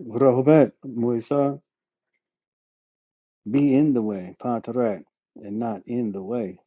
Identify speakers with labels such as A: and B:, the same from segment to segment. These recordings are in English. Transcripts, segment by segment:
A: Rohbet Musa, be in the way, Patarak, and not in the way.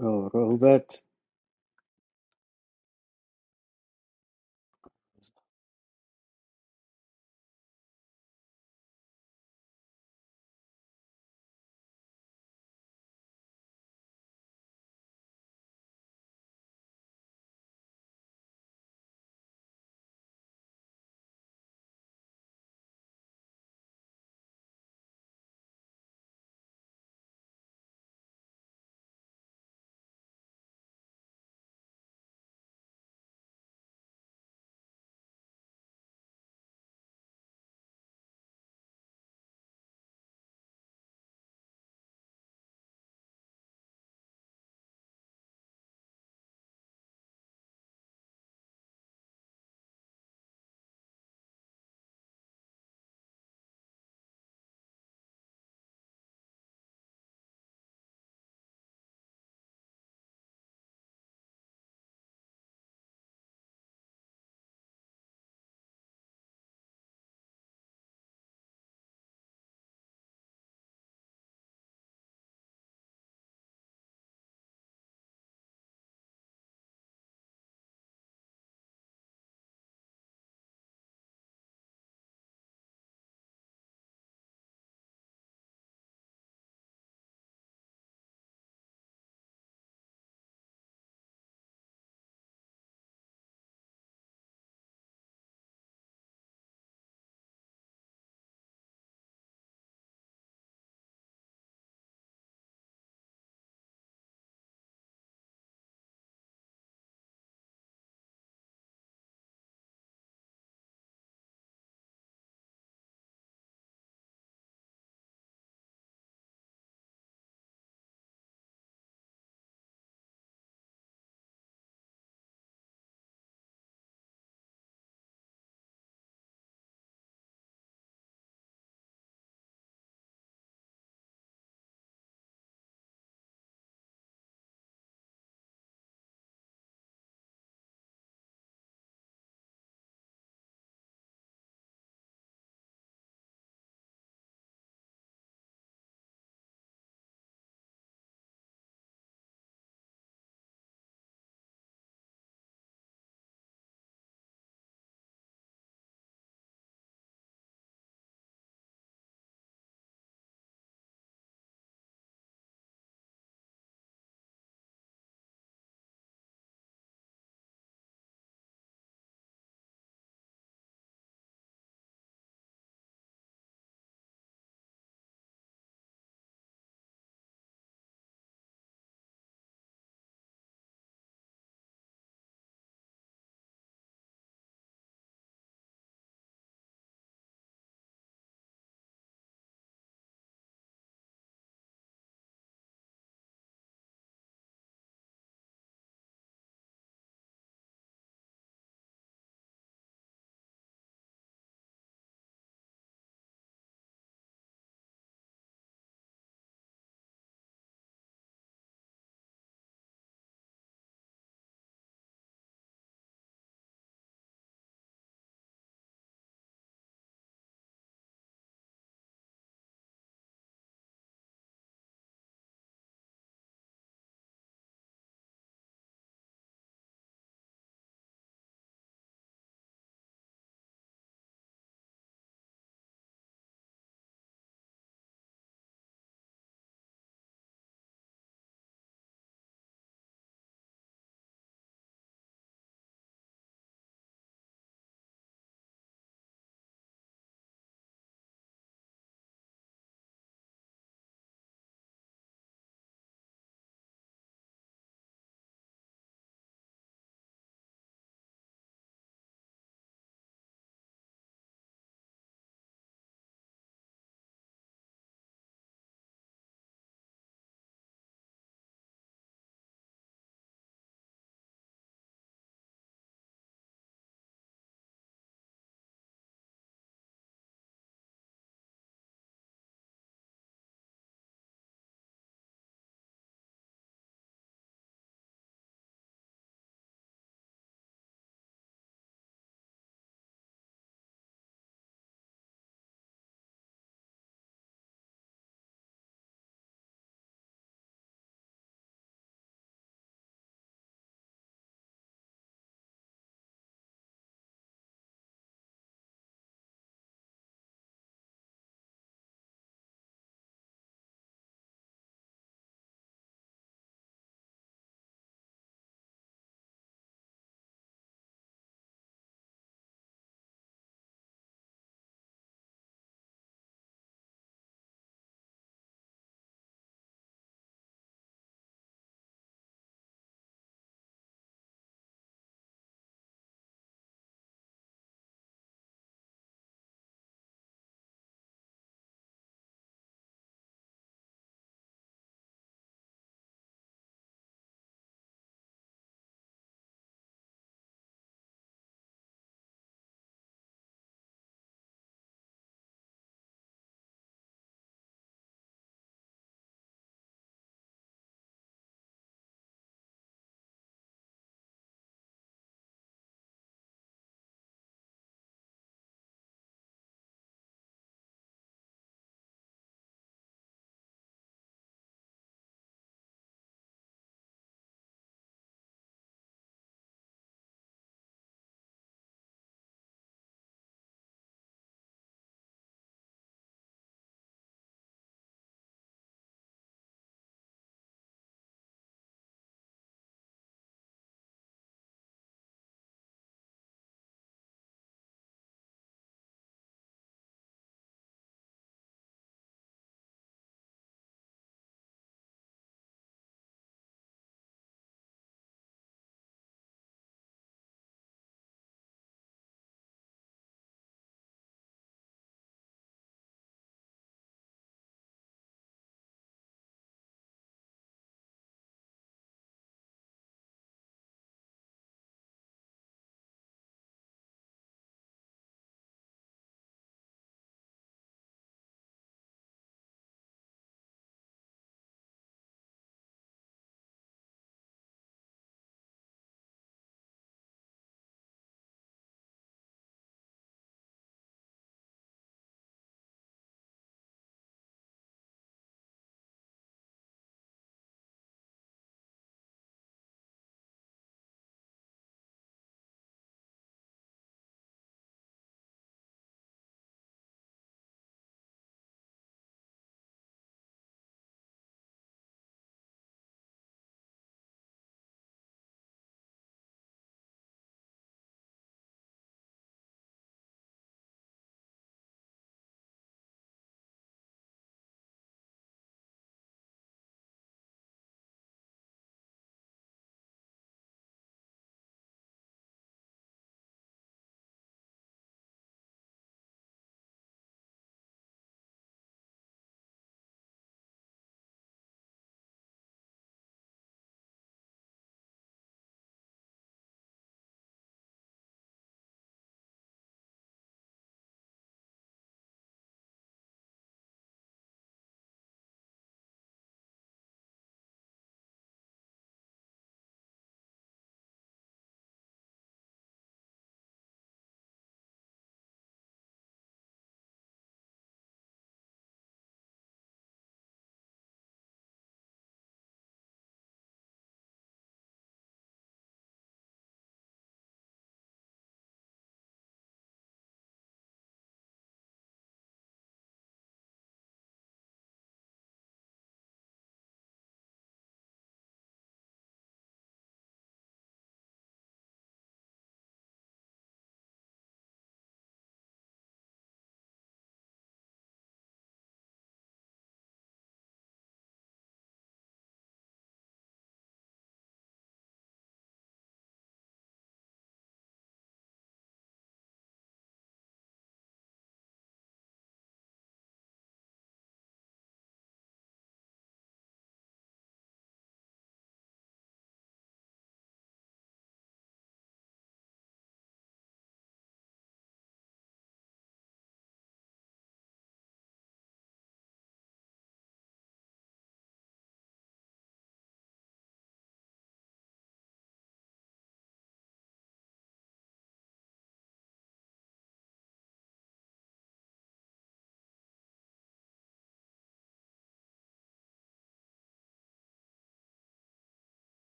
A: Oh, Rohbet,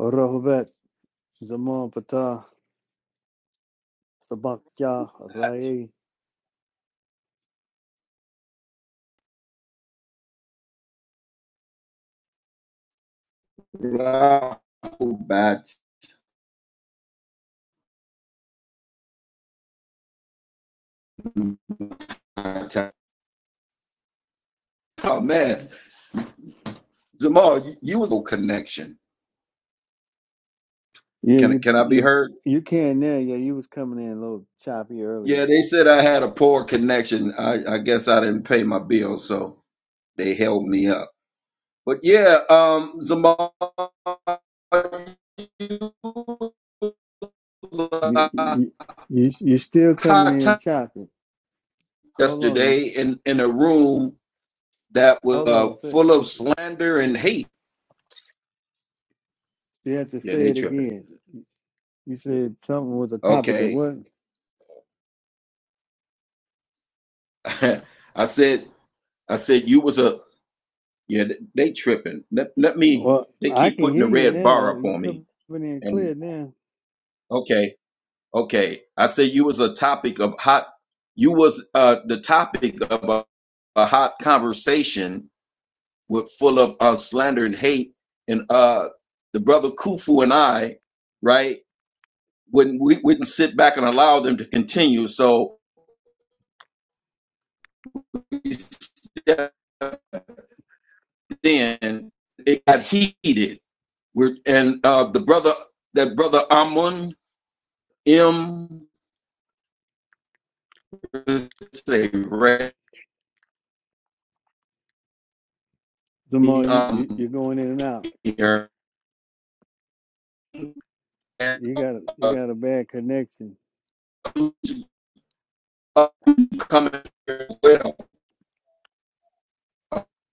A: oh, Rohbet, Zaman Pata, Sabakya, Raye.
B: Oh man, Zamal, you, you was a connection.
A: Yeah,
B: Can I-
A: you,
B: can I be
A: you,
B: heard?
A: you can now. Yeah, you was coming in a little choppy earlier.
B: Yeah, they said I had a poor connection. I, I guess I didn't pay my bill, so they held me up. But yeah, um, Zamal, you was
A: You,
B: a
A: you, you, you still coming
B: hot
A: in
B: time
A: choppy. Hold on, you,
B: yesterday in in a room that was
A: hold
B: uh,
A: on. Say,
B: full
A: say,
B: of slander and hate.
A: you have to
B: Yeah,
A: say
B: they
A: it
B: tripping.
A: again. You said something was a topic of
B: Okay,
A: what?
B: I said I said you was a yeah. They tripping. Let let me.
A: Well,
B: They
A: I
B: keep
A: can
B: putting the
A: hear you
B: red
A: now,
B: bar
A: though.
B: up
A: You
B: on me.
A: coming in clear
B: And
A: now.
B: okay, okay. I said you was a topic of hot. You was uh the topic of a, a hot conversation with full of uh, slander and hate. And uh the brother Kufu and I, right, wouldn't we wouldn't sit back and allow them to continue. So we stepped in. It got heated We're, and uh, the brother, that brother Amun M, is
A: Jamal, you, you
B: um,
A: you're going in and out.
B: here, and
A: You got a, you
B: uh,
A: got a bad connection.
B: coming here as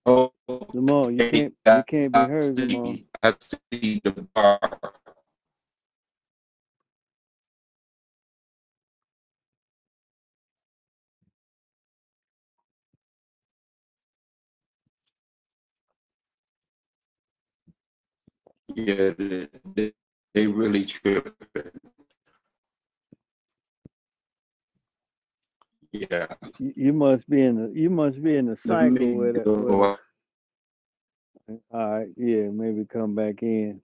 B: well.
A: Jamal, you
B: Okay,
A: can't you
B: I
A: can't be heard, Jamal.
B: see, I see the bar. Yeah, they, they really tripping. Yeah,
A: You, you must be in the you must be in the
B: let
A: cycle
B: me
A: with a with a.
B: go.
A: All right, yeah, maybe come back in.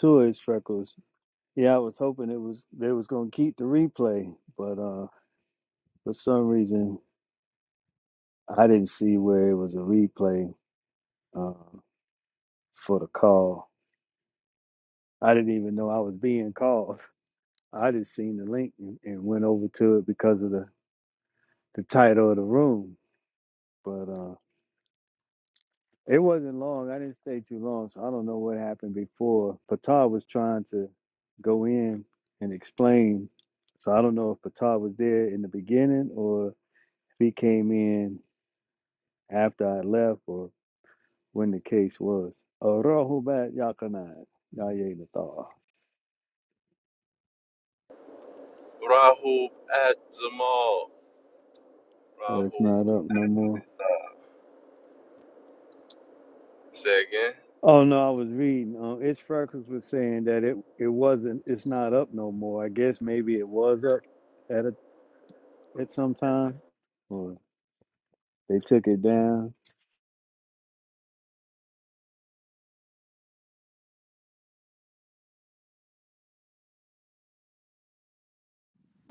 A: Toys freckles. Yeah, I was hoping it was they was gonna keep the replay, but uh, for some reason I didn't see where it was a replay uh, for the call. I didn't even know I was being called. I just seen the link and, and went over to it because of the the title of the room. But uh, it wasn't long. I didn't stay too long, so I don't know what happened before. Patar was trying to go in and explain. So I don't know if Patar was there in the beginning or if he came in after I left or when the case was. Arahubat Yakanai. Yayenathar.
C: Rahub at the mall.
A: Oh, it's
C: Rahub.
A: not up no more.
C: Say again.
A: Oh no, I was reading. Um, Itch Freckles was saying that it it wasn't. It's not up no more. I guess maybe it was up at a. at some time, or they took it down.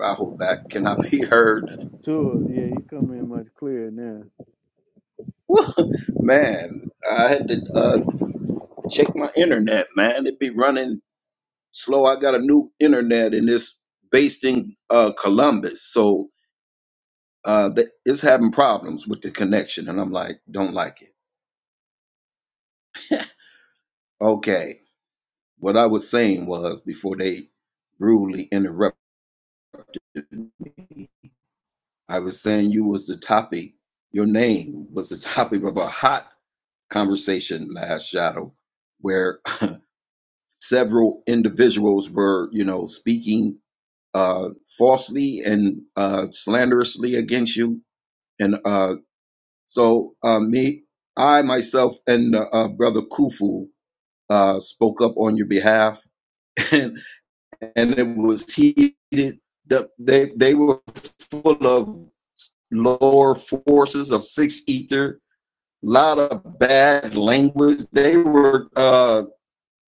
B: I hold back cannot be heard.
A: Sure, yeah, you come in much clearer now.
B: man, I had to uh, check my internet, man. It'd be running Slow, I got a new internet and it's based in uh, Columbus. So uh, th- it's having problems with the connection. And I'm like, don't like it. Okay. What I was saying was before they rudely interrupted, I was saying you was the topic, your name was the topic of a hot conversation last shadow where several individuals were, you know, speaking uh, falsely and uh, slanderously against you. And uh, So uh, me, I myself, and uh, uh, brother Kufu uh, spoke up on your behalf, and and it was heated. The, they they were full of lower forces of six ether, lot of bad language. They were uh,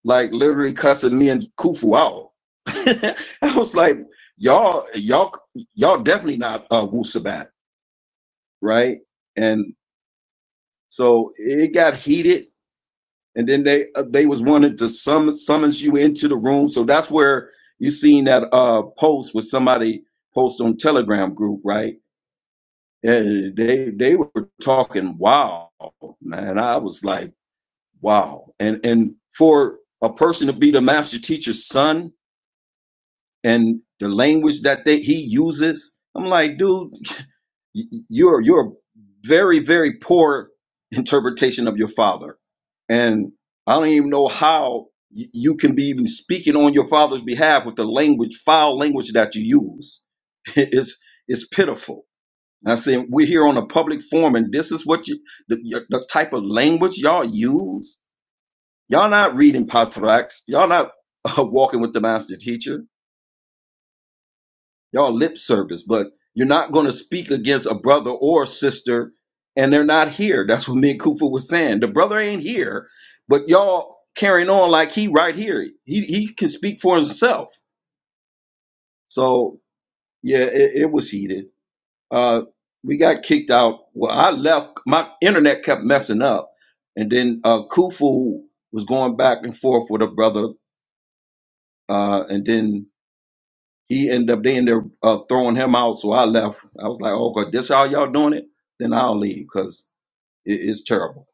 B: like literally cussing me and Kufu out. I was like, y'all, y'all, y'all definitely not uh, Wusabat, right? And so it got heated and then they uh, they was wanted to summon summons you into the room. So that's where you seen that uh post with somebody post on Telegram group, right? And they they were talking wow, man. I was like wow, and and for a person to be the master teacher's son and the language that they he uses, I'm like, dude. Y- You're you're a very very poor interpretation of your father, and I don't even know how y- you can be even speaking on your father's behalf with the language foul language that you use. It's it's pitiful. And I said we're here on a public forum, and this is what you the, y- the type of language y'all use. Y'all not reading Patrax. Y'all not uh, walking with the master teacher Y'all lip service, but you're not going to speak against a brother or sister, and they're not here. That's what me and Kufa was saying. The brother ain't here, but y'all carrying on like he right here. He he can speak for himself. So yeah, it, it was heated. Uh, we got kicked out. Well, I left. My internet kept messing up, and then uh, Kufu was going back and forth with a brother, uh, and then He ended up they ended up uh, throwing him out, so I left. I was like, "Oh God, this how y'all doing it? Then I'll leave because it, it's terrible."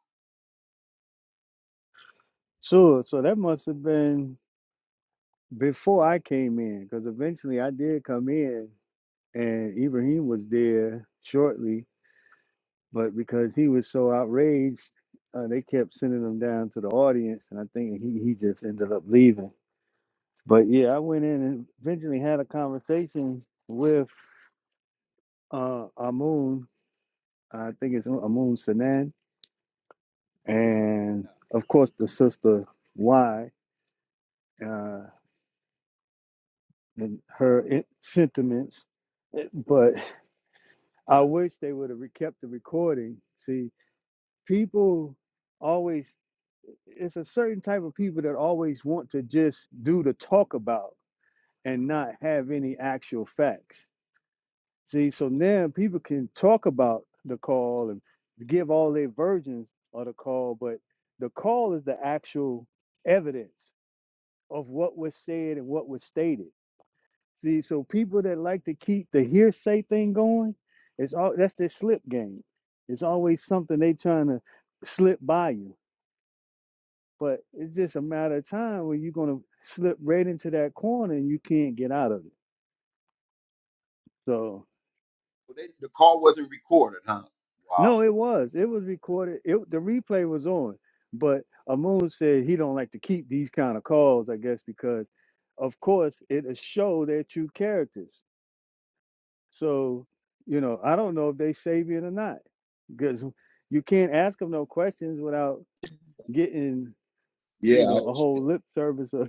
A: Sure, so that must have been before I came in, because eventually I did come in, and Ibrahim was there shortly, but because he was so outraged, uh, they kept sending him down to the audience, and I think he, he just ended up leaving. But yeah, I went in and eventually had a conversation with uh, Amun. I think it's Amun Sanan and of course the sister Y uh, and her in- sentiments but i wish they would have re- kept the recording see people always it's a certain type of people that always want to just do the talk about and not have any actual facts see so now people can talk about the call and give all their versions of the call but the call is the actual evidence of what was said and what was stated. See, so people that like to keep the hearsay thing going, it's all that's their slip game. It's always something they trying to slip by you. But it's just a matter of time when you're gonna slip right into that corner and you can't get out of it. So
B: But they, the call wasn't recorded, huh? Wow.
A: no, it was. It was recorded. It the replay was on. But Amun said he don't like to keep these kind of calls, I guess, because of course it'll show their true characters So, you know, I don't know if they Sabian or not because you can't ask them no questions without getting,
B: Yeah,
A: you know,
B: I-
A: a whole lip service or,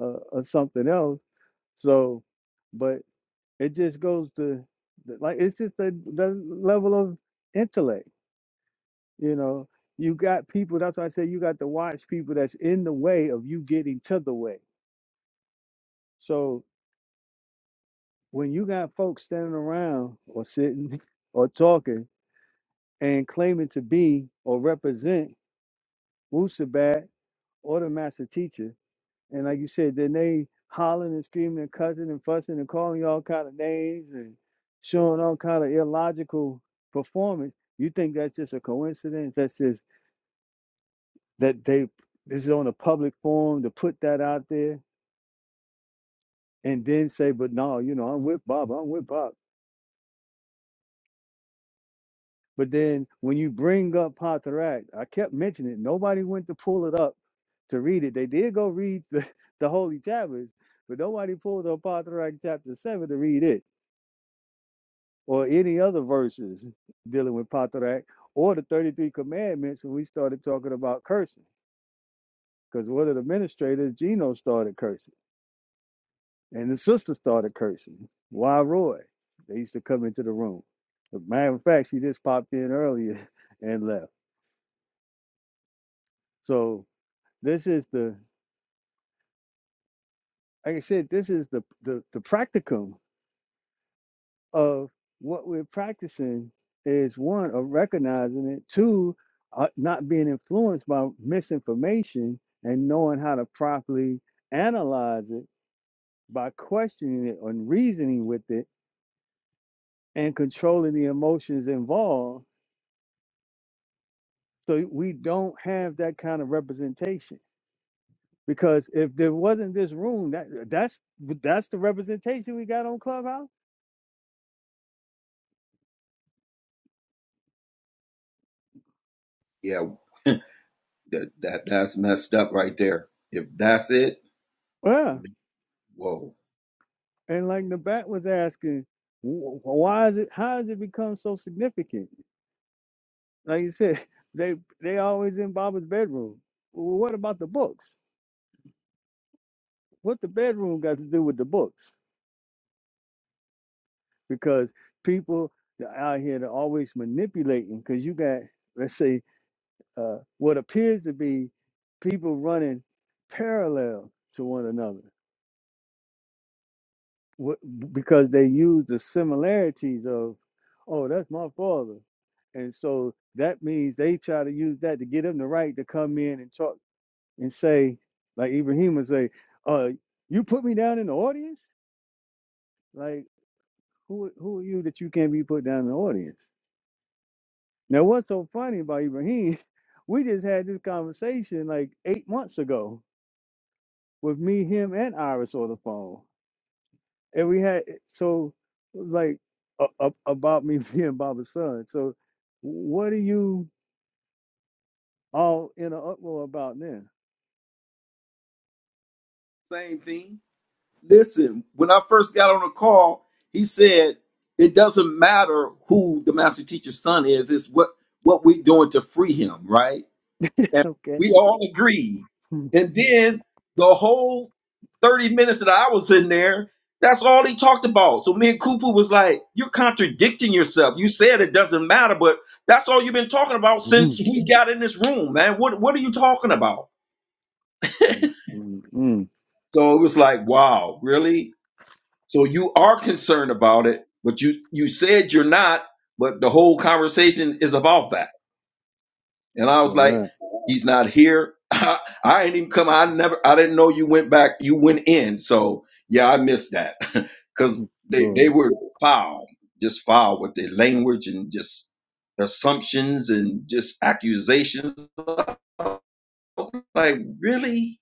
A: uh, or something else. So, but it just goes to the- like, it's just the, the level of intellect, you know. You got people, that's why I say you got to watch people that's in the way of you getting to the way. So when you got folks standing around or sitting or talking, and claiming to be or represent Wusabat or the master teacher. And like you said, then they hollering and screaming and cussing and fussing and calling you all kind of names and showing all kind of illogical performance. You think that's just a coincidence? That's just that they this is on a public forum to put that out there and then say, but no, you know, I'm with Bob. I'm with Bob. But then when you bring up Patarak, I kept mentioning it. Nobody went to pull it up to read it. They did go read the, the holy chapters, but nobody pulled up Patarak chapter 7 to read it or any other verses dealing with Patarak or the 33 commandments when we started talking about cursing. Because one of the administrators, Gino, started cursing and the sister started cursing. Why Roy? They used to come into the room. As a matter of fact, she just popped in earlier and left. So this is the like I said, this is the the, the practicum of what we're practicing is one of recognizing it, two, uh, not being influenced by misinformation and knowing how to properly analyze it by questioning it and reasoning with it and controlling the emotions involved. So we don't have that kind of representation because if there wasn't this room, that that's that's the representation we got on Clubhouse.
B: yeah. That, that that's messed up right there. If that's it,
A: Yeah.
B: whoa.
A: And like the back was asking, wh- why is it? How has it become so significant? Like you said, they they always in Baba's bedroom. Well, what about the books? What the bedroom got to do with the books? Because people that are out here they're always manipulating. Because you got let's say uh, what appears to be people running parallel to one another. What, because they use the similarities of, oh, that's my father. And so that means they try to use that to get him the right to come in and talk and say, like Ibrahim would say, uh, you put me down in the audience? Like, who who are you that you can't be put down in the audience? Now, what's so funny about Ibrahim, we just had this conversation like eight months ago with me, him, and Iris on the phone. and we had eh, so like a, a, about me being Baba's son. So what are you all in an uproar about now?
B: Same thing. Listen, when I first got on the call, he said it doesn't matter who the master teacher's son is. It's what what we doing to free him, right? and
A: Okay.
B: we all agreed.
A: Mm,
B: And then the whole 30 minutes that I was in there, that's all he talked about. So me and Kufu was like, You're contradicting yourself. You said it doesn't matter, but that's all you've been talking about since
A: mm,
B: we got in this room, man. What what are you talking about?
A: mm, mm.
B: So it was like, wow, really? So you are concerned about it, but you you said you're not, but the whole conversation is about that. And I was
A: All
B: like,
A: right.
B: he's not here. I, I ain't even come. I never, I didn't know you went back. You went in. So yeah, I missed that because they, they
A: So
B: were foul, just foul with their language and just assumptions and just accusations. I was like, really?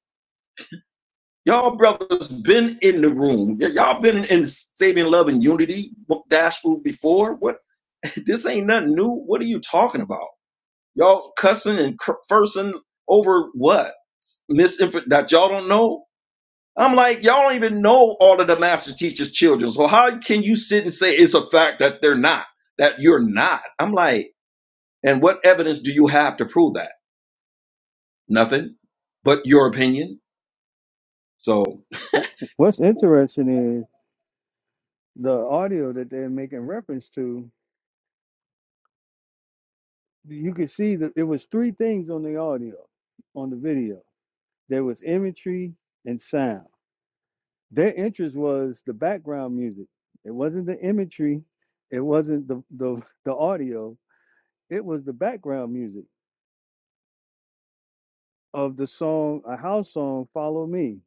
B: Y'all brothers been in the room. Y- y'all been in saving love and unity dash food before. What? This ain't nothing new. What are you talking about? Y'all cussing and cr- fursing over what? Misinfo that y'all don't know? I'm like, y'all don't even know all of the master teacher's children. So how can you sit and say it's a fact that they're not, that you're not? I'm like, and what evidence do you have to prove that? Nothing but your opinion. So
A: what's interesting is the audio that they're making reference to. You could see that it was three things on the audio, on the video. There was imagery and sound. Their interest was the background music. It wasn't the imagery. It wasn't the the, the audio. It was the background music of the song, a house song, "Follow Me."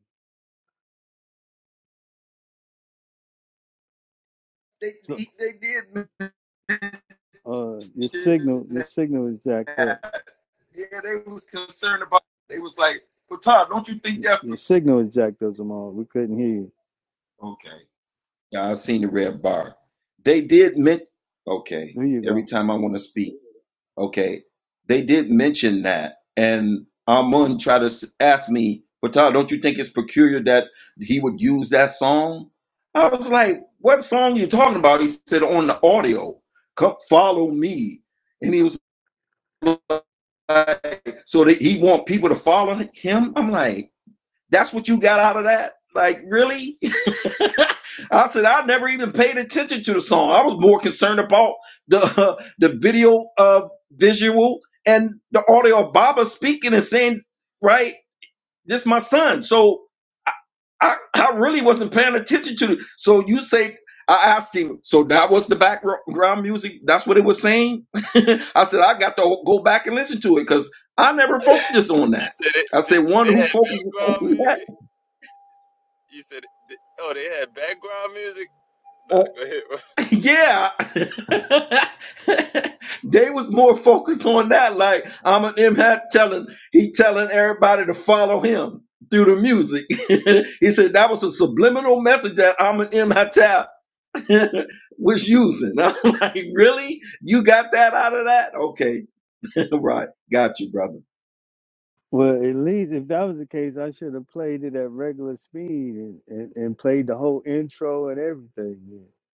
B: they,
A: So,
B: they, they did
A: uh, your
B: mention
A: signal, your signal is jacked up.
B: that. Yeah, they was concerned about, they was like, well, Todd, don't you think that's, be-"
A: Your signal is jacked up, Jamal. We couldn't hear you.
B: okay. Yeah, I seen the red bar. They did men okay.
A: There you
B: Every
A: go.
B: time I want to speak, okay. They did mention that, and Amun tried to s- ask me, Patal, don't you think it's peculiar that he would use that song? I was like, what song you talking about? He said on the audio, come follow me, and he was like, so that he want people to follow him. I'm like, that's what you got out of that? Like, really? I said I never even paid attention to the song. I was more concerned about the uh, the video uh, visual and the audio of Baba speaking and saying, "Right, this my son." So I I really wasn't paying attention to. it. so you say I asked him. So that was the background music. That's what it was saying. I said I got to go back and listen to it because I never focused on
C: You
B: that.
C: said it,
B: I
C: they,
B: said one
C: they
B: who
C: had
B: focuses on
C: background
B: that.
C: music. You said, it- oh, they had background music. Nah, go ahead, bro.
B: Yeah. they was more focused on that. Like I'm an impact telling he telling everybody to follow him through the music. he said that was a subliminal message that I'm an impact was using. I'm like, really? You got that out of that? Okay. right. Got you, brother.
A: Well, at least if that was the case, I should have played it at regular speed and, and, and played the whole intro and everything yeah,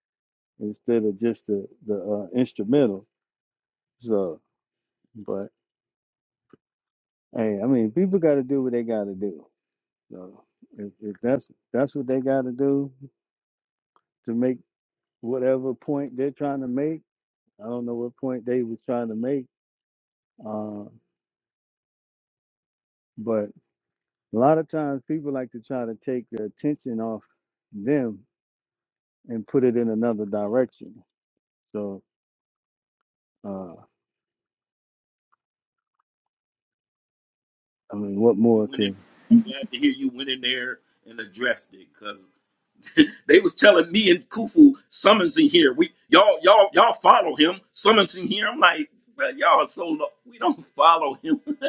A: instead of just the the uh, instrumental. So, but Hey, I mean, people got to do what they got to do. So if, if that's that's what they got to do to make whatever point they're trying to make, I don't know what point they was trying to make, uh, but a lot of times people like to try to take the attention off them and put it in another direction. So uh, I mean, what
B: You
A: more
B: went in,
A: can
B: I'm glad to hear you went in there and addressed it they was telling me and Kufu summons in here. We y'all y'all y'all follow him. Summons in here. I'm like, man, y'all are so low. we don't follow him.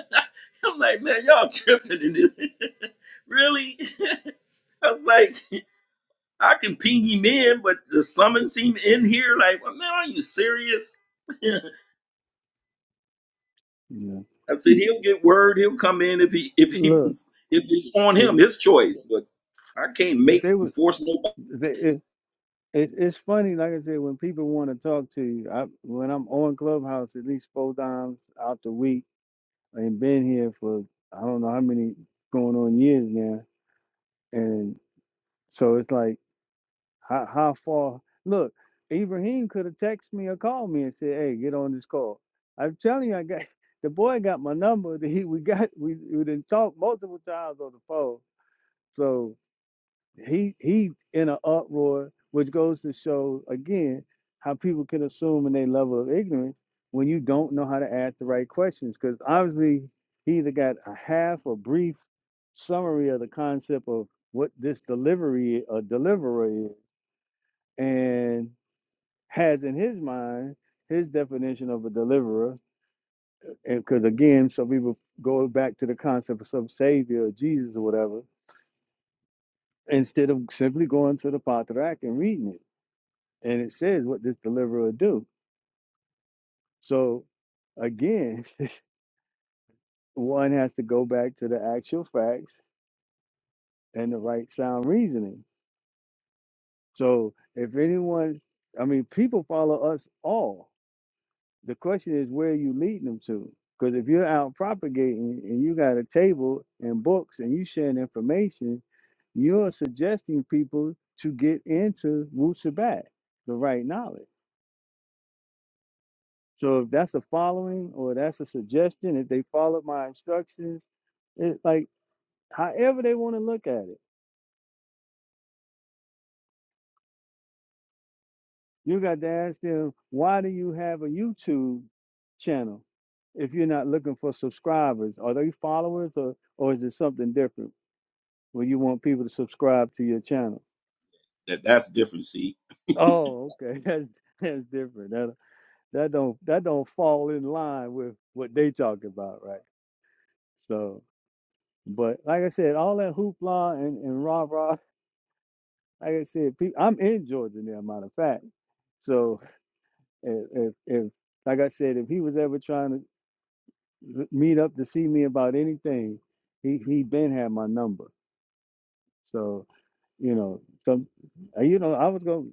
B: I'm like, man, y'all tripping in this. really? I was like, I can ping him in, but the summons him in here. Like, well, man, are you serious? I
A: you
B: said he'll get word. He'll come in if he
A: know?
B: if he
A: Look,
B: if it's on
A: if
B: him, his choice. But I can't
A: if
B: make
A: they was.
B: force nobody.
A: It, it's funny, like I said, when people want to talk to you. I, when I'm on Clubhouse at least four times out the week, and been here for I don't know how many going on years now, and so it's like how how far? Look, Ibrahim could have texted me or called me and said, "Hey, get on this call." I'm telling you, I got the boy got my number. He we got we we didn't talk multiple times on the phone, so. he he in an uproar, which goes to show again how people can assume in their level of ignorance when you don't know how to ask the right questions. Because obviously he either got a half or brief summary of the concept of what this delivery a deliverer is, and has in his mind his definition of a deliverer. And because again, some people go back to the concept of some savior or Jesus or whatever, instead of simply going to the Patriarch and reading it. and it says what this deliverer will do. So again, one has to go back to the actual facts and the right sound reasoning. So if anyone, I mean, people follow us all. The question is where are you leading them to. Because if you're out propagating and you got a table and books and you sharing information, you're suggesting people to get into Wu Sabat, the right knowledge. So if that's a following or that's a suggestion, if they followed my instructions, it like however they want to look at it. You got to ask them, why do you have a YouTube channel if you're not looking for subscribers? Are they followers or or is it something different where you want people to subscribe to your channel?
B: That that's different. See,
A: Oh, okay. That's that's different. That that don't that don't fall in line with what they talking about, right? So but like I said, all that hoopla and, and rah rah like I said, pe- I'm in Georgia now, matter of fact. So if, if, if like I said, if he was ever trying to meet up to see me about anything, he he been had my number. So you know, some uh, you know, I was gonna,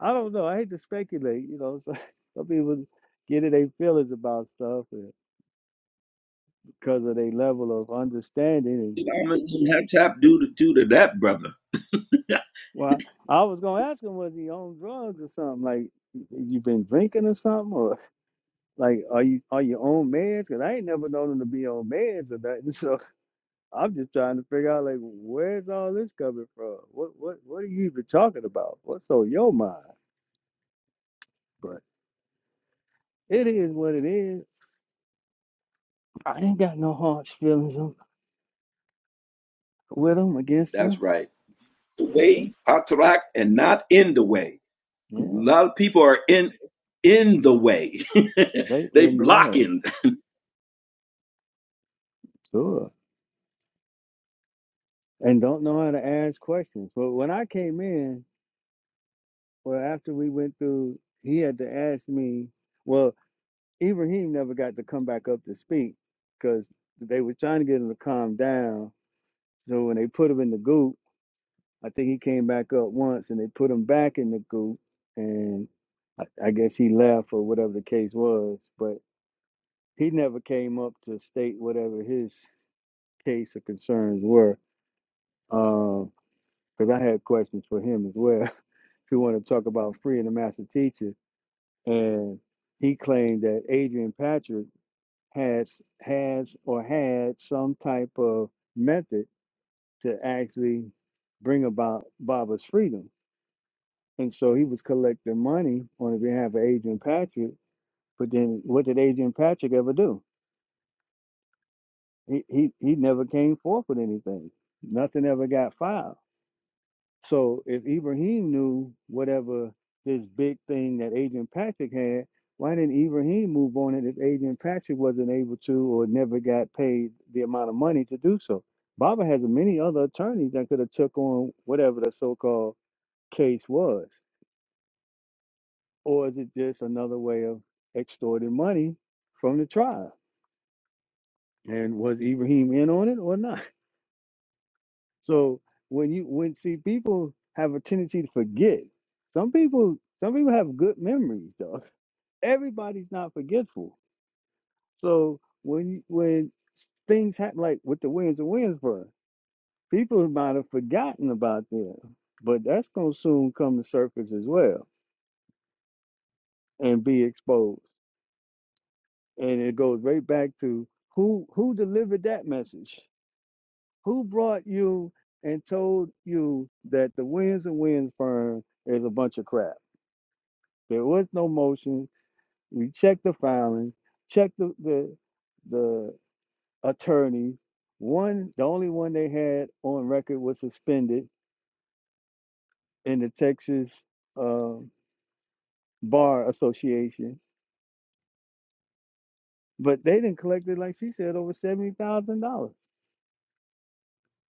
A: I don't know, I hate to speculate. You know, so some people get in their feelings about stuff and because of their level of understanding. And
B: I'm gonna have to do to do to that brother. Yeah.
A: well, I was gonna ask him, was he on drugs or something? Like you been drinking or something, Like, are you are you on meds? Cause I ain't never known them to be on meds or nothing. So I'm just trying to figure out like where's all this coming from? What what what are you even talking about? What's on your mind? But it is what it is. I ain't got no harsh feelings on, with them against
B: That's
A: them.
B: right. The way, Patrak, and not in the way. A
A: Yeah,
B: lot of people are in in the way.
A: they
B: they
A: in the way.
B: blocking.
A: Sure, and don't know how to ask questions. But when I came in, well, after we went through, he had to ask me. Well, Ibrahim never got to come back up to speak because they were trying to get him to calm down. So when they put him in the goop, I think he came back up once and they put him back in the goop. And I, I guess he left or whatever the case was. But he never came up to state whatever his case or concerns were. Because um, I had questions for him as well. if you want to talk about freeing the master teacher. And he claimed that Adrian Patrick has has or had some type of method to actually bring about Baba's freedom. And so he was collecting money on behalf of Adrian Patrick, but then what did Adrian Patrick ever do? He he he never came forth with anything. Nothing ever got filed. So if Ibrahim knew whatever this big thing that Adrian Patrick had, why didn't Ibrahim move on it if Adrian Patrick wasn't able to or never got paid the amount of money to do so? Baba has many other attorneys that could have took on whatever the so-called case was. Or is it just another way of extorting money from the tribe? And was Ibrahim in on it or not? So when you when see people have a tendency to forget. Some people some people have good memories, though. Everybody's not forgetful. So when you, when s- things happen, like with the winds of Windsboro, people might have forgotten about them, but that's gonna soon come to surface as well and be exposed. And it goes right back to who who delivered that message, who brought you and told you that the winds and winds firm is a bunch of crap There was no motion. We checked the filings, checked the the, the attorneys. One, the only one they had on record was suspended in the Texas uh, Bar Association, but they didn't collect it like she said over seventy thousand dollars.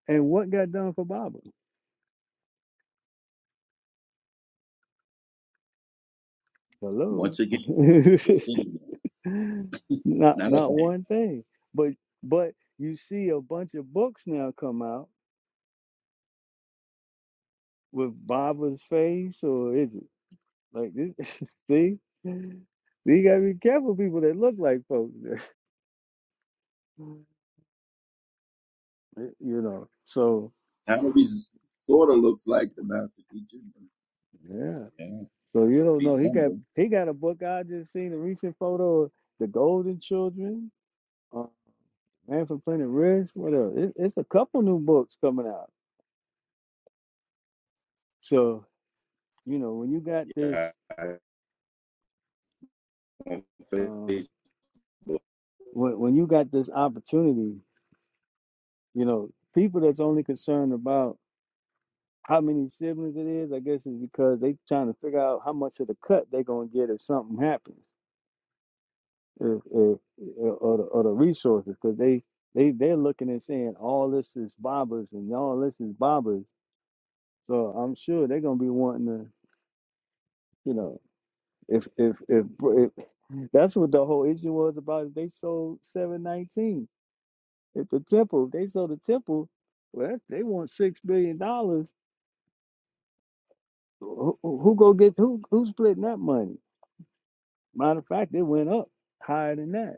A: And what got done for Baba? Hello,
B: Once again, they're sitting there.
A: not
B: Not a
A: not
B: thing.
A: one thing. But but you see a bunch of books now come out with Baba's face, or is it? Like this, see, see, you gotta be careful people that look like folks. you know, so
B: Not a res- sort of looks like the master teacher. but
A: yeah,
B: Yeah,
A: so you don't know. He got
B: resemble.
A: he got a book I just seen a recent photo of the Golden Children, uh, Man from Planet Risk. What else? It, it's a couple new books coming out. So you know, when you got
B: Yeah,
A: this,
B: on Facebook.
A: um, when when you got this opportunity, you know, people that's only concerned about how many siblings it is, I guess is because they trying to figure out how much of the cut they gonna get if something happens, if, if, or the or the resources, because they they they're looking and saying all this is bobbers and all this is bobbers, so I'm sure they're gonna be wanting to, you know, if if if, if that's what the whole issue was about. If They sold seven nineteen at the temple. if They sold the temple. Well, if they want six billion dollars. who who go get who? Who's splitting that money? Matter of fact, it went up higher than that.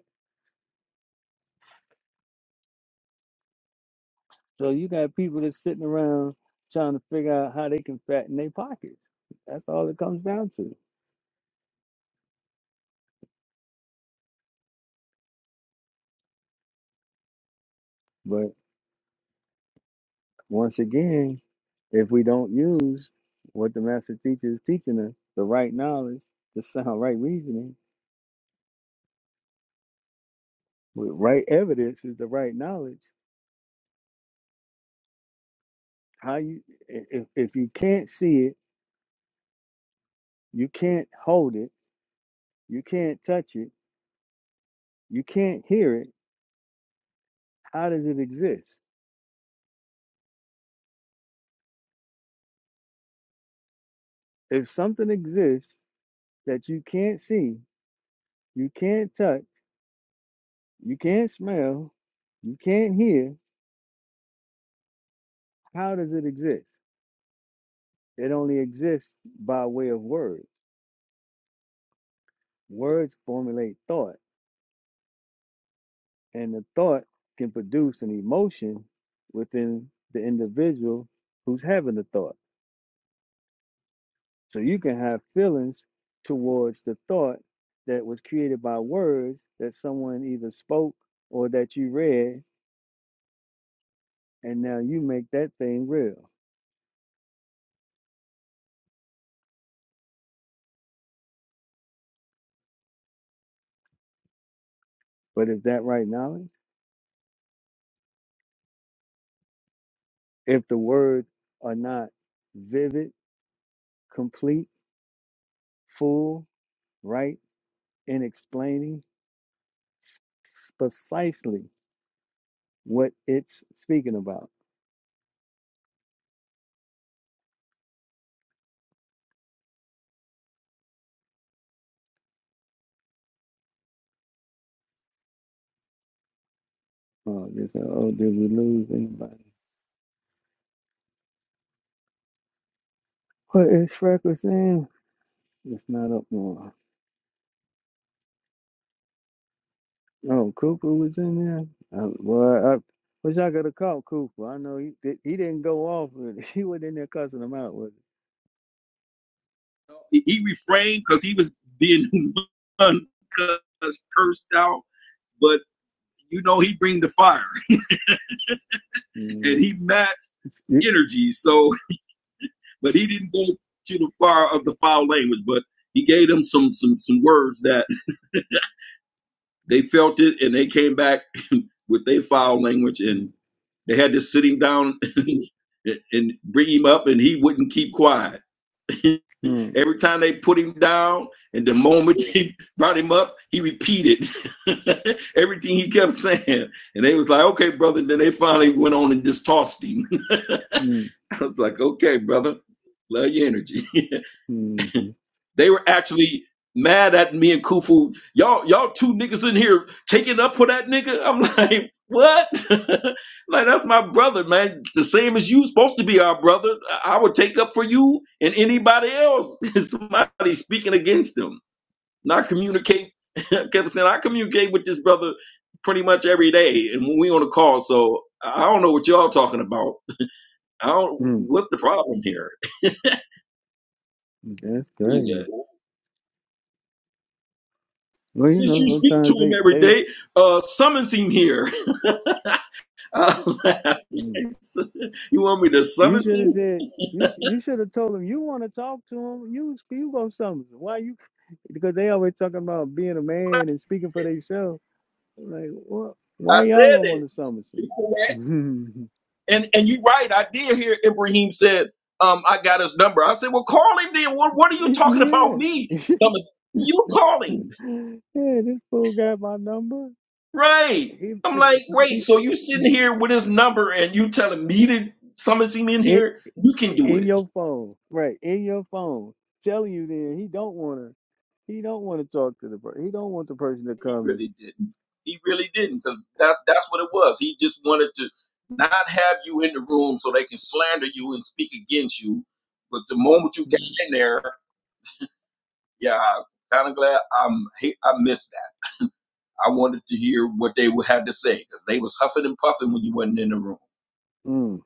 A: So you got people that's sitting around trying to figure out how they can fatten their pockets. That's all it comes down to. But once again, if we don't use what the master teacher is teaching us, the right knowledge, the sound right reasoning, with right evidence is the right knowledge. How you i- if if you can't see it, you can't hold it, you can't touch it, you can't hear it, how does it exist? If something exists that you can't see, you can't touch, you can't smell, you can't hear, how does it exist? It only exists by way of words. Words formulate thought, and the thought can produce an emotion within the individual who's having the thought. So you can have feelings towards the thought that was created by words that someone either spoke or that you read, and now you make that thing real. But is that right knowledge? if the words are not vivid, complete, full, right, in explaining s- s- precisely what it's speaking about. Oh, this, oh, did we lose anybody? What is Freckles in? It's not up more. Oh, Cooper was in there. Uh, well, I wish I could have caught Cooper. I know he did, he didn't go off. With it. He wasn't in there cussing him out. Was it?
B: He, he refrained because he was being cursed out. But you know, he bring the fire and
A: Mm,
B: he matched
A: it's- it-
B: energy. So. but he didn't go to the far of the foul language, but he gave them some some some words that they felt it, and they came back with their foul language, and
A: mm,
B: they had to sit him down and bring him up, and he wouldn't keep quiet.
A: mm,
B: Every time they put him down, and the moment he brought him up, he repeated everything he kept saying, and they was like, "Okay, brother." Then they finally went on and just tossed him. I
A: mm,
B: was like, "Okay, brother, love your energy."
A: mhm,
B: They were actually mad at me and Kufu. Y'all, y'all two niggas in here taking up for that nigga. I'm like, what? like that's my brother, man. The same as you supposed to be our brother. I I would take up for you and anybody else. Somebody speaking against him. And I communicate. I kept saying I communicate with this brother pretty much every day, and when we on a call. So I don't know what y'all talking about. I don't.
A: mm.
B: What's the problem here?
A: That's crazy. Well, you
B: Since
A: know,
B: you speak to
A: sometimes
B: him
A: they
B: every
A: they
B: day, uh, summons him here. I laughed.
A: mm.
B: you want me to
A: you
B: summons
A: should have
B: him?
A: said you sh- you should have told them you want to talk to them. You you go something. Why you? Because they always talking about being a man and speaking for themselves. Like what?
B: I
A: Why y'all
B: said
A: don't want
B: it.
A: to summons?
B: You
A: him?
B: correct. And and you are right. I did hear Ibrahim said, um, I got his number. I said, well, call him then. What, what are you talking about
A: yeah,
B: me? Summons. You call him.
A: yeah. This fool got my number.
B: Right.
A: He,
B: I'm
A: he,
B: like, wait,
A: he,
B: so you sitting here with his number and you telling me to summons him in
A: it
B: here? You can do
A: in
B: it.
A: your phone, right? In your phone, telling you then he don't want to. He don't want to talk to the person. He don't want the person to
B: He
A: come
B: really didn't. He really didn't, because that that's what it was. He just wanted to not have you in the room so they can slander you and speak against you. But the moment you got
A: in.
B: in there, yeah, I'm kind of glad I'm he- I missed that. I wanted to hear what they would have to say because they was huffing and puffing when you wasn't in the room.
A: Mm,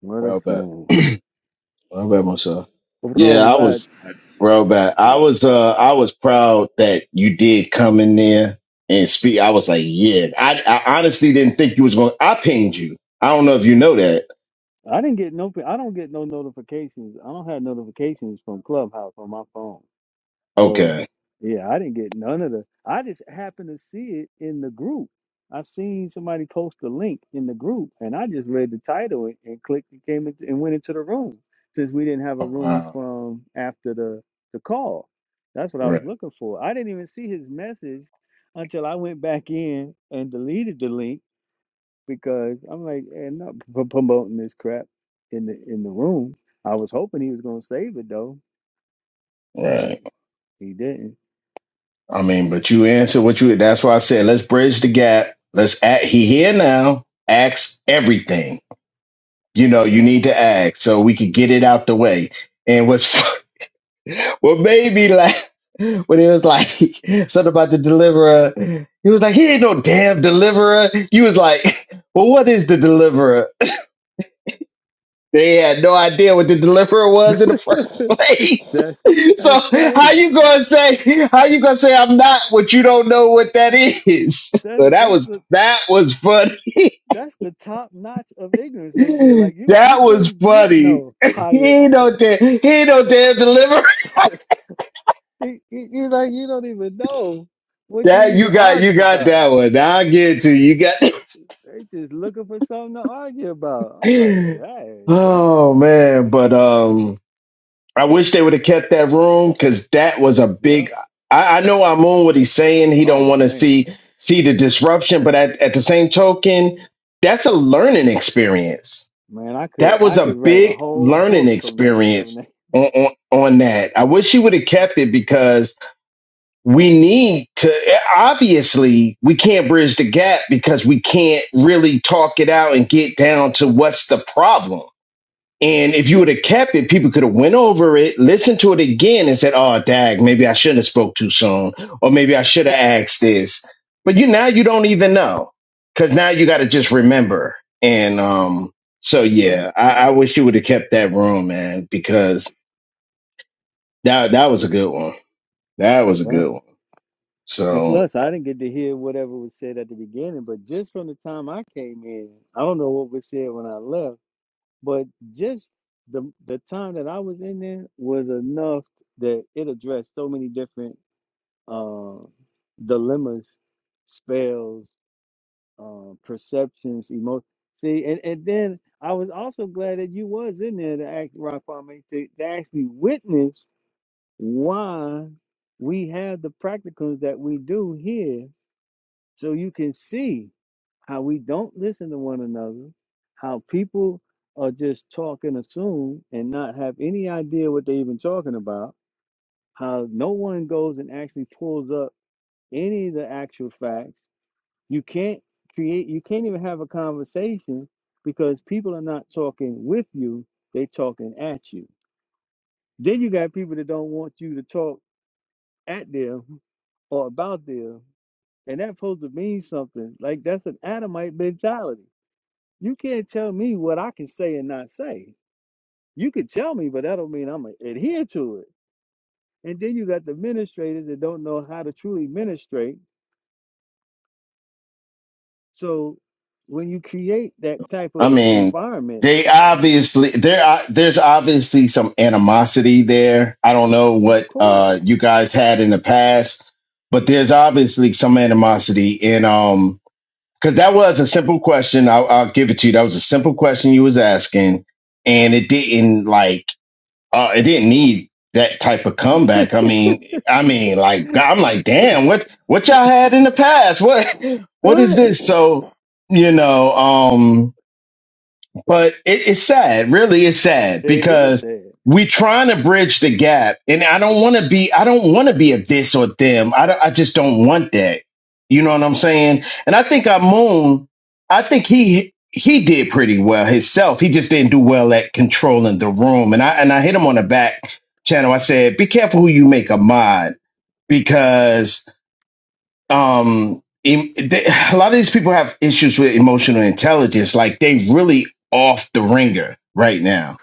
A: what a
D: Real bad.
A: shame,
D: Real bad myself. Yeah,
A: bro.
B: I
D: I
B: hope
A: But
D: was
B: I
D: real bad. I was uh I was proud that you did come in there and speak. I was like, yeah. I, I honestly didn't think you was going to I pinged you. I don't know if you know that.
A: I didn't get no. I don't get no notifications. I don't have notifications from Clubhouse on my phone. So
D: Okay.
A: yeah, I didn't get none of the. I just happened to see it in the group. I seen somebody post a link in the group, and I just read the title and, and clicked and came into, and went into the room since we didn't have a
D: Oh
A: room
D: wow.
A: from after the the call. That's what I
D: Right.
A: was looking for. I didn't even see his message until I went back in and deleted the link because I'm like, and not p- promoting this crap in the in the room. I was hoping he was gonna save it though, but
D: Right.
A: he didn't.
D: I mean, but you answered what you that's why I said let's bridge the gap. Let's act he here now. Ask everything. You know, you
A: Uh,
D: need to ask so we could get it out the way. And what's What made me laugh when it was like something about the deliverer. He was like, he ain't no damn deliverer. You was like, well, what is the deliverer? They had no idea what the deliverer was in the first place.
A: that's
D: So
A: that's
D: how
A: crazy.
D: you gonna say how you gonna say I'm not what you don't know what that is?
A: That's
D: So that
A: that's
D: was
A: the
D: that was funny.
A: that's the top notch of ignorance right there. Like you
D: That
A: you
D: was
A: can't get
D: funny.
A: no
D: He
A: higher.
D: ain't no damn he ain't no damn deliverer.
A: You you- you like you don't even know what you
D: That you
A: even
D: got you
A: arguing
D: got
A: about.
D: that one. I'll give it to you. You got
A: They just looking for something to argue about. I'm like, dang, bro.
D: Oh man, but um, I wish they would have kept that room because that was a
A: Yeah.
D: big. I, I know I'm on what he's saying. He don't
A: Oh
D: want to
A: man.
D: see see the disruption, but at, at the same token, that's a learning experience.
A: Man, I could
D: That was
A: I
D: a
A: could write a
D: big
A: whole
D: learning
A: book from that from
D: experience
A: that.
D: on on, on that. I wish he would have kept it because we need to. Obviously, we can't bridge the gap because we can't really talk it out and get down to what's the problem and if you would have kept it, people could have went over it, listened to it again, and said, "Oh, dag, maybe I shouldn't have spoke too soon, or maybe I should have asked this." But you now you don't even know because now you got to just remember. And um, so
A: That's right.
D: yeah, I, I wish you would have kept that room, man, because that that was a good one. That was a
A: Yeah.
D: good one.
A: And
D: So.
A: plus, I didn't get to hear whatever was said at the beginning, but just from the time I came in, I don't know what was said when I left, but just the the time that I was in there was enough that it addressed so many different uh, dilemmas, spells, um, perceptions, emotions. See, and, and then I was also glad that you was in there to act rock farming to, to actually witness why we have the practicums that we do here, so you can see how we don't listen to one another, how people are just talk and assume and not have any idea what they're even talking about, how no one goes and actually pulls up any of the actual facts you can't create, you can't even have a conversation because people are not talking with you, they talking at you. Then you got people that don't want you to talk at them or about them, and that's supposed to mean something. Like that's an Adamite mentality. You can't tell me what I can say and not say. You can tell me, but that don't mean I'm gonna adhere to it. And then you got the administrators that don't know how to truly ministrate. So when you create that type
D: I
A: of
D: mean,
A: environment,
D: they obviously there. are- There's obviously some animosity there. I don't know
A: of
D: what
A: course.
D: uh, you guys had in the past, but there's obviously some animosity in um because that was a simple question. I'll, I'll give it to you. That was a simple question you was asking, and it didn't like uh, it didn't need that type of comeback. I mean, I mean, like I'm like, damn, what what y'all had in the past? What what is
A: right.
D: this? So you know, um. But it, it's sad, really, it's sad
A: It is
D: because
A: sad.
D: we're trying to bridge the gap, and I don't want to be, I don't want to be a this or them. I don't, I just don't want that. You know what I'm saying? And I think Amun, I think he he did pretty well himself. He just didn't do well at controlling the room. And I and I hit him on the back channel. I said, "Be careful who you make a mod because." um em- they, a lot of these people have issues with emotional intelligence like they really off the ringer right now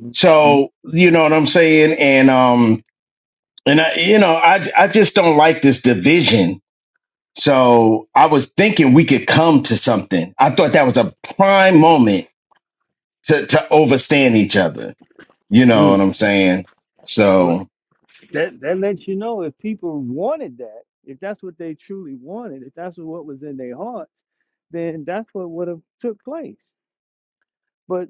A: Mhm.
D: so you know what i'm saying and um and i you know i i just don't like this division so i was thinking we could come to something i thought that was a prime moment to to overstand each other you know what
A: Mm.
D: i'm saying
A: Well,
D: so
A: that that lets you know if people wanted that, if that's what they truly wanted, if that's what was in their hearts, then that's what would have took place. But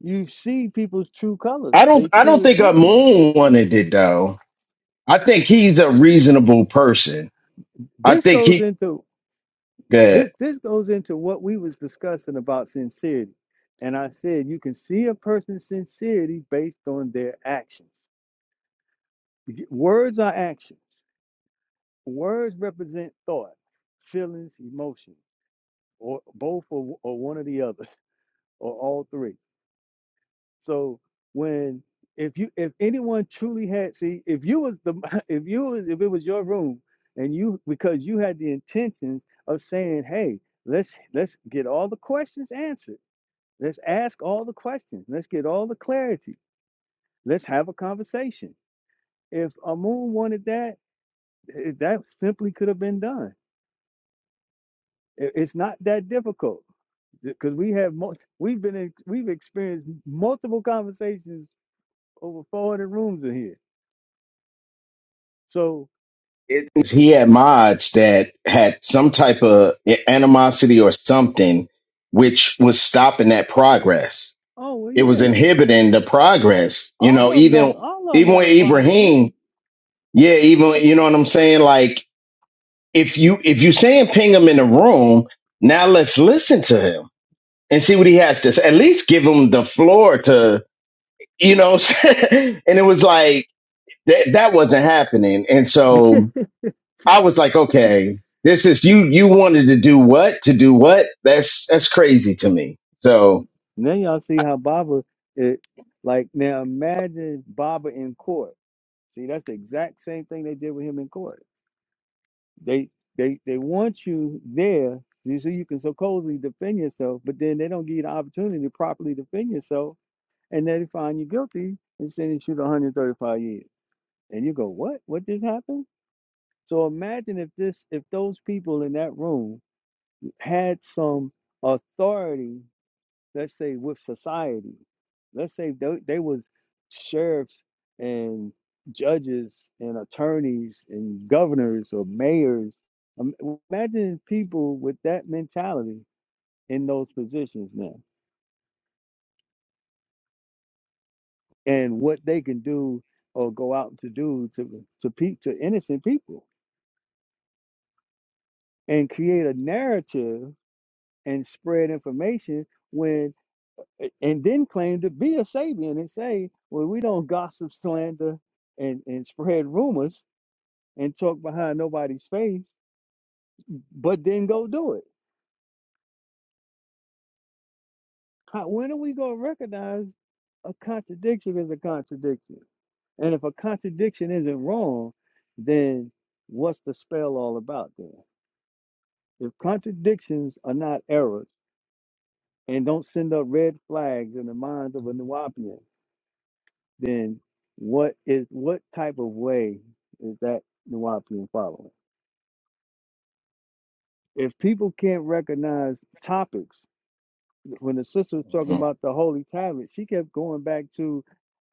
A: you see people's true
D: i
A: colors,
D: don't
A: their
D: i
A: true
D: don't think a
A: intentions.
D: moon wanted it though i think he's a reasonable person I
A: This
D: think
A: goes
D: he
A: into this
D: that
A: this goes into what we was discussing about sincerity. And I said you can see a person's sincerity based on their actions. Y- Words are actions. Words represent thought, feelings, emotion, or both or, or one or the other, or all three. So when if you if anyone truly had see if you was the if you was if it was your room and you because you had the intentions of saying hey let's let's get all the questions answered let's ask all the questions let's get all the clarity let's have a conversation if Amun wanted that eh, that simply could have been done It- it's not that difficult because we have mo- we've been in, we've experienced multiple conversations over 400 rooms in here. So,
D: It, he had mods that had some type of animosity or something which was stopping that progress
A: oh well,
D: it was
A: yeah,
D: inhibiting the progress you know
A: all of them don't,
D: even
A: all of them
D: even
A: got
D: with
A: a problem with
D: ibrahim yeah even you know what i'm saying like if you if you saying ping him in the room now let's listen to him and see what he has to say at least give him the floor to you know and it was like that that wasn't happening and
A: me.
D: so I was like, okay, this is you. You wanted to do what to do what? That's that's crazy to me. So
A: now y'all see how Baba, it, like now imagine Baba in court. See, that's the exact same thing they did with him in court. They they they want you there. You see, you can supposedly defend yourself, but then they don't give you the opportunity to properly defend yourself, and then they find you guilty and sentence you to 135 years. And you go, what? What just happened? So imagine if this, if those people in that room had some authority, let's say with society, let's say they, they was sheriffs and judges and attorneys and governors or mayors. Um, Imagine people with that mentality in those positions now, and what they can do or go out to do to to pe- to innocent people and create a narrative and spread information when and then claim to be a Sabian and say, well, we don't gossip, slander, and, and spread rumors and talk behind nobody's face, but then go do it. How, when are we going to recognize a contradiction is a contradiction? And if a contradiction isn't wrong, then what's the spell all about then? If contradictions are not errors and don't send up red flags in the minds of a Nuwapian, then what is what type of way is that Nuwapian following? If people can't recognize topics, when the sister was talking
D: um,
A: about the holy tablet, she kept going back to,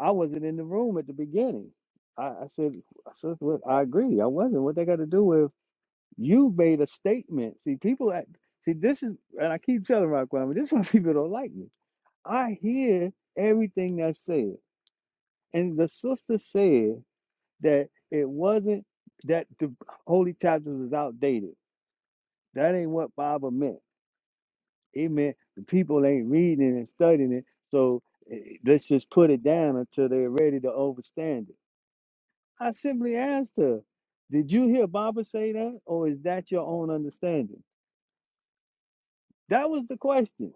A: I wasn't in the room at the beginning. I, I said, I said, "Look, I agree, I wasn't. What they got to do with you made a statement. See, people act, see this is, and I keep telling Raquel, this is why people don't like me. I hear everything that's said, and the sister said. that it wasn't that the holy chapters was outdated. That ain't what Bible meant. It meant the people ain't reading it and studying it, so eh, let's just put it down until they're ready to overstand it. I simply asked her, "Did you hear Baba say that, or is that your own understanding?" That was the question,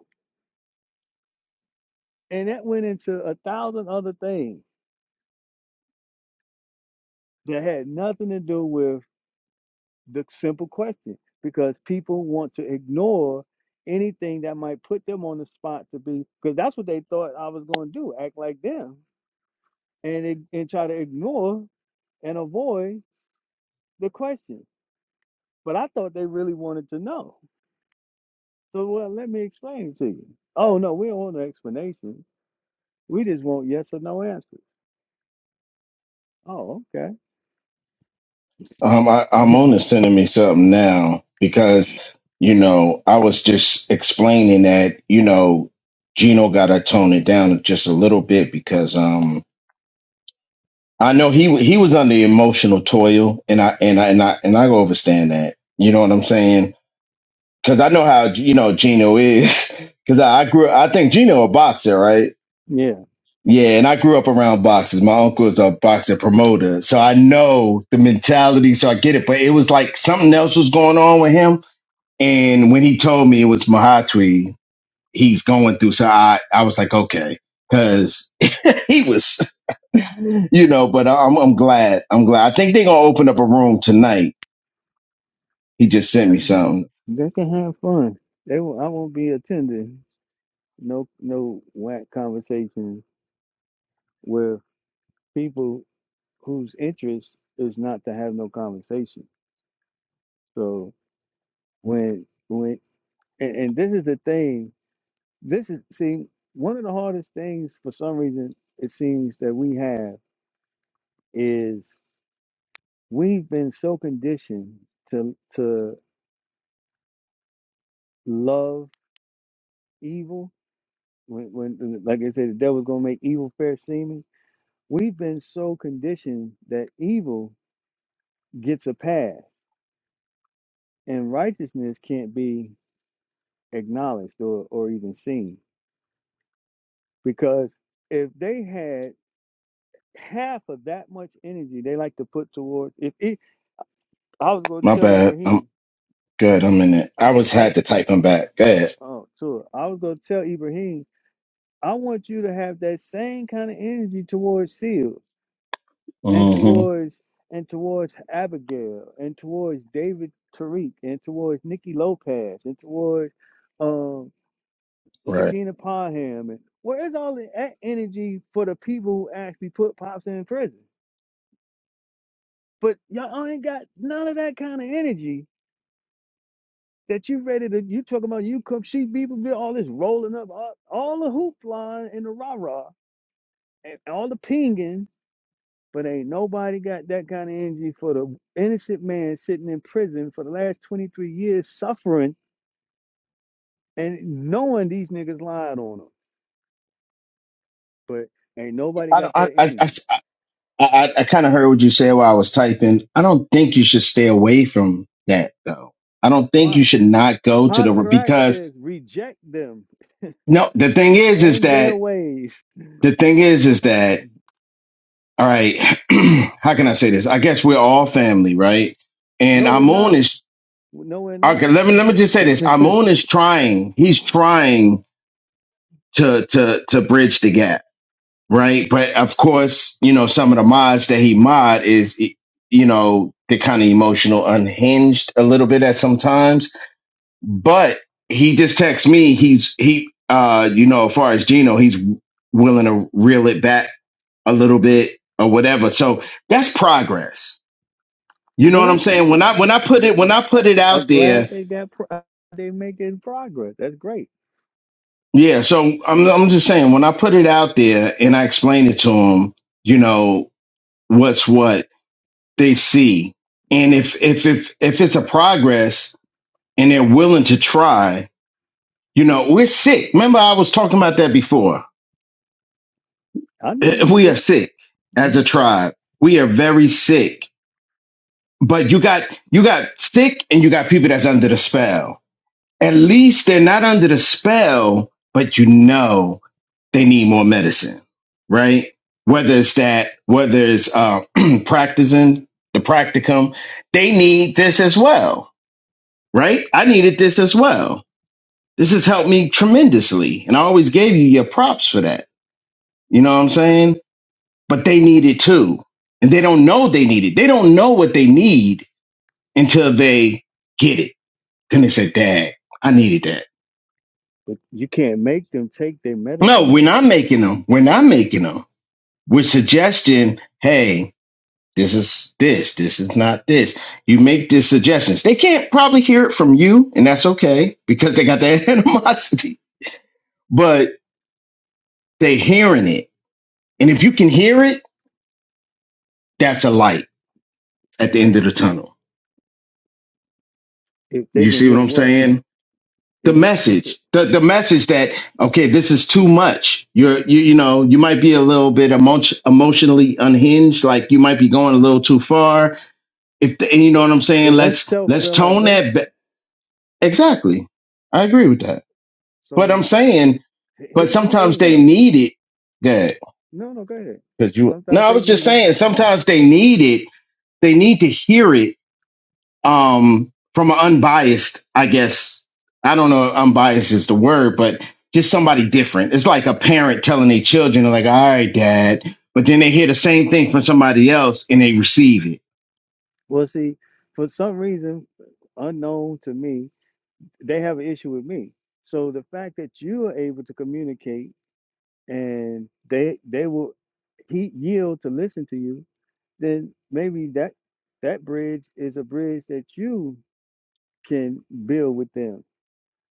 A: and that went into a thousand other things that had nothing to do with The simple question, because people want to ignore anything that might put them on the spot to be, because that's what they thought I was going to do, act like them, and ig- and try to ignore and avoid the question. But I thought they really wanted to know. So well, let me explain to you. Oh no, we don't want an explanation. We just want yes or no answers. Oh, okay.
D: I, I'm on to sending me something now because you know I was just explaining that you know Gino got to tone it down just a little bit because um I know he he was under emotional toil and I and I and I and I overstand that. You know what I'm saying? Because I know how you know Gino is. Because I, I grew. I think Gino a boxer, right?
A: yeah.
D: Yeah, and I grew up around boxers. My uncle's a boxer promoter, so I know the mentality, so I get it. But it was like something else was going on with him. And when he told me it was Mahatri, he's going through, so I, I was like, okay, because he was, you know. But I'm, I'm glad. I'm glad. I think they're gonna open up a room tonight. He just sent me
A: Mhm.
D: something.
A: They can have fun. They will, I won't be attending no no whack conversations where people whose interest is not to have no conversation. So when when and, and this is the thing, this is see one of the hardest things for some reason it seems that we have is we've been so conditioned to to love evil when when like I said the devil's gonna make evil fair seeming. We've been so conditioned that evil gets a pass and righteousness can't be acknowledged or, or even seen because if they had half of that much energy they like to put towards if it, I was going to
D: My
A: tell
D: bad. I'm
A: Ibrahim,
D: good. I'm in it. I
A: I,
D: was
A: I
D: had to type him back. Go ahead.
A: oh sure, I was going to tell Ibrahim, I want you to have that same kind of energy towards Seal and
D: hmm
A: towards and towards Abigail and towards David Tariq and towards Nikki Lopez and towards um,
D: Right.
A: Sakina Parham and where is all that energy for the people who actually put pops in prison? But y'all ain't got none of that kind of energy that you ready to. You talking about you come sheep people do all this rolling up, all, all the hoopla and the rah rah and all the pinging, but ain't nobody got that kind of energy for the innocent man sitting in prison for the last twenty three years suffering and knowing these niggas lied on him. But ain't nobody
D: I don't.
A: got
D: I,
A: that
D: I.
A: energy.
D: I, I, I kind of heard what you said while I was typing. I don't think you should stay away from that though. I don't think you
A: Why?
D: should not go to the
A: Patarak
D: because
A: says reject them
D: no. The thing is, is
A: and their
D: that
A: ways.
D: the thing is, is that all right. how can I say this? I guess we're all family, right? And
A: No, we're
D: Amun
A: not.
D: is
A: No, we're
D: okay.
A: not.
D: Let me let me just say this. Amun is trying. He's trying to to to bridge the gap right? But of course, you know, some of the mods that he mod is, e, you know, they're kind of emotional, unhinged a little bit at some times. But he just texts me, he's he, uh, you know, as far as Gino, he's willing to reel it back a little bit or whatever. So that's progress. You know
A: They're
D: what I'm
A: not
D: saying? When
A: good.
D: I when I put
A: No-
D: it when
A: no-
D: I put
A: I-
D: it out
A: I'm glad
D: there,
A: they got pro- uh, they making progress. That's great.
D: yeah. So I'm I'm just saying when I put it out there and I explain it to him, you know, what's what they see. And if if if if it's a progress and they're willing to try, you know, we're sick. Remember, I was talking about that before.
A: I know
D: Eh,
A: we
D: We are
A: sick,
D: sick as a
A: Mhm.
D: tribe. We are very sick. But you got you got sick and you got people that's under the spell. At least they're not under the spell, but you know they need more medicine, right? Whether it's that, whether it's uh, practicing the practicum, they need this as well right? I needed this as well. This has helped me tremendously. And I always gave you your props for that. You know what I'm saying? But they need it too. And they don't know they need it. They don't know what they need until they get it. Then they say, Dad, I needed that.
A: but you can't make them take their
D: No,
A: medicine
D: we're
A: though.
D: not making them. We're not making them. We're suggesting, hey, this is this. This is not this. You make these suggestions. They can't probably hear it from you, and that's okay because they got that animosity. But they hearing it And if you can hear it, that's a light at the end of the tunnel.
A: If they
D: You
A: can
D: see what
A: hear
D: I'm
A: what
D: saying? The
A: if you you said,
D: message, the, the message that, okay, this is too much. You're, you, you know, you might be a little bit emo- emotionally unhinged. Like you might be going a little too far. If the, and you know
A: but
D: what I'm saying?
A: but that's
D: Let's,
A: self
D: let's tone that. Ba-
A: realization.
D: exactly. I agree with that. But I'm
A: So
D: saying,
A: h-
D: but
A: here's the
D: sometimes
A: thing
D: they
A: though.
D: need it. Good.
A: No, no, go ahead.
D: Cause you, no,
A: Sometimes
D: I
A: they
D: was just
A: need it.
D: saying, sometimes they need it. They need to hear it um from an unbiased i guess i don't know if unbiased is the word but just somebody different it's like a parent telling their children like all right dad but then they hear the same thing from somebody else and they receive it
A: Well, see, for some reason unknown to me, they have an issue with me. So the fact that you are able to communicate and they they will he yield to listen to you, then maybe that that bridge is a bridge that you can build with them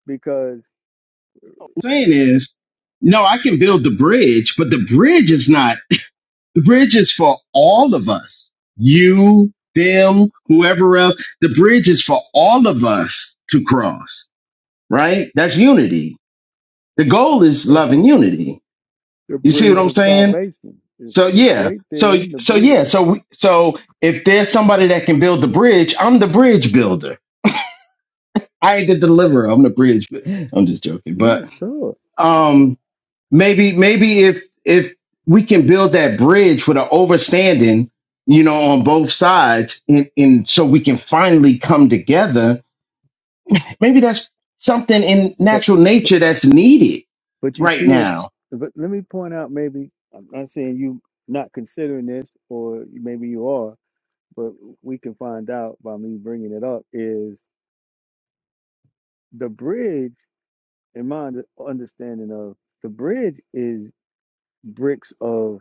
A: because
D: What I'm saying is no i can build the bridge but the bridge is not the bridge is for all of us you them whoever else the bridge is for all of us to cross right that's unity the goal is
A: the,
D: love and unity
A: the
D: you see what
A: bridge
D: i'm
A: of
D: saying
A: salvation is,
D: So
A: is
D: yeah,
A: right
D: so
A: there in the
D: so yeah,
A: bridge.
D: so we- so if there's somebody that can build the bridge, I'm the bridge builder. I ain't the deliverer. I'm the bridge. bu- I'm just joking, but
A: No, sure.
D: um, maybe maybe if if we can build that bridge with an overstanding, you know, on both sides, and, and so we can finally come together. Maybe that's something in
A: But
D: natural
A: but
D: nature that's needed
A: but you
D: right
A: see what
D: now
A: but let me point out maybe I'm not saying you not considering this or maybe you are, but we can find out by me bringing it up is the bridge in my under- understanding of the bridge is bricks of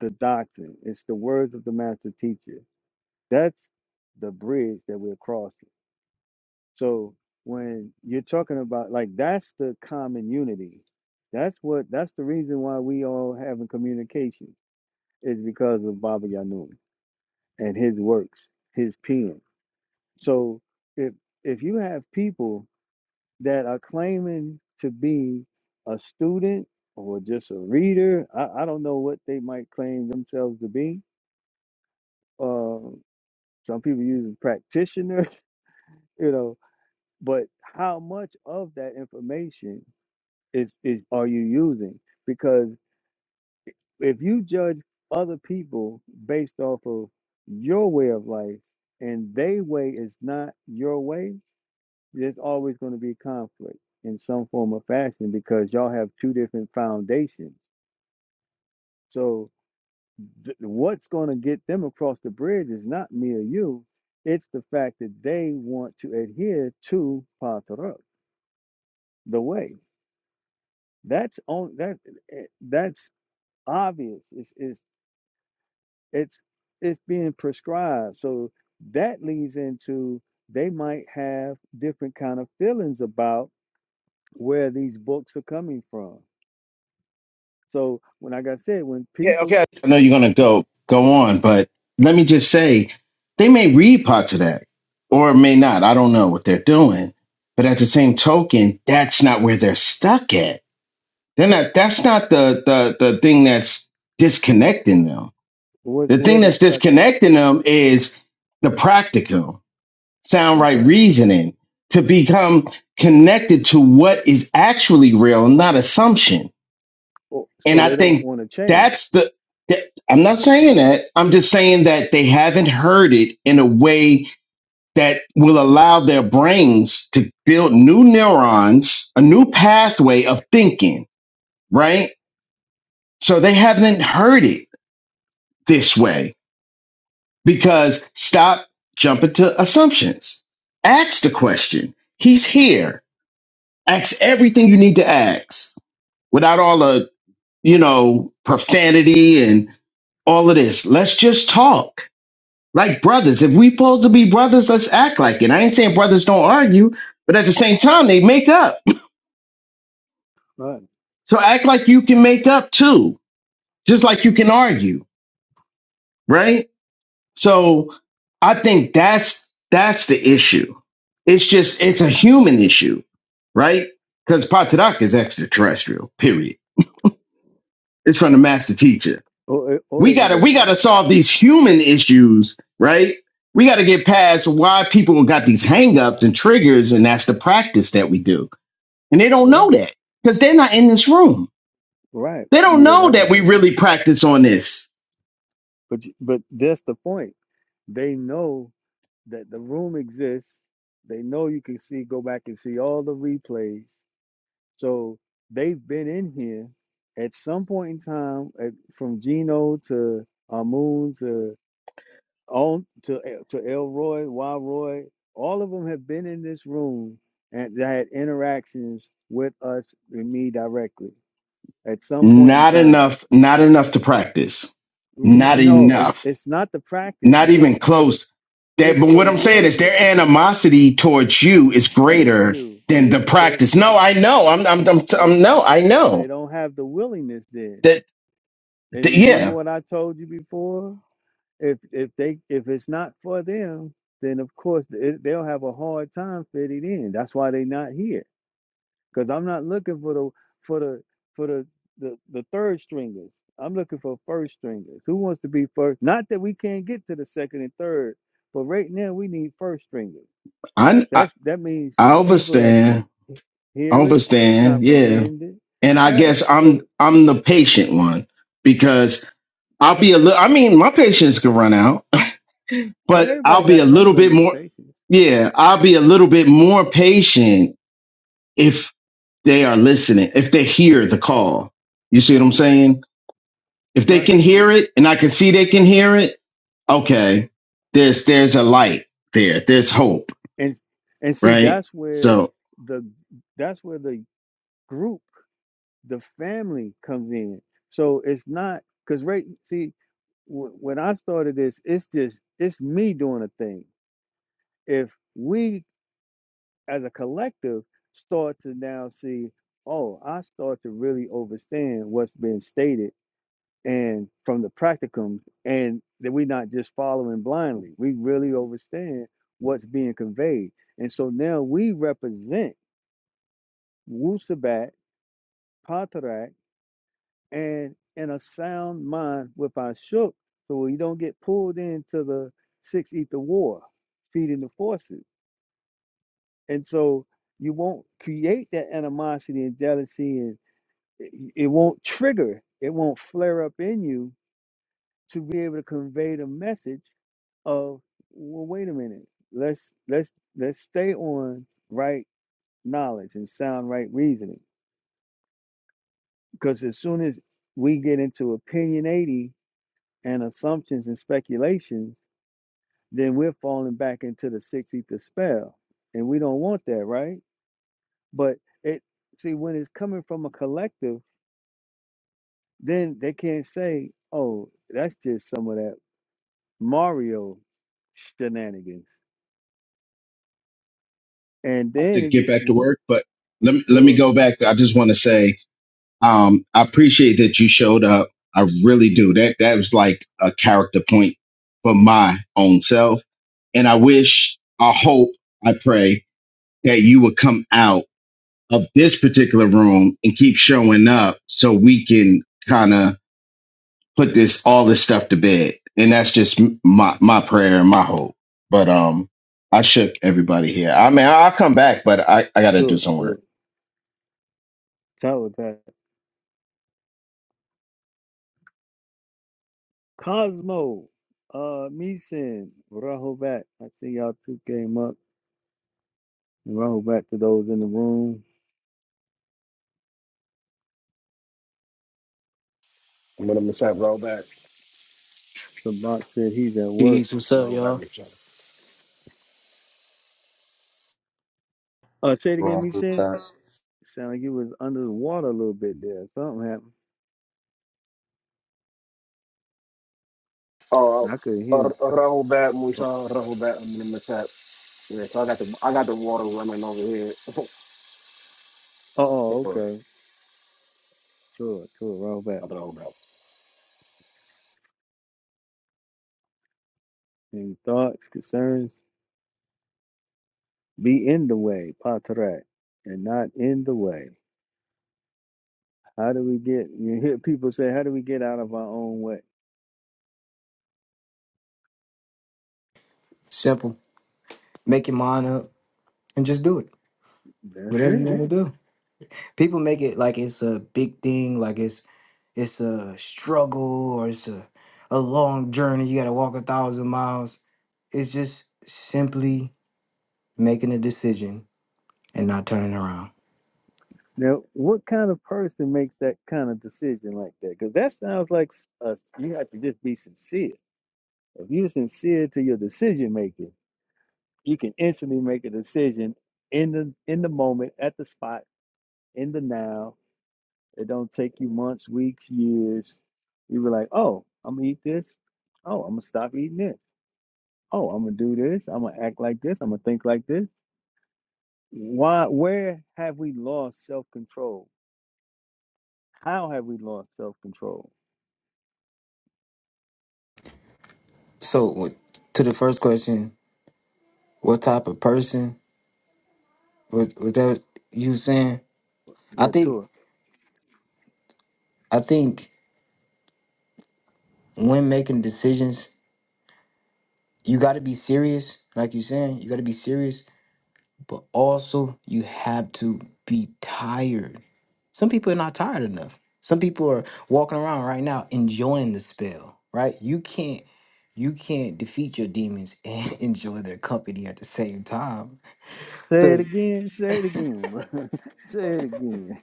A: the doctrine. It's the words of the master teacher. That's the bridge that we're crossing. So when you're talking about like that's the common unity. That's what that's the reason why we all having communication is because of Baba Yanun and his works, his pen. So if if you have people that are claiming to be a student or just a reader, I, I don't know what they might claim themselves to be, Um, some people using practitioner, you know, but how much of that information is is are you using? Because if you judge other people based off of your way of life and they way is not your way, there's always going to be conflict in some form or fashion because y'all have two different foundations. So th- what's going to get them across the bridge is not me or you. It's the fact that they want to adhere to Patarot, the way. That's on that. eh, That's obvious. It's it's it's it's being prescribed. So that leads into they might have different kind of feelings about where these books are coming from. So when, like I said, when
D: Okay,
A: people,
D: okay. I know you're gonna go go on, but let me just say they may read parts of that or may not. I don't know what they're doing. But at the same token, that's not where they're stuck at. They're not that's not the the the thing that's disconnecting them.
A: where,
D: The
A: where
D: thing
A: are they
D: that's
A: stuck at?
D: disconnecting them is the practical, sound
A: That's
D: right
A: right.
D: reasoning to become connected to what is actually real, not assumption
A: Oh,
D: and
A: So
D: I
A: they don't
D: think
A: want to change.
D: that's the, that, I'm not saying that. I'm just saying that they haven't heard it in a way that will allow their brains to build new neurons, a new pathway of thinking, right? So they haven't heard it this way because stop jumping to assumptions. Ask the question. He's here. Ask everything you need to ask without all the you know, profanity and all of this. Let's just talk like brothers. If we supposed to be brothers, let's act like it. I ain't saying brothers don't argue, but at the same time, they make up.
A: Right.
D: So act like you can make up too, just like you can argue, right? So I think that's that's the issue. It's just it's a human issue, right? Because Patadak is extraterrestrial. Period. It's from the master teacher.
A: Or or
D: we
A: is it
D: gotta
A: a
D: we gotta solve these human issues, right? We gotta get past why people got these hangups and triggers, and that's the practice that we do. And they don't know
A: right?
D: that because they're not in this room.
A: Right.
D: They don't
A: Yeah,
D: know
A: that
D: that
A: was
D: we
A: open.
D: really practice on this.
A: But you- but that's the point. They know that the room exists. They know you can see, go back and see all the replays. So they've been in here at some point in time, at, from Gino to Amun to on to El- to Elroy, Roy. All of them have been in this room and they had interactions with us and me directly at some point in
D: Not
A: time
D: enough, not enough to practice.
A: N-
D: Not
A: No, it's
D: enough.
A: it's not the practice.
D: Not even
A: It's the
D: close. That
A: it's
D: but
A: the
D: what I'm saying is
A: willingness.
D: their animosity towards you is
A: Thank
D: greater
A: you.
D: than the
A: It's the
D: practice. No, I know. I'm I'm I'm,
A: so
D: I'm no, I know.
A: they don't have the willingness then.
D: That,
A: And
D: that
A: remember
D: yeah.
A: what I told you before. If if they if it's not for them, then of course it, they'll have a hard time fitting in. That's why they're not here. Because I'm not looking for the for the for the, the the third stringers. I'm looking for first stringers. Who wants to be first? Not that we can't get to the second and third, but right now we need first stringers.
D: I, I
A: That's that means
D: I
A: people that can
D: understand. I
A: hear it,
D: understand. Yeah.
A: comprehend it.
D: And I
A: All right.
D: guess I'm
A: So
D: I'm the patient one because I'll be a little I mean, my patience can run out, but
A: well, everybody
D: I'll be a
A: got some
D: little bit
A: limit of
D: more
A: patience,
D: yeah, I'll be a little bit more patient if they are listening, if they hear the call. You see what I'm saying? If they
A: right?
D: can hear it and I can see they can hear it, okay. There's there's a light there. There's hope,
A: And and see,
D: right?
A: that's where
D: So.
A: the that's where the group the family comes in. So it's not because right. See, w- when I started this, it's just it's me doing a thing. If we as a collective start to now see, oh, I start to really understand what's been stated and from the practicums, and that we're not just following blindly. We really understand what's being conveyed, and so now we represent Wusabat, Patarak and in a sound mind with our shook so we don't get pulled into the six ether war feeding the forces and so you won't create that animosity and jealousy and it it won't trigger it won't flare up in you to be able to convey the message of well wait a minute let's let's let's stay on right knowledge and sound right reasoning because as soon as we get into opinionating and assumptions and speculations, then we're falling back into the sixth ether spell. And we don't want that, right? But it see when it's coming from a collective, then they can't say, Oh, that's just some of that Mario shenanigans. And
D: have
A: then
D: to
A: if
D: get
A: you
D: back to
A: w-
D: work, but let me, let
A: to
D: me
A: it,
D: go back. I just want to say, um, I appreciate that you showed up. I really do. That that was like a character point for my own self, and I wish, I hope, I pray that you would come out of this particular room and keep showing up so we can kind of put this all this stuff to bed. And that's just m- my my prayer and my hope. But um, I shook everybody here. I mean, I'll come back, but I I got to
A: to
D: do
A: it,
D: some
A: to
D: work.
A: it, talk with that Cosmo, uh Meeson, Rahobat. I see y'all two came up. And Rahobat to those in the room.
E: What I'm gonna say, roll back,
A: The box said he's at work.
F: Peace, what's up,
E: roll back,
F: y'all?
E: Michelle.
A: Uh, say it again, me
C: Rahul
A: said.
C: Tat.
A: Sound like you was under the water a little bit there. Something happened.
E: Oh,
A: I couldn't
E: uh, uh,
A: hear.
E: roll back,
A: Oh,
E: Michelle, roll back. I'm gonna miss that. Yeah, so I got the I got the water running over here.
A: oh okay. Sure, sure. Right back.
E: I roll back.
A: Any thoughts, concerns? Be in the way, patrak, and not in the way. How do we get? You hear people say, "How do we get out of our own way?"
F: Simple. Make your mind up and just do it.
A: That's
F: Whatever you
A: it.
F: want to do. People make it like it's a big thing, like it's it's a struggle or it's a, a long journey. You got to walk a thousand miles. It's just simply making a decision and not turning around.
A: Now, what kind of person makes that kind of decision like that? Because that sounds like s- us. You have to just be sincere. If you're sincere to your decision making. you can instantly make a decision in the in the moment at the spot in the now it don't take you months weeks years you were like oh i'm gonna eat this oh i'm gonna stop eating this oh i'm gonna do this i'm gonna act like this i'm gonna think like this why where have we lost self-control how have we lost self-control
F: So with- to the first question, what type of person was was that you was saying? I
A: yeah to
F: think
A: it
F: I think when making decisions, you got to be serious. Like you saying, you got to be serious but also you have to be tired. Some people are not tired enough. Some people are walking around right now enjoying the spell, right? You can't you can't defeat your demons and enjoy their company at the same time.
A: say it
F: So
A: again say it again bro. say it again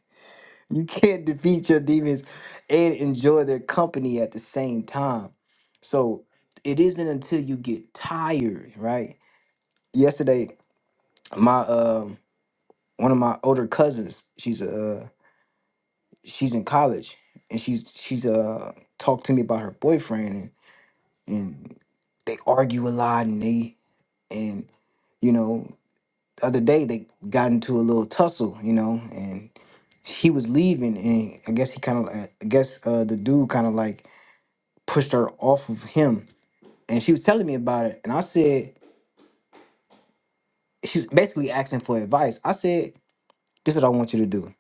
F: you can't defeat your demons and enjoy their company at the same time. So it isn't until you get tired, right? Yesterday, my um one of my older cousins, she's a uh, she's in college and she's she's uh talked to me about her boyfriend and and they argue a lot and they and you know the other day they got into a little tussle you know and he was leaving and i guess he kind of i guess uh the dude kind of like pushed her off of him and she was telling me about it and i said she was basically asking for advice i said this is what i want you to do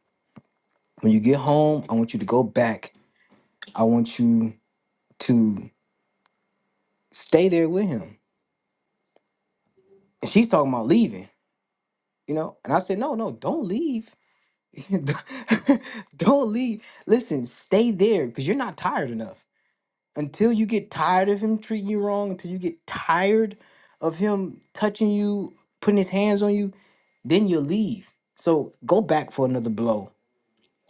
F: when you get home i want you to go back i want you to stay there with him and she's talking about leaving, you know. And I said, no, no, don't leave. don't don't leave. Listen, stay there because you're not tired enough. Until you get tired of him treating you wrong, until you get tired of him touching you, putting his hands on you, then you'll leave. So go back for another blow.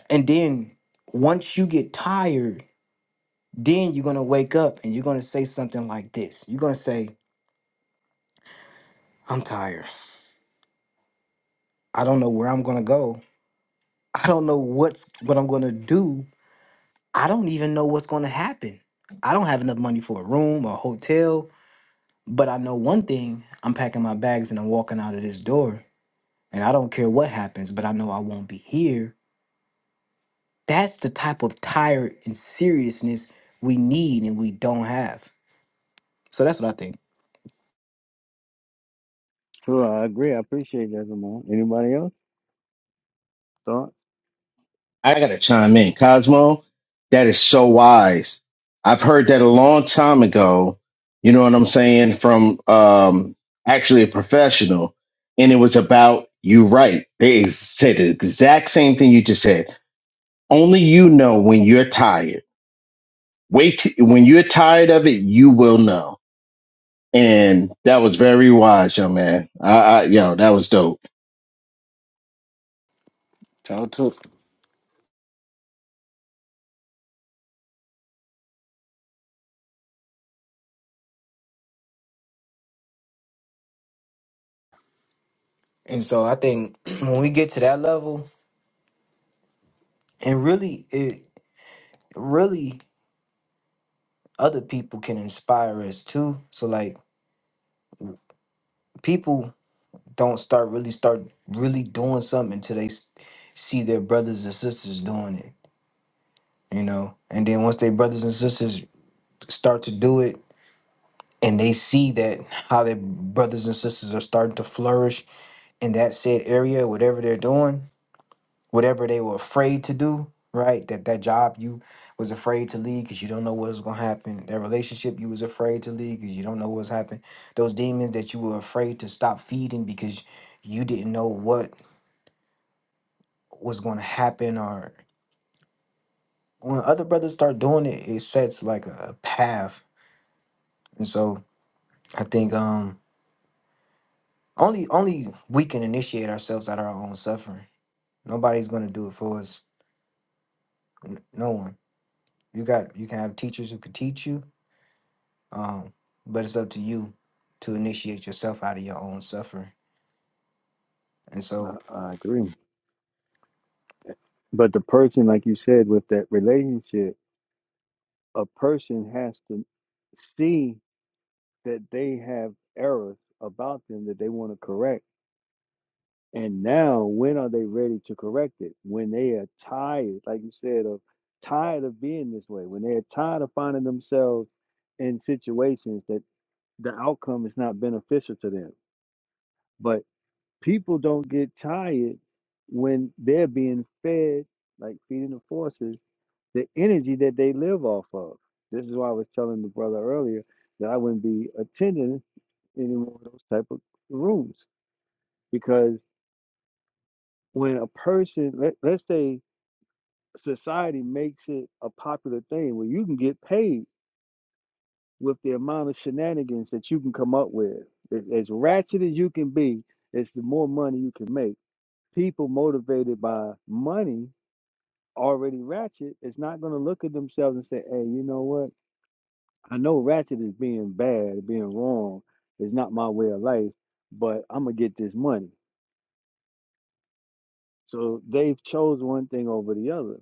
F: And then once you get tired, then you're going to wake up and you're going to say something like this. You're going to say, I'm tired. I don't know where I'm going to go. I don't know what's what I'm going to do I don't even know what's going to happen. I don't have enough money for a room or a hotel, but I know one thing I'm packing my bags and I'm walking out of this door. And I don't care what happens, but I know I won't be here. That's the type of tired and seriousness we need and we don't have. So that's what I think.
A: so i agree i appreciate that Zamon. anybody else thoughts
D: I gotta chime in. Cosmo, that is so wise. I've heard that a long time ago, you know what I'm saying, from um actually a professional, and it was about you right. They said the exact same thing you just said. Only you know when you're tired. Wait t- when you're tired of it, you will know. And that was very wise, young man. I, I yo, that was dope.
F: Talk to it. And so I think when we get to that level, and really, it really other people can inspire us too. So like people don't start really start really doing something until they s- see their brothers and sisters doing it you know and then once their brothers and sisters start to do it and they see that how their brothers and sisters are starting to flourish in that said area whatever they're doing whatever they were afraid to do right that that job you was afraid to leave because you don't know what's going to happen that relationship you was afraid to leave because you don't know what's happened those demons that you were afraid to stop feeding because you didn't know what what's going to happen or when other brothers start doing it it sets like a, a path and so i think um only only we can initiate ourselves out of our own suffering nobody's going to do it for us N- no one you got you can have teachers who could teach you um but it's up to you to initiate yourself out of your own suffering and
A: I,
F: so
A: I agree But the person, like you said, with that relationship, a person has to see that they have errors about them that they want to correct. And now, when are they ready to correct it? When they are tired, like you said, of tired of being this way, when they're tired of finding themselves in situations that the outcome is not beneficial to them. But people don't get tired when they're being fed, like feeding the forces the energy that they live off of. This is why I was telling the brother earlier that I wouldn't be attending any more of those type of rooms because when a person, let, let's say society makes it a popular thing where you can get paid with the amount of shenanigans that you can come up with. A- As ratchet as you can be, it's the more money you can make. People motivated by money already ratchet is not going to look at themselves and say, hey, you know what? I know ratchet is being bad, being wrong. It's not my way of life, but I'm gonna get this money. So they've chose one thing over the other.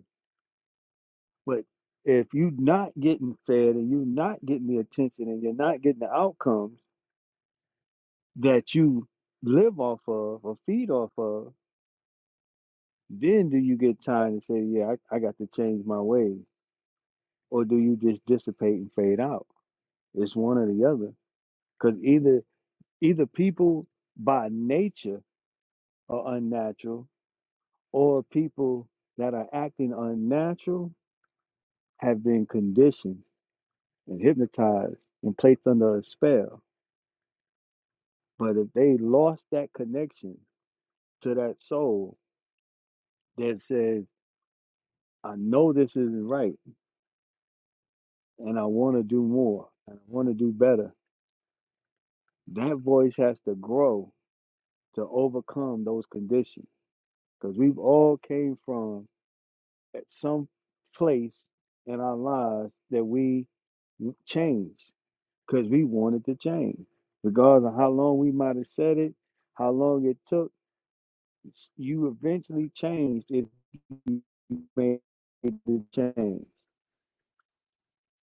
A: But if you're not getting fed and you're not getting the attention and you're not getting the outcomes that you live off of or feed off of, then do you get time to say, yeah, I, I got to change my ways, or do you just dissipate and fade out? It's one or the other. Because either either people by nature are unnatural or people that are acting unnatural have been conditioned and hypnotized and placed under a spell. But if they lost that connection to that soul that says, I know this isn't right and I want to do more and I want to do better, that voice has to grow to overcome those conditions. Because we've all came from at some place in our lives that we changed. because we wanted to change. Regardless of how long we might have said it, how long it took, s- you eventually changed if you made the change.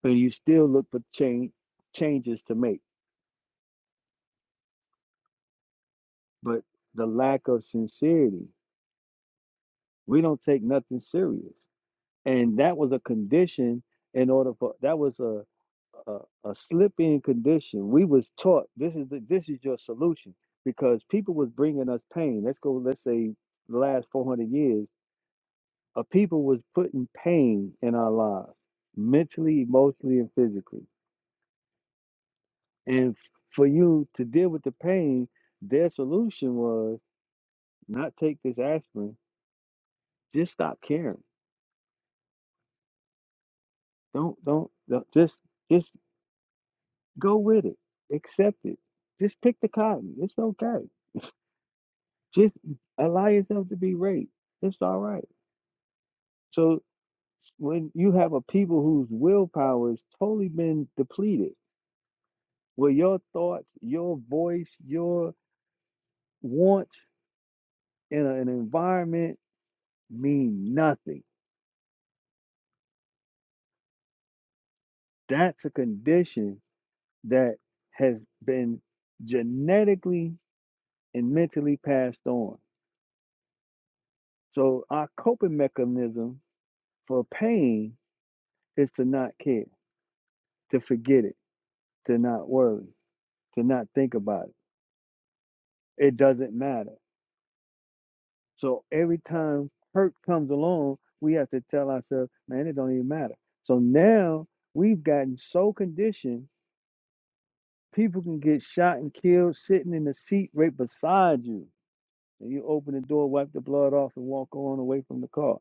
A: But you still look for change changes to make. But the lack of sincerity, we don't take nothing serious. And that was a condition in order for that was a a, a slip in condition. We was taught this is the, this is your solution because people was bringing us pain. Let's go. Let's say the last 400 years A people was putting pain in our lives, mentally, emotionally, and physically. And for you to deal with the pain, their solution was not take this aspirin. Just stop caring. Don't don't, don't just just go with it. Accept it. Just pick the cotton. It's okay. Just allow yourself to be raped. It's all right. So when you have a people whose willpower has totally been depleted, where your thoughts, your voice, your wants in a- an environment mean nothing. That's a condition that has been genetically and mentally passed on. So our coping mechanism for pain is to not care, to forget it, to not worry, to not think about it. It doesn't matter. So every time hurt comes along, we have to tell ourselves, man, it don't even matter. So now we've gotten so conditioned People can get shot and killed sitting in the seat right beside you. And you open the door, wipe the blood off, and walk on away from the car.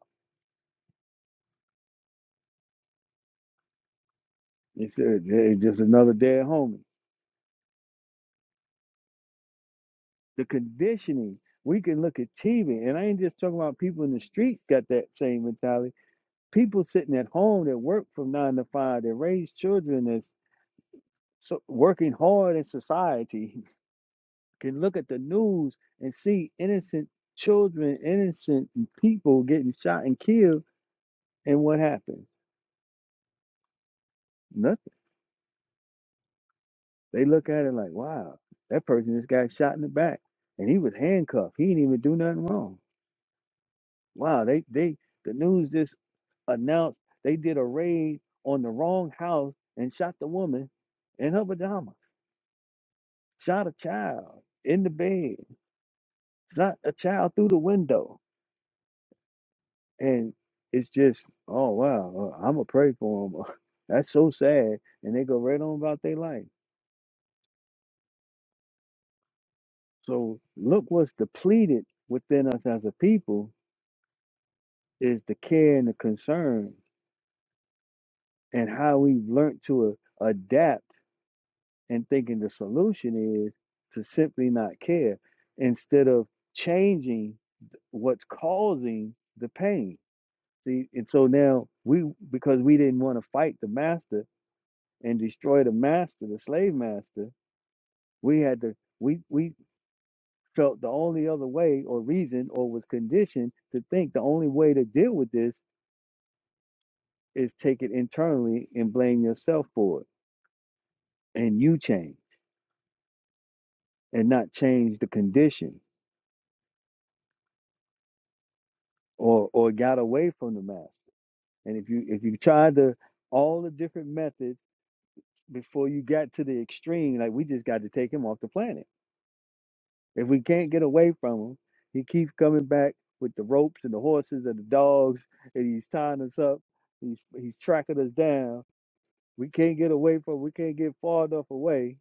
A: It's, uh, it's just another dead homie. The conditioning, we can look at TV, and I ain't just talking about people in the streets got that same mentality. People sitting at home that work from nine to five, that raise children, that's so, working hard in society, can look at the news and see innocent children, innocent people getting shot and killed, and what happened? Nothing. They look at it like, wow, that person just got shot in the back and he was handcuffed. He didn't even do nothing wrong. Wow, they they the news just announced they did a raid on the wrong house and shot the woman in her pajamas, shot a child in the bed, shot a child through the window. And it's just, oh wow, uh, I'ma pray for them. That's so sad. And they go right on about their life. So look what's depleted within us as a people is the care and the concern and how we've learned to a- adapt and thinking the solution is to simply not care instead of changing what's causing the pain. See, and so now we, because we didn't want to fight the master and destroy the master, the slave master, we had to, we, we felt the only other way or reason or was conditioned to think the only way to deal with this is take it internally and blame yourself for it and you change and not change the condition or or got away from the master and if you if you tried the all the different methods before you got to the extreme like we just got to take him off the planet if we can't get away from him he keeps coming back with the ropes and the horses and the dogs and he's tying us up he's he's tracking us down we can't get away from we can't get far enough away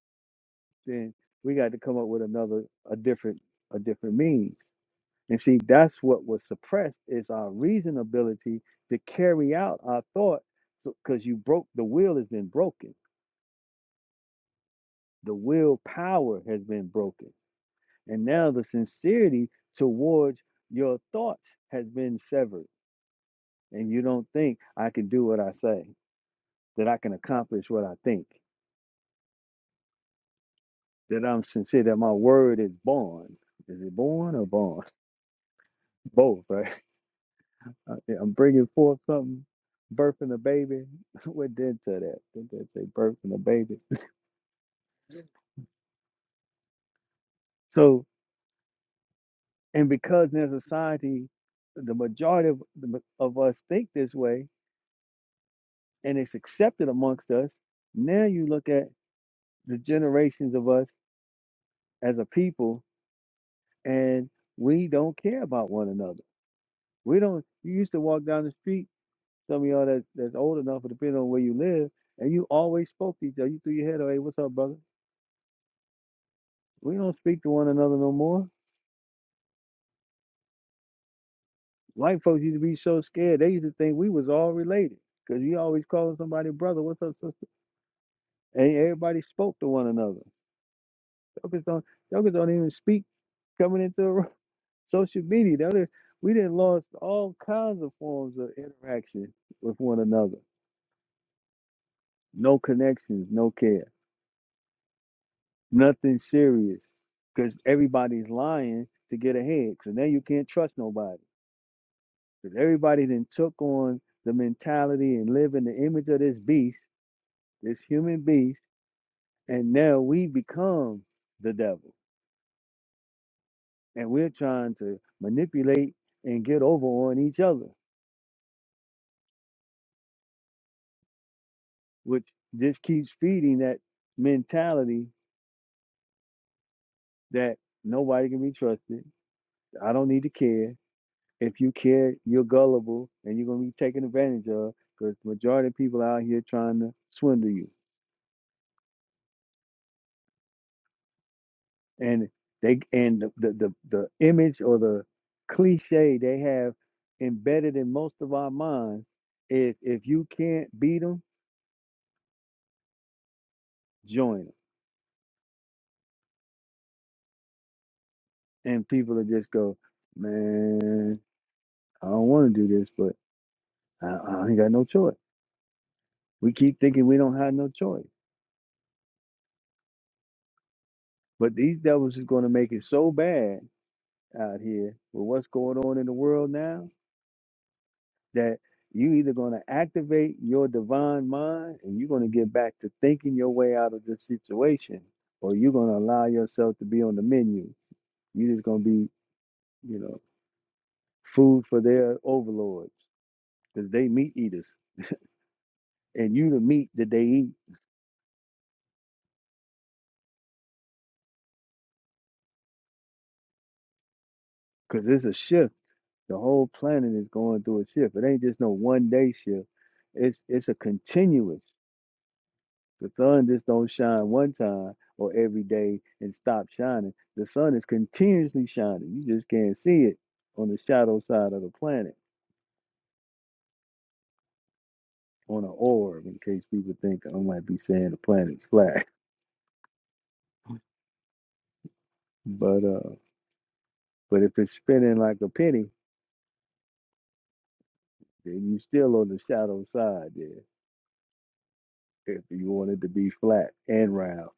A: then we got to come up with another a different a different means And see, that's what was suppressed is our reasonability to carry out our thought. So because you broke the will has been broken. The willpower has been broken. And now the sincerity towards your thoughts has been severed. And you don't think I can do what I say, that I can accomplish what I think, that I'm sincere, that my word is born. Is it born or born? Both, right? Uh, yeah, I'm bringing forth something, birthing a baby. what did to that? Did that say birthing a baby? So, and because in our society, the majority of, the ma- of us think this way, and it's accepted amongst us. Now you look at the generations of us as a people, and we don't care about one another. We don't. You used to walk down the street. Some of y'all that, that's old enough, but depending on where you live, and you always spoke to each other. You threw your head, Hey, what's up, brother? We don't speak to one another no more White folks used to be so scared. They used to think we was all related. Cause you always calling somebody brother, what's up, sister? And everybody spoke to one another. Jokers don't jokers don't even speak coming into a room. social media. The other we didn't lost all kinds of forms of interaction with one another. No connections, no care, nothing serious. Cause everybody's lying to get ahead. So now you can't trust nobody. Cause everybody then took on the mentality and live in the image of this beast this human beast, and now we become the devil. And we're trying to manipulate and get over on each other, which just keeps feeding that mentality that nobody can be trusted. I don't need to care. If you care, you're gullible and you're going to be taken advantage of because majority of people out here trying to swindle you. and they and the the the, the image or the cliche they have embedded in most of our minds is if you can't beat them, join them. And people will just go, man, I don't want to do this, but I, I ain't got no choice. We keep thinking we don't have no choice, but these devils is going to make it so bad out here with what's going on in the world now that you either going to activate your divine mind and you're going to get back to thinking your way out of this situation or you're going to allow yourself to be on the menu you're just going to be you know food for their overlords because they meat eaters and you the meat that they eat because it's a shift the whole planet is going through a shift it ain't just no one day shift it's it's a continuous The sun just don't shine one time or every day and stop shining. The sun is continuously shining. You just can't see it on the shadow side of the planet, on an orb, in case people think I might be saying the planet's flat. But uh but if it's spinning like a penny, then you still on the shadow side there. If you want it to be flat and round.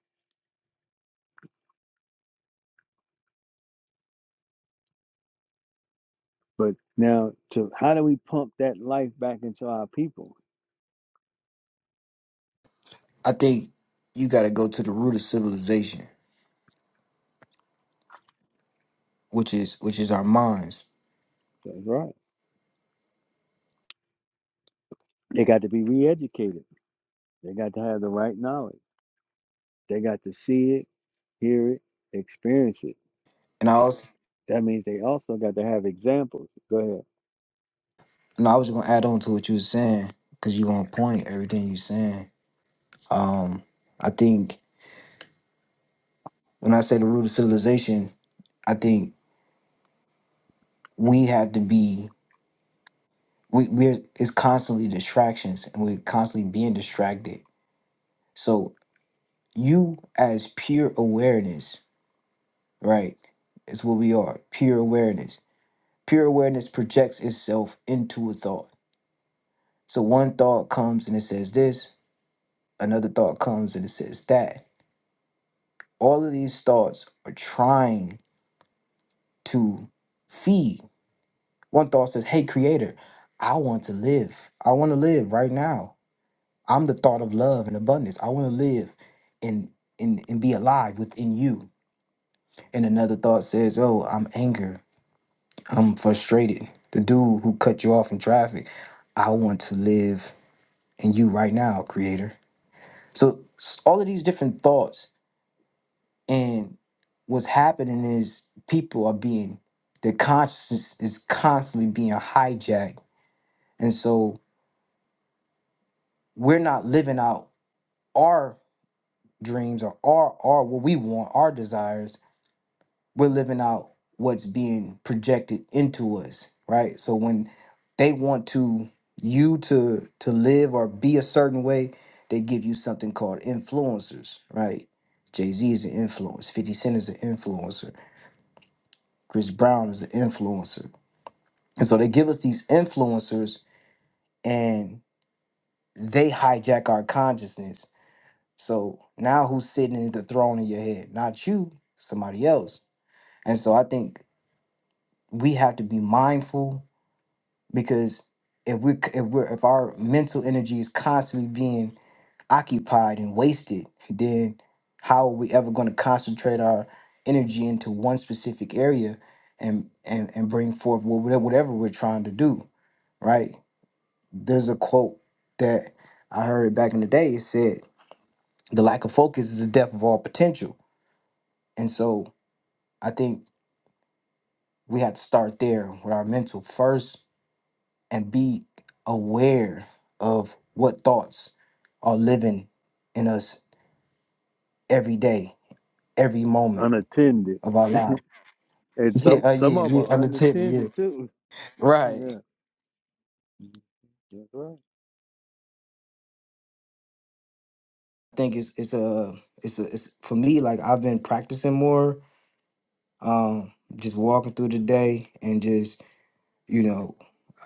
A: But now to how do we pump that life back into our people?
F: i think you got to go to the root of civilization which is which is our minds
A: That's right. They got to be re educated. They got to have the right knowledge. They got to see it, hear it, experience it.
F: and i also
A: That means they also got to have examples. Go ahead.
F: No, I was gonna add on to what you was saying because you gonna point everything you saying. Um, I think when I say the root of civilization, I think we have to be we we're it's constantly distractions and we're constantly being distracted. So you as pure awareness, right, is what we are. Pure awareness. Pure awareness projects itself into a thought. So one thought comes and it says this, another thought comes and it says that. All of these thoughts are trying to feed. One thought says, Hey, creator, I want to live. I want to live right now. I'm the thought of love and abundance. I want to live and, and, and be alive within you. And another thought says, Oh, I'm anger. I'm frustrated. The dude who cut you off in traffic. I want to live in you right now, creator. So s- all of these different thoughts and what's happening is people are being their consciousness is constantly being hijacked And so we're not living out our dreams or our, our what we want, our desires. We're living out what's being projected into us, right? So when they want to you to to live or be a certain way, they give you something called influencers, right? Jay-Z is an influence, 50 Cent is an influencer, Chris Brown is an influencer. And so they give us these influencers and they hijack our consciousness So now who's sitting in the throne in your head? Not you, somebody else. And so I think we have to be mindful because if we if we're if our mental energy is constantly being occupied and wasted, then how are we ever going to concentrate our energy into one specific area and and and bring forth wha- whatever we're trying to do, right? There's a quote that I heard back in the day. It said, "The lack of focus is the death of all potential." And so I think we had to start there with our mental first and be aware of what thoughts are living in us every day, every moment
A: Unattended.
F: of our life.
A: And
F: Yeah,
A: some
F: uh,
A: some
F: yeah,
A: of them
F: yeah,
A: are
F: under 10, yeah.
A: unattended too.
F: Right.
A: Yeah.
F: I
A: That's right.
F: think it's it's a it's a it's for me like I've been practicing more um just walking through the day and just you know,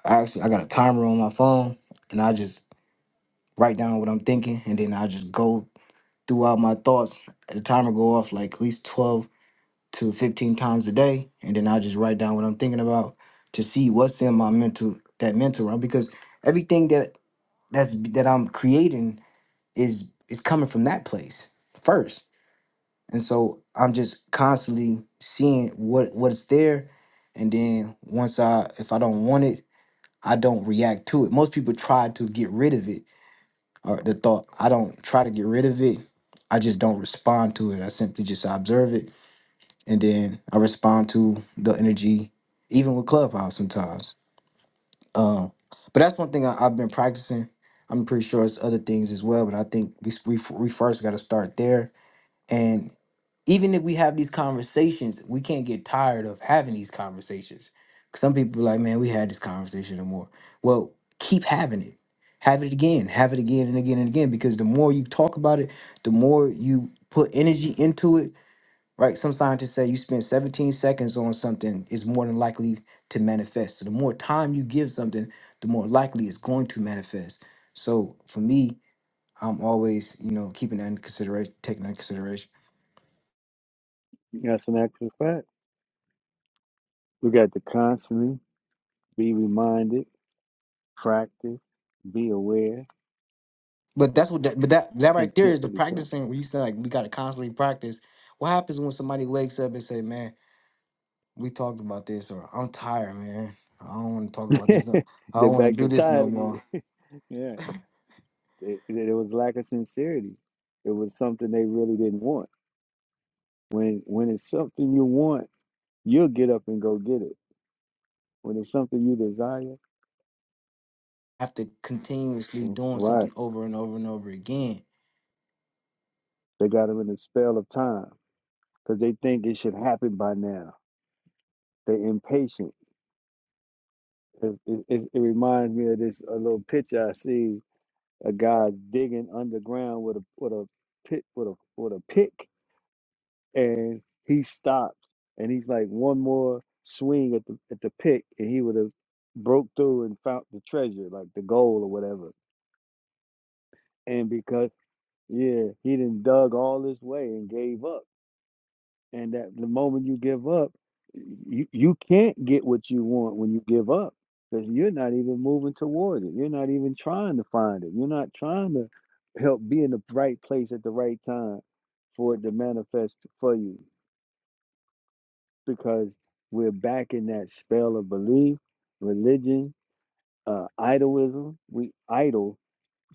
F: I actually I got a timer on my phone and I just write down what I'm thinking and then I just go throughout my thoughts. The timer go off like at least 12 to 15 times a day. And then I just write down what I'm thinking about to see what's in my mental that mental realm because everything that that's that I'm creating is is coming from that place first. And so I'm just constantly seeing what what's there and then once I if I don't want it, I don't react to it. Most people try to get rid of it or the thought. I don't try to get rid of it. I just don't respond to it. I simply just observe it and then I respond to the energy, even with Clubhouse sometimes. Um, but that's one thing I, I've been practicing. I'm pretty sure it's other things as well, but I think we we, we first got to start there. and even if we have these conversations, we can't get tired of having these conversations. 'Cause Some people are like, man, we had this conversation no more. Well, keep having it. Have it again, have it again and again and again. Because the more you talk about it, the more you put energy into it, right? Some scientists say you spend 17 seconds on something is more than likely to manifest. So the more time you give something, the more likely it's going to manifest. So for me, I'm always, you know, keeping that in consideration, taking that in consideration.
A: That's an actual fact. We got to constantly be reminded, practice, be aware
F: But that's what that, but that that right there
A: until
F: is the
A: it
F: practicing where you said like we gotta constantly practice. What happens when somebody wakes up and say, Man, we talked about this or I'm tired, man. I don't wanna talk about this. no-
A: becomes.
F: I
A: They're
F: don't wanna
A: back
F: do
A: to
F: this
A: tired
F: no more.
A: again. yeah. It, it it was lack of sincerity. It was something they really didn't want. When when it's something you want, you'll get up and go get it When it's something you desire,
F: Have to continuously
A: mm,
F: doing
A: right?
F: something over and over and over again.
A: They got them in the spell of time because they think it should happen by now. They're impatient. It, it, it it reminds me of this a little picture I see. A guy's digging underground with a with a pit with a with a pick, and he stops, and he's like one more swing at the at the pick, and he would have broke through and found the treasure, like the gold or whatever. And because yeah, he didn't dug all this way and gave up and that the moment you give up you, you can't get what you want when you give up because you're not even moving toward it you're not even trying to find it you're not trying to help be in the right place at the right time for it to manifest for you because we're back in that spell of belief religion uh idolism we idle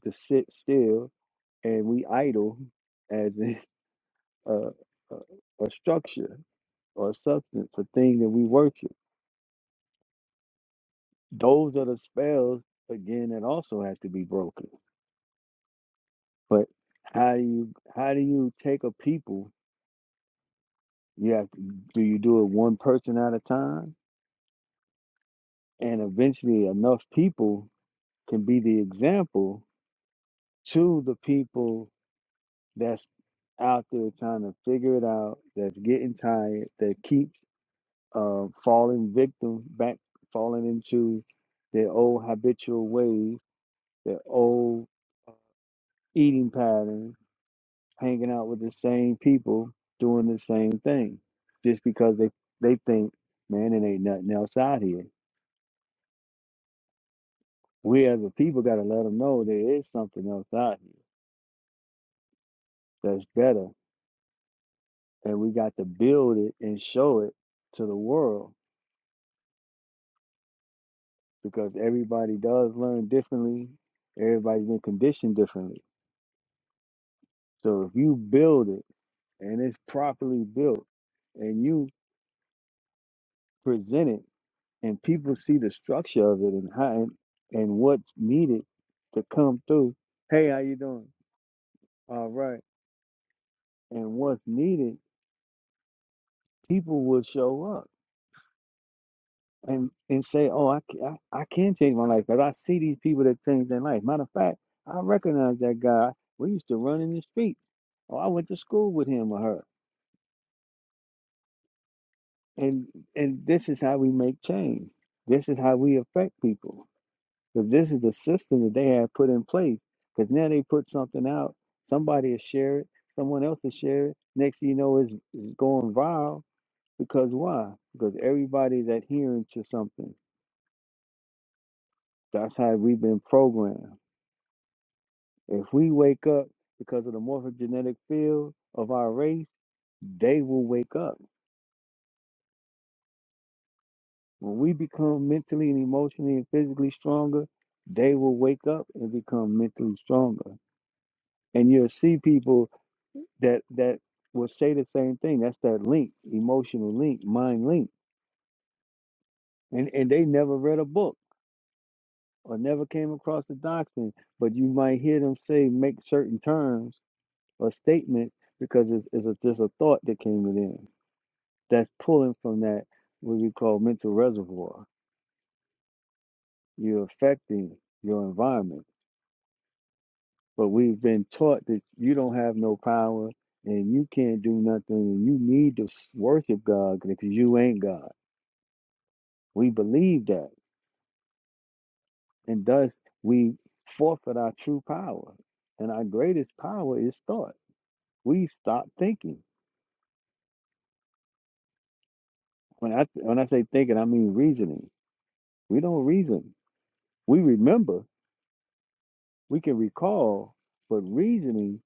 A: to sit still and we idle as a, a, a a structure or a substance a thing that we worship those are the spells again that also have to be broken. But how do you how do you take a people? You have to, do you do it one person at a time, and eventually enough people can be the example to the people that's out there trying to figure it out, that's getting tired, that keeps uh, falling victim back, falling into their old habitual ways, their old uh, eating patterns hanging out with the same people doing the same thing just because they they think man it ain't nothing else out here we as a people got to let them know there is something else out here that's better and we got to build it and show it to the world because everybody does learn differently everybody's been conditioned differently so if you build it and it's properly built and you present it and people see the structure of it and how and, and what's needed to come through. Hey, how you doing? All right. And what's needed, people will show up and and say, "Oh, I ca- I, I can change my life because I see these people that change their life." Matter of fact, I recognize that guy. We used to run in the street, Oh, I went to school with him or her. And and this is how we make change. This is how we affect people Because this is the system that they have put in place. Because now they put something out, somebody will share it, someone else will share it. Next thing you know, it's, it's going viral. Because why? Because everybody's adhering to something. That's how we've been programmed. If we wake up because of the morphogenetic field of our race, they will wake up. When we become mentally and emotionally and physically stronger, they will wake up and become mentally stronger. And you'll see people that that will say the same thing. That's that link, emotional link, mind link. And and they never read a book or never came across the doctrine, but you might hear them say make certain terms or statements because it's, it's a, just a thought that came within. That's pulling from that what we call mental reservoir. You're affecting your environment, but we've been taught that you don't have no power and you can't do nothing and you need to s- worship God because you ain't God. We believe that And thus we forfeit our true power. And our greatest power is thought. We stop thinking. When I when I say thinking, I mean reasoning. We don't reason. We remember, we can recall, but reasoning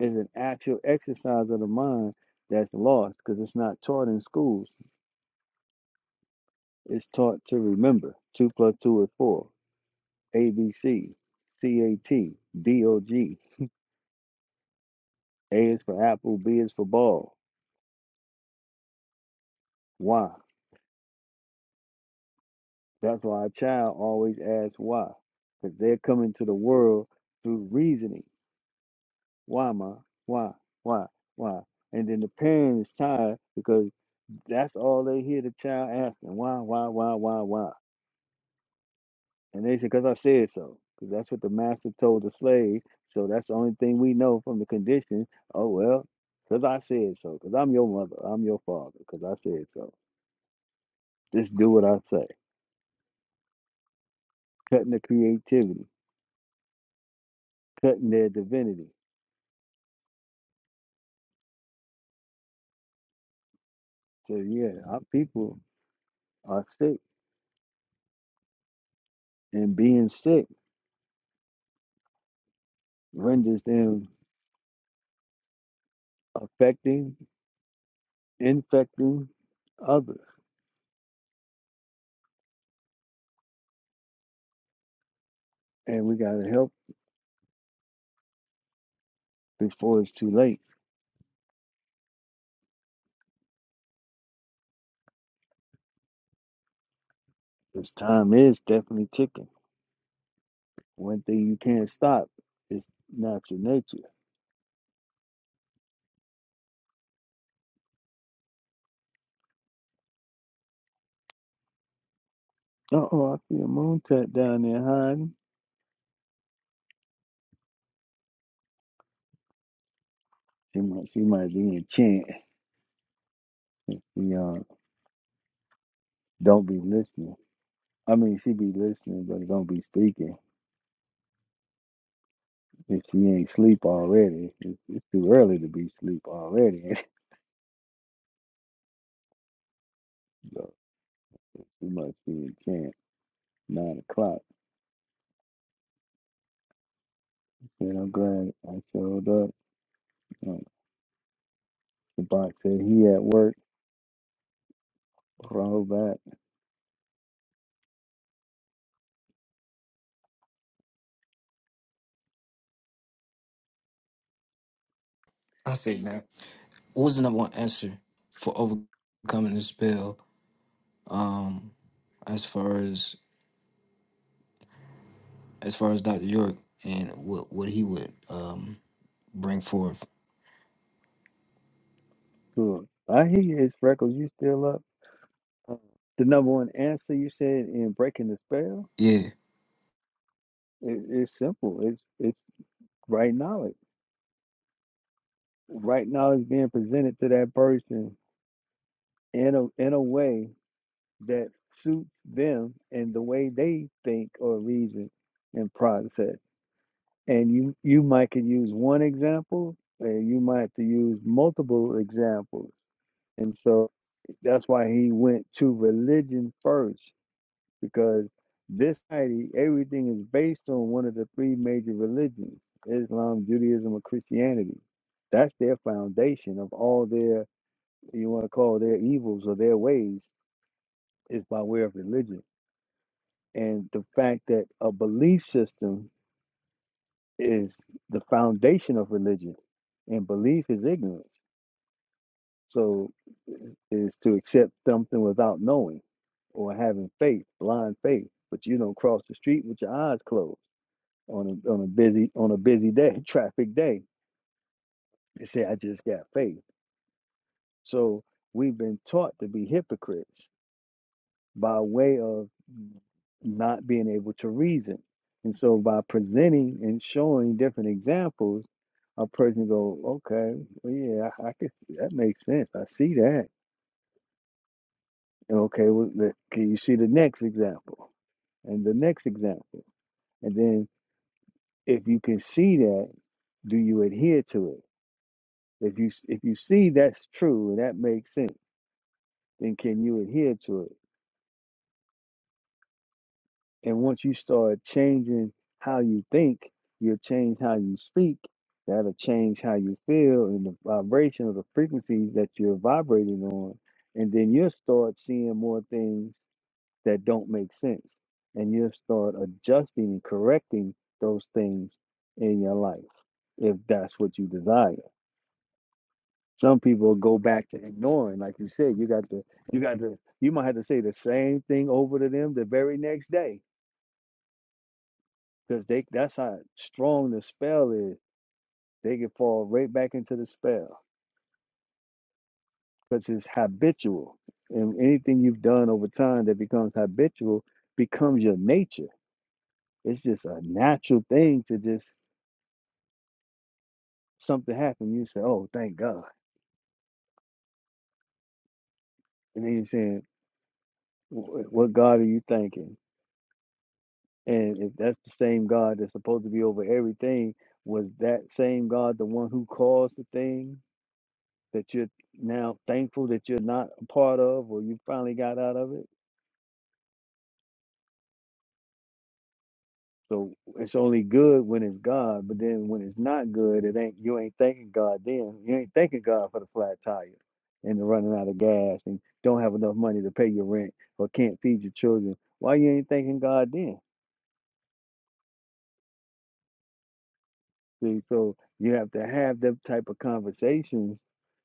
A: is an actual exercise of the mind that's lost because it's not taught in schools. It's taught to remember. Two plus two is four. A B C C A T D O G. A is for apple, B is for ball. Why? That's why a child always asks why, because they're coming to the world through reasoning. Why, ma? Why? Why? Why? And then the parent is tired because that's all they hear the child asking. Why, why, why, why, why? And they say, because I said so. Because that's what the master told the slave. So that's the only thing we know from the condition. Oh, well, because I said so. Because I'm your mother. I'm your father. Because I said so. Just do what I say. Cutting the creativity, cutting their divinity So yeah, our people are sick, and being sick renders them affecting, infecting others, and we gotta help before it's too late. This time is definitely ticking. One thing you can't stop is natural nature. Uh oh, I see a moon tat down there hiding. She might, she might be in chant. You know, don't be listening. I mean, she be listening, but don't be speaking. If she ain't sleep already, it's, it's too early to be sleep already. So You must be a camp. Nine o'clock. Man, I'm glad I showed up. Um, the box said he at work. Call back.
F: I said that. What was the number one answer for overcoming the spell? Um, as far as as far as Dr. York and what what he would um bring forth.
A: Cool. I hear you, his freckles. You still up? Uh, The number one answer you said in breaking the spell
F: yeah.
A: is it's simple. It's it's right knowledge. Right knowledge being presented to that person in a in a way that suits them and the way they think or reason and process. and you you might could use one example and you might have to use multiple examples and so that's why he went to religion first because this society everything is based on one of the three major religions islam judaism or christianity that's their foundation of all their you want to call their evils or their ways is by way of religion and the fact that a belief system is the foundation of religion, and belief is ignorance. So, is to accept something without knowing or having faith, blind faith. But you don't cross the street with your eyes closed on a, on a busy on a busy day, traffic day. They say, "I just got faith." So we've been taught to be hypocrites by way of not being able to reason, and so by presenting and showing different examples a person go, okay, well, yeah, I, I can see that makes sense. I see that. And okay, well, let, can you see the next example and the next example? And then if you can see that, do you adhere to it? If you s- if you see that's true and that makes sense, then can you adhere to it? And once you start changing how you think, you'll change how you speak. That'll change how you feel and the vibration of the frequencies that you're vibrating on. And then you'll start seeing more things that don't make sense. And you'll start adjusting and correcting those things in your life if that's what you desire. Some people go back to ignoring, like you said, you got to, you got to, you might have to say the same thing over to them the very next day because they that's how strong the spell is. They can fall right back into the spell because it's habitual, and anything you've done over time that becomes habitual becomes your nature. It's just a natural thing to just something happen. You say, "Oh, thank God," and then you're saying, "Wh- "What God are you thanking?" And if that's the same God that's supposed to be over everything, was that same God the one who caused the thing that you're now thankful that you're not a part of, or you finally got out of it? So it's only good when it's God, but then when it's not good, it ain't you ain't thanking God then. You ain't thanking God for the flat tire and the running out of gas and don't have enough money to pay your rent or can't feed your children. Why you ain't thanking God then? See, so you have to have them type of conversations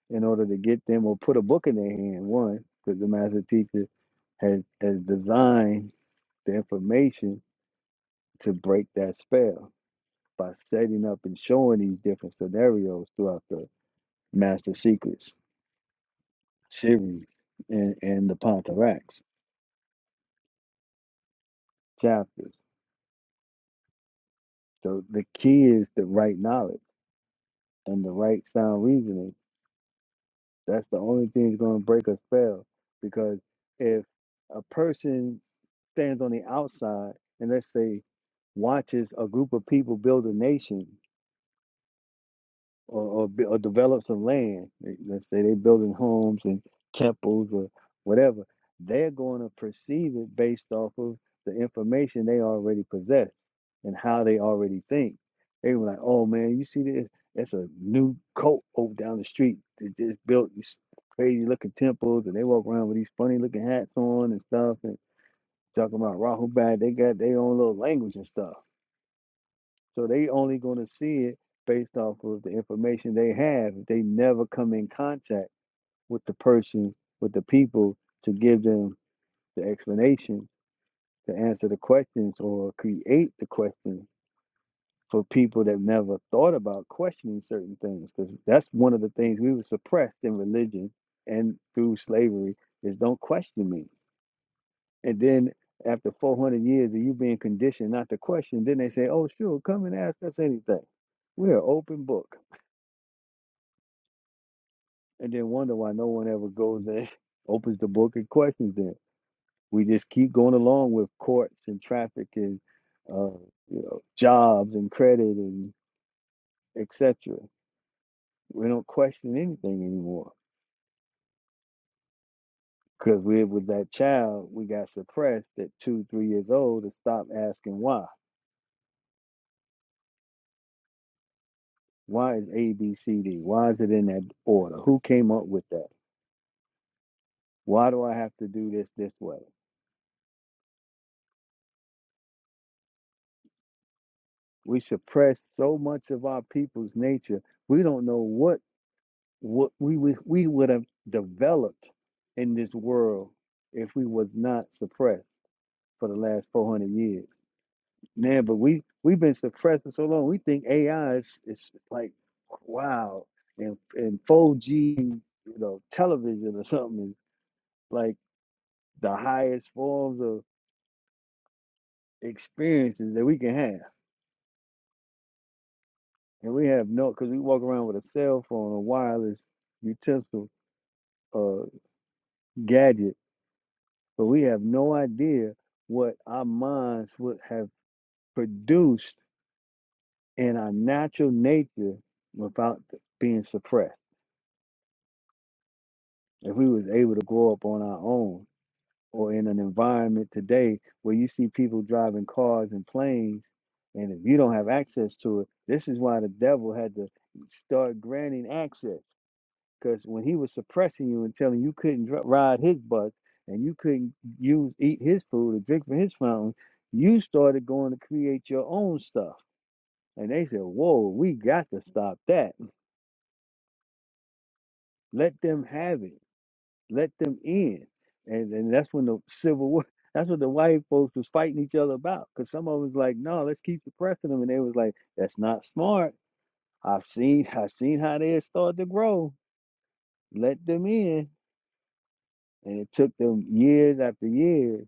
A: in order to get them or put a book in their hand, one, because the master teacher has has designed the information to break that spell by setting up and showing these different scenarios throughout the Master Secrets series and, and the Pontarax chapters. So the key is the right knowledge and the right sound reasoning. That's the only thing that's going to break a spell because if a person stands on the outside and let's say watches a group of people build a nation or or, bu- or develop some land. They, let's say they're building homes and temples or whatever. They're going to perceive it based off of the information they already possess and how they already think. They were like, "Oh man, you see this? That's a new cult over down the street. They just built these crazy looking temples, and they walk around with these funny looking hats on and stuff, and talking about Rahu Bad. They got their own little language and stuff." So they only going to see it based off of the information they have. They never come in contact with the person, with the people to give them the explanation, to answer the questions or create the questions for people that never thought about questioning certain things. Because that's one of the things we were suppressed in religion and through slavery is don't question me. And then after 400 years of you being conditioned not to question, then they say, oh, sure, come and ask us anything. We're an open book. and then wonder why no one ever goes and opens the book and questions it. We just keep going along with courts and traffic and uh, you know jobs and credit and etc. We don't question anything anymore because we with that child we got suppressed at two three years old to stop asking why. Why is A B C D? Why is it in that order? Who came up with that? Why do I have to do this this way? We suppress so much of our people's nature we don't know what what we would we would have developed in this world if we was not suppressed for the last 400 years now but we we've been suppressed for so long we think ai is, is like wow and and 4g you know television or something is like the highest forms of experiences that we can have and we have no because we walk around with a cell phone a wireless utensil uh gadget But we have no idea what our minds would have produced in our natural nature without being suppressed. If we was able to grow up on our own or in an environment today where you see people driving cars and planes and if you don't have access to it, this is why the devil had to start granting access Because when he was suppressing you and telling you couldn't dri- ride his bus and you couldn't use eat his food or drink from his fountain, you started going to create your own stuff. And they said, "Whoa, we got to stop that. Let them have it. Let them in." And and that's when the civil war. That's what the white folks was fighting each other about. Because some of them was like, "No, let's keep suppressing them," and they was like, "That's not smart." I've seen I've seen how they had started to grow. Let them in. And it took them years after years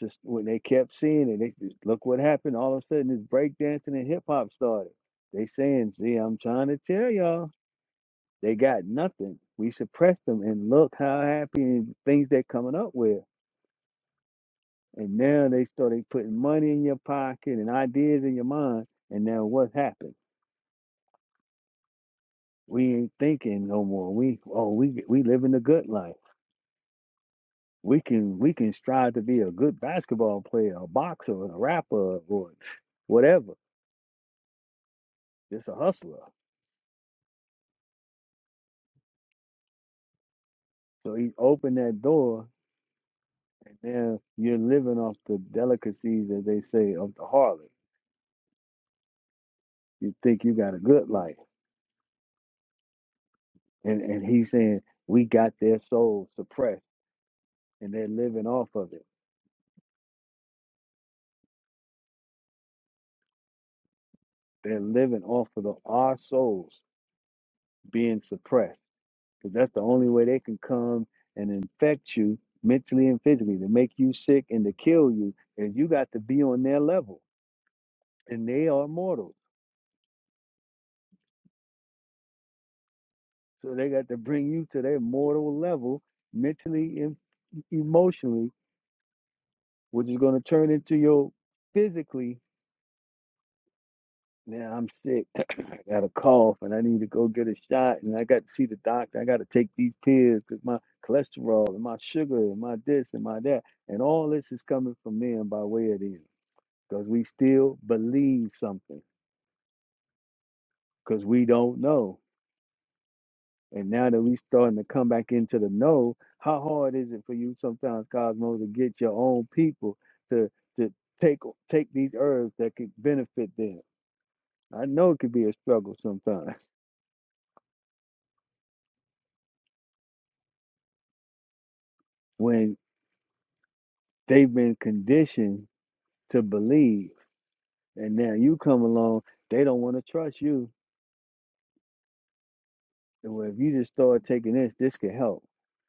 A: Just when they kept seeing it, they just, look what happened. All of a sudden, this breakdancing and hip hop started. They saying, "See, I'm trying to tell y'all, they got nothing. We suppressed them, and look how happy and things they're coming up with." And now they started putting money in your pocket and ideas in your mind. And now what's happened? We ain't thinking no more. We oh, we we living the good life we can we can strive to be a good basketball player, a boxer, a rapper, or whatever. Just a hustler. So he opened that door, and now you're living off the delicacies, as they say, of the harlot. You think you got a good life, and and he's saying we got their souls suppressed, and they're living off of it. They're living off of the, our souls being suppressed, because that's the only way they can come and infect you mentally and physically to make you sick and to kill you. Is you got to be on their level, and they are mortals. So they got to bring you to their mortal level, mentally and emotionally, which is going to turn into your physically. Now I'm sick. I got a cough and I need to go get a shot. And I got to see the doctor. I got to take these pills because my cholesterol and my sugar and my this and my that. And all this is coming from men by way of them because we still believe something because we don't know. And now that we starting to come back into the know, how hard is it for you sometimes, Cosmo, to get your own people to to take take these herbs that could benefit them? I know it could be a struggle sometimes when they've been conditioned to believe, and now you come along, they don't want to trust you. And well, if you just start taking this, this could help,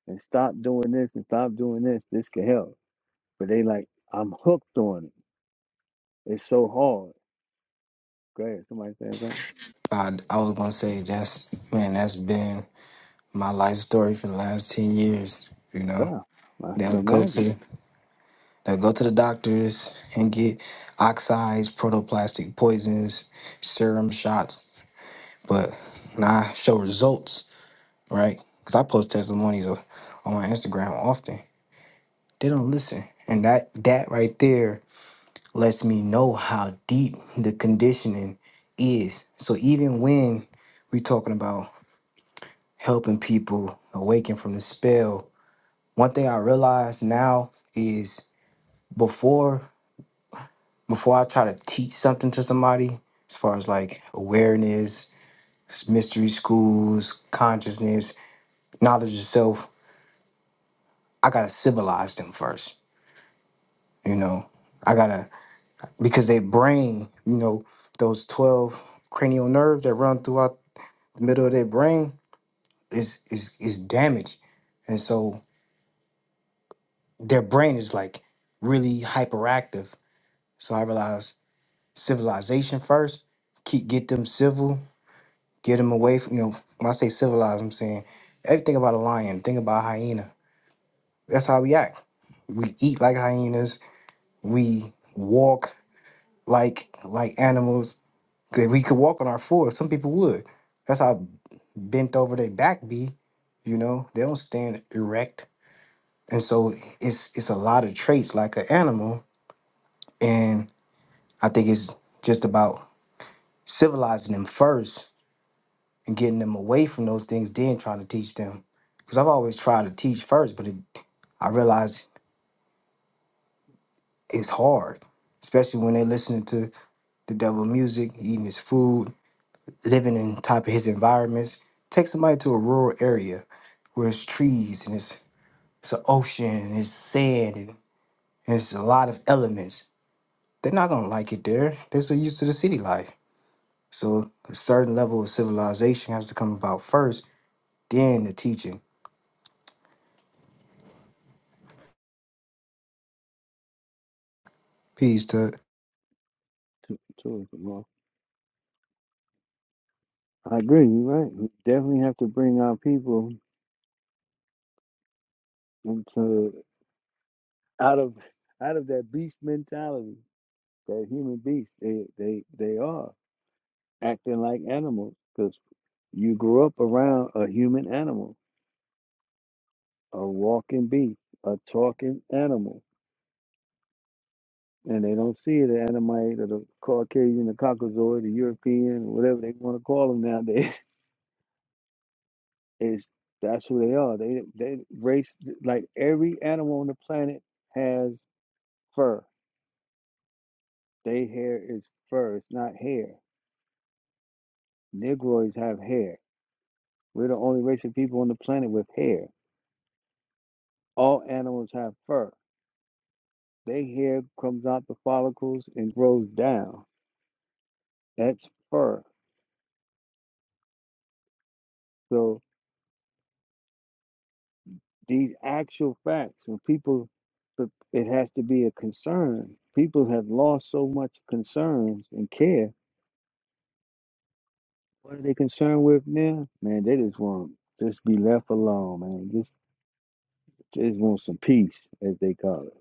A: and stop doing this and stop doing this, this could help. But they like, I'm hooked on it. It's so hard. Go ahead. Somebody saying something.
F: I, I was gonna say that's man, that's been my life story for the last ten years. You know,
A: Yeah, I
F: they'll
A: can
F: go
A: imagine.
F: to they'll go to the doctors and get oxides, protoplastic poisons, serum shots, but not show results, right? Because I post testimonies of, on my Instagram often. They don't listen, and that that right there lets me know how deep the conditioning is. So even when we're talking about helping people awaken from the spell. One thing I realize now is before before I try to teach something to somebody, as far as like awareness, mystery schools, consciousness, knowledge of self, I gotta civilize them first. You know, I gotta because their brain, you know, those twelve cranial nerves that run throughout the middle of their brain is is is damaged, and so their brain is like really hyperactive So I realized civilization first. Keep get them civil, get them away from you know. When I say civilized, I'm saying everything about a lion. Think about a hyena. That's how we act. We eat like hyenas. We walk like like animals. 'Cause We could walk on our fours. Some people would. That's how bent over their back be. You know they don't stand erect, and so it's it's a lot of traits like an animal. And I think it's just about civilizing them first and getting them away from those things, then trying to teach them. Because I've always tried to teach first, but it, I realize it's hard, especially when they're listening to the devil music, eating his food, living in type of his environments. Take somebody to a rural area where it's trees and it's, it's an ocean and it's sand and, and it's a lot of elements. They're not gonna like it there. They're so used to the city life. So a certain level of civilization has to come about first, then the teaching. Peace to
A: Two, two of Well, I agree. You're right. We definitely have to bring our people into out of out of that beast mentality. That human beast. They they they are acting like animals because you grew up around a human animal, a walking beast, a talking animal, and they don't see the Annamite or the Caucasian, the Caucasoid, the European, whatever they want to call them nowadays. is that's who they are. They they race like every animal on the planet has fur. They hair is fur. It's not hair. Negroids have hair. We're the only race of people on the planet with hair. All animals have fur. Their hair comes out the follicles and grows down. That's fur. So these actual facts, when people, it has to be a concern. People have lost so much concern and care What are they concerned with now? Man, they just want just be left alone, man. Just just want some peace, as they call it.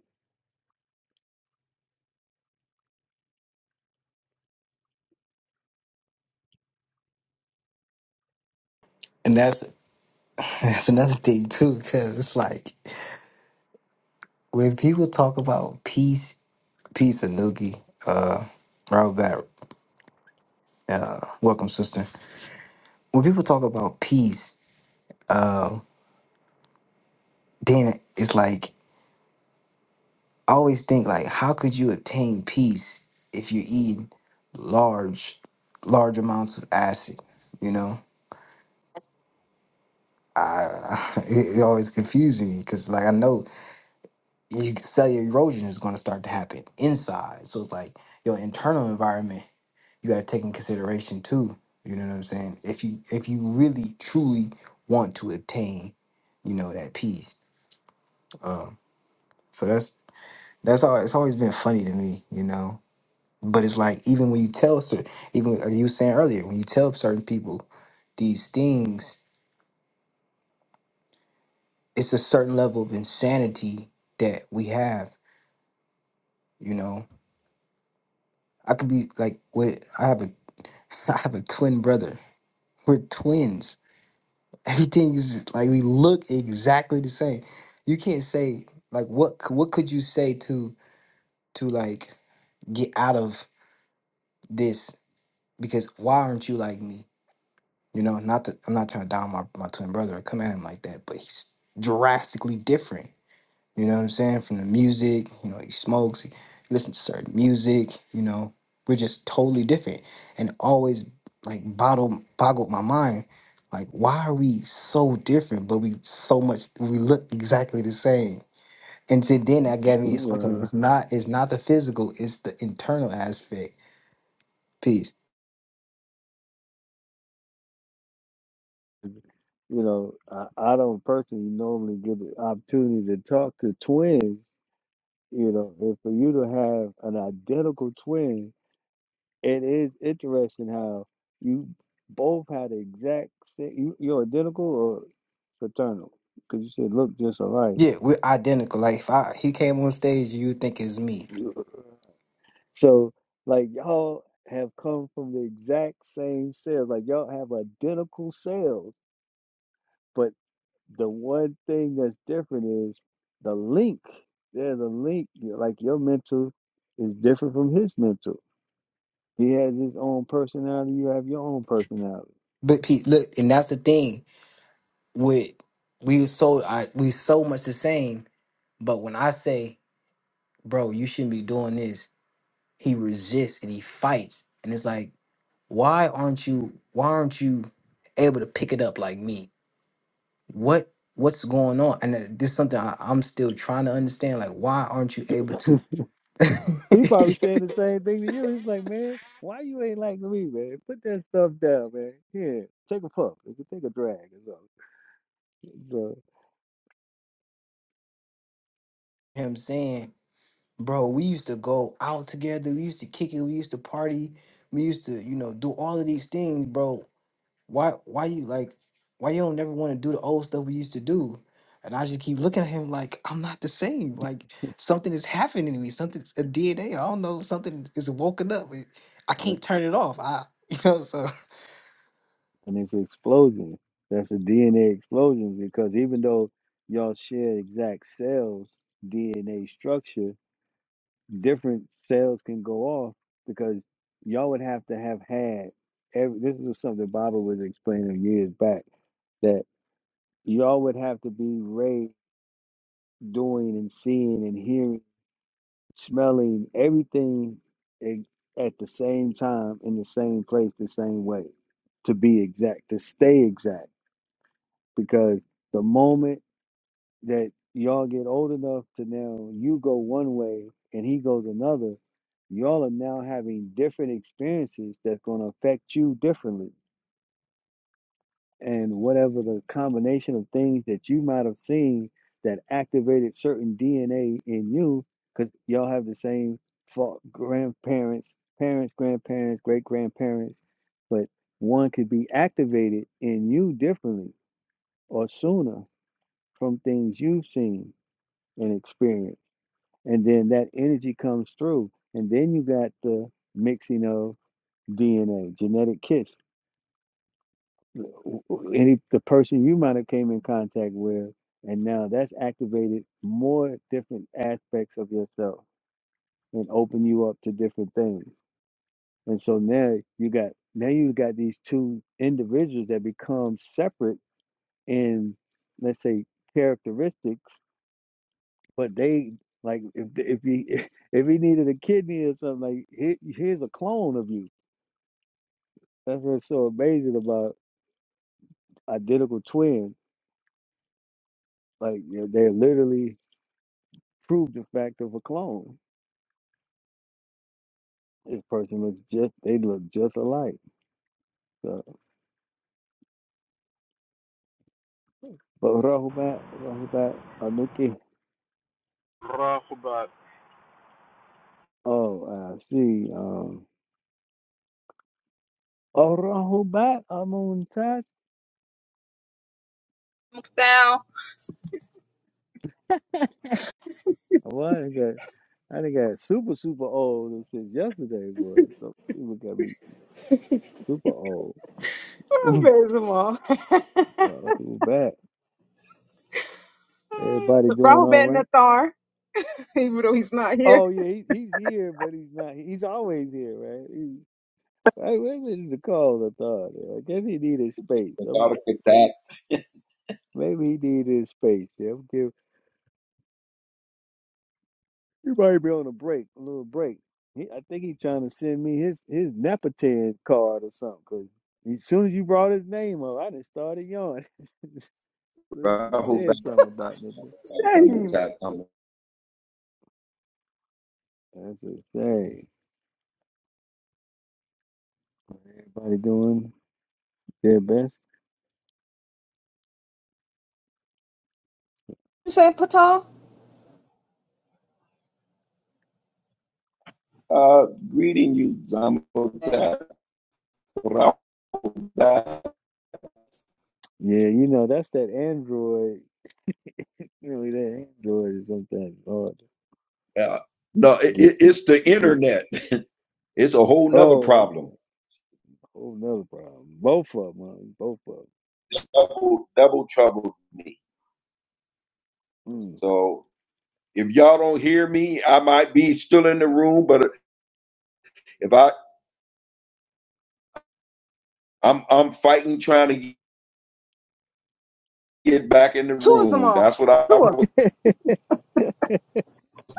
F: and that's That's another thing too, because it's like when people talk about peace, peace and noogie, uh, Robert, uh, welcome sister. When people talk about peace, uh, then it's like I always think like, how could you attain peace if you eat large, large amounts of acid? You know, I it, it always confuses me because like I know you cellular erosion is going to start to happen inside, so it's like your internal environment you got to take in consideration too. You know what I'm saying? If you if you really truly want to attain, you know that peace. Um, so that's that's all. It's always been funny to me, you know. But it's like even when you tell cer- even like you were saying earlier when you tell certain people these things, it's a certain level of insanity that we have. You know, I could be like with I have a I have a twin brother. We're twins Everything is like we look exactly the same. You can't say like what c- what could you say to to like get out of this because why aren't you like me? You know, not that I'm not trying to down my, my twin brother or come at him like that, but he's drastically different You know what I'm saying? From the music, you know, he smokes, he listens to certain music, you know. We're just totally different. And always like bottled boggled my mind. Like, why are we so different, but we so much we look exactly the same? And to then that got me it's like it's not it's not the physical, it's the internal aspect. Peace.
A: Uh, you know, I, I don't personally normally get the opportunity to talk to twins. You know, and for you to have an identical twin, it is interesting how you both had the exact same. You, you're identical or fraternal because you said look just alike.
F: Yeah, we're identical. Like if I he came on stage, you would think it's me.
A: So like y'all have come from the exact same cells. Like y'all have identical cells, but the one thing that's different is the link. There's a link. you- Like your mental is different from his mental. He has his own personality. You have your own personality.
F: But peace, look, and that's the thing with we was so I, we so much the same But when I say, bro, you shouldn't be doing this, he resists and he fights. And it's like, why aren't you why aren't you able to pick it up like me? What what's going on? And that- this is something I, I'm still trying to understand. Like, why aren't you able to
A: he probably saying the same thing to you. He's like, man, why you ain't like me, man? Put that stuff down, man. Here, take a puff. You can Take a drag or something. So,
F: him saying, bro, we used to go out together, we used to kick it, we used to party, we used to, you know, do all of these things, bro. why why you like why you don't never want to do the old stuff we used to do and i just keep looking at him like i'm not the same like something is happening to me something's a dna i don't know something is woken up it- i
A: uh,
F: can't turn it off i you know so
A: and it's an explosion. That's a DNA explosion because even though y'all share exact cells, DNA structure, different cells can go off because y'all would have to have had every, this is something Baba was explaining years back that y'all would have to be raised doing and seeing and hearing, smelling everything e- at the same time in the same place, the same way to be exact, to stay exact because the moment that y'all get old enough to now you go one way and he goes another y'all are now having different experiences that's going to affect you differently and whatever the combination of things that you might have seen that activated certain dna in you because y'all have the same fa- grandparents parents grandparents great grandparents but one could be activated in you differently or sooner from things you've seen and experienced. And then that energy comes through. And then you got the mixing of DNA, genetic kits, w- w- any the person you might have came in contact with, and now that's activated more different aspects of yourself and open you up to different things. And so now you got now you got these two individuals that become separate in let's say characteristics But they like if if he if he needed a kidney or something like here, here's a clone of you. That's what's so amazing about identical twins. Like you know, they literally proved the fact of a clone. This person looks just they look just alike. So, but Rahubat Rahubat Anuki.
G: Rahubat
A: Oh, I see. Um, oh Rahubat Amuntat.
H: Down.
A: Well, I done got I done got super super old and since yesterday was. So people got me super old. Well, who's back? Everybody doing all right? Oh yeah, he, he's here, but he's not. He's always here, right? He, I maybe the call I thought. I guess he needed space. I'm,
B: thought of that.
A: maybe he needed space. Yeah, I'm give everybody be on a break, a little break. He, I think he's trying to send me his his Nepotan card or something. 'cause as soon as you brought his name up, I just started yawning. So She
B: Rahul
A: said something about nothing.
B: Zamotat.
A: That's a thing. Everybody doing their best.
H: You said Patel?
B: Uh, greeting you, Zamotat. Rahul. Bat-
A: Yeah, you know that's that Android Really, that Android is sometimes hard to
B: Uh, no, it,
A: get.
B: it- it's the
A: get
B: internet. It's a whole nother
A: oh,
B: problem.
A: okay. Whole another problem. Both of them, huh? both of
B: Double, double trouble me.
A: them.
B: So if y'all don't hear me, I might be still in the room, but if I I'm I'm fighting trying to get back in the room. That's what I was
A: Mm.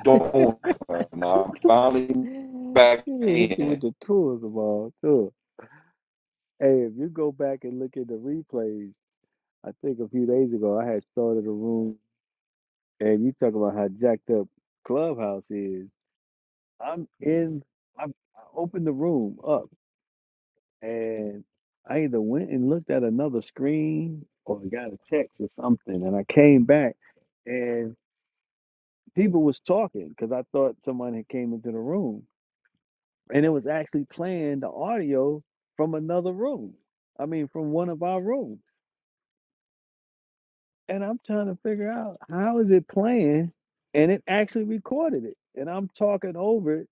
B: doing. And I'm finally back
A: you didn't hit you with
B: in.
A: the tools of all too. Hey, if you go back and look at the replays, I think a few days ago I had started a room, and you talk about how jacked up Clubhouse is. I'm in. I I opened the room up. and I either went and looked at another screen or got a text or something, and I came back and people was talking because I thought someone had came into the room, and it was actually playing the audio from another room. I mean, from one of our rooms, and I'm trying to figure out how is it playing, and it actually recorded it, and I'm talking over it.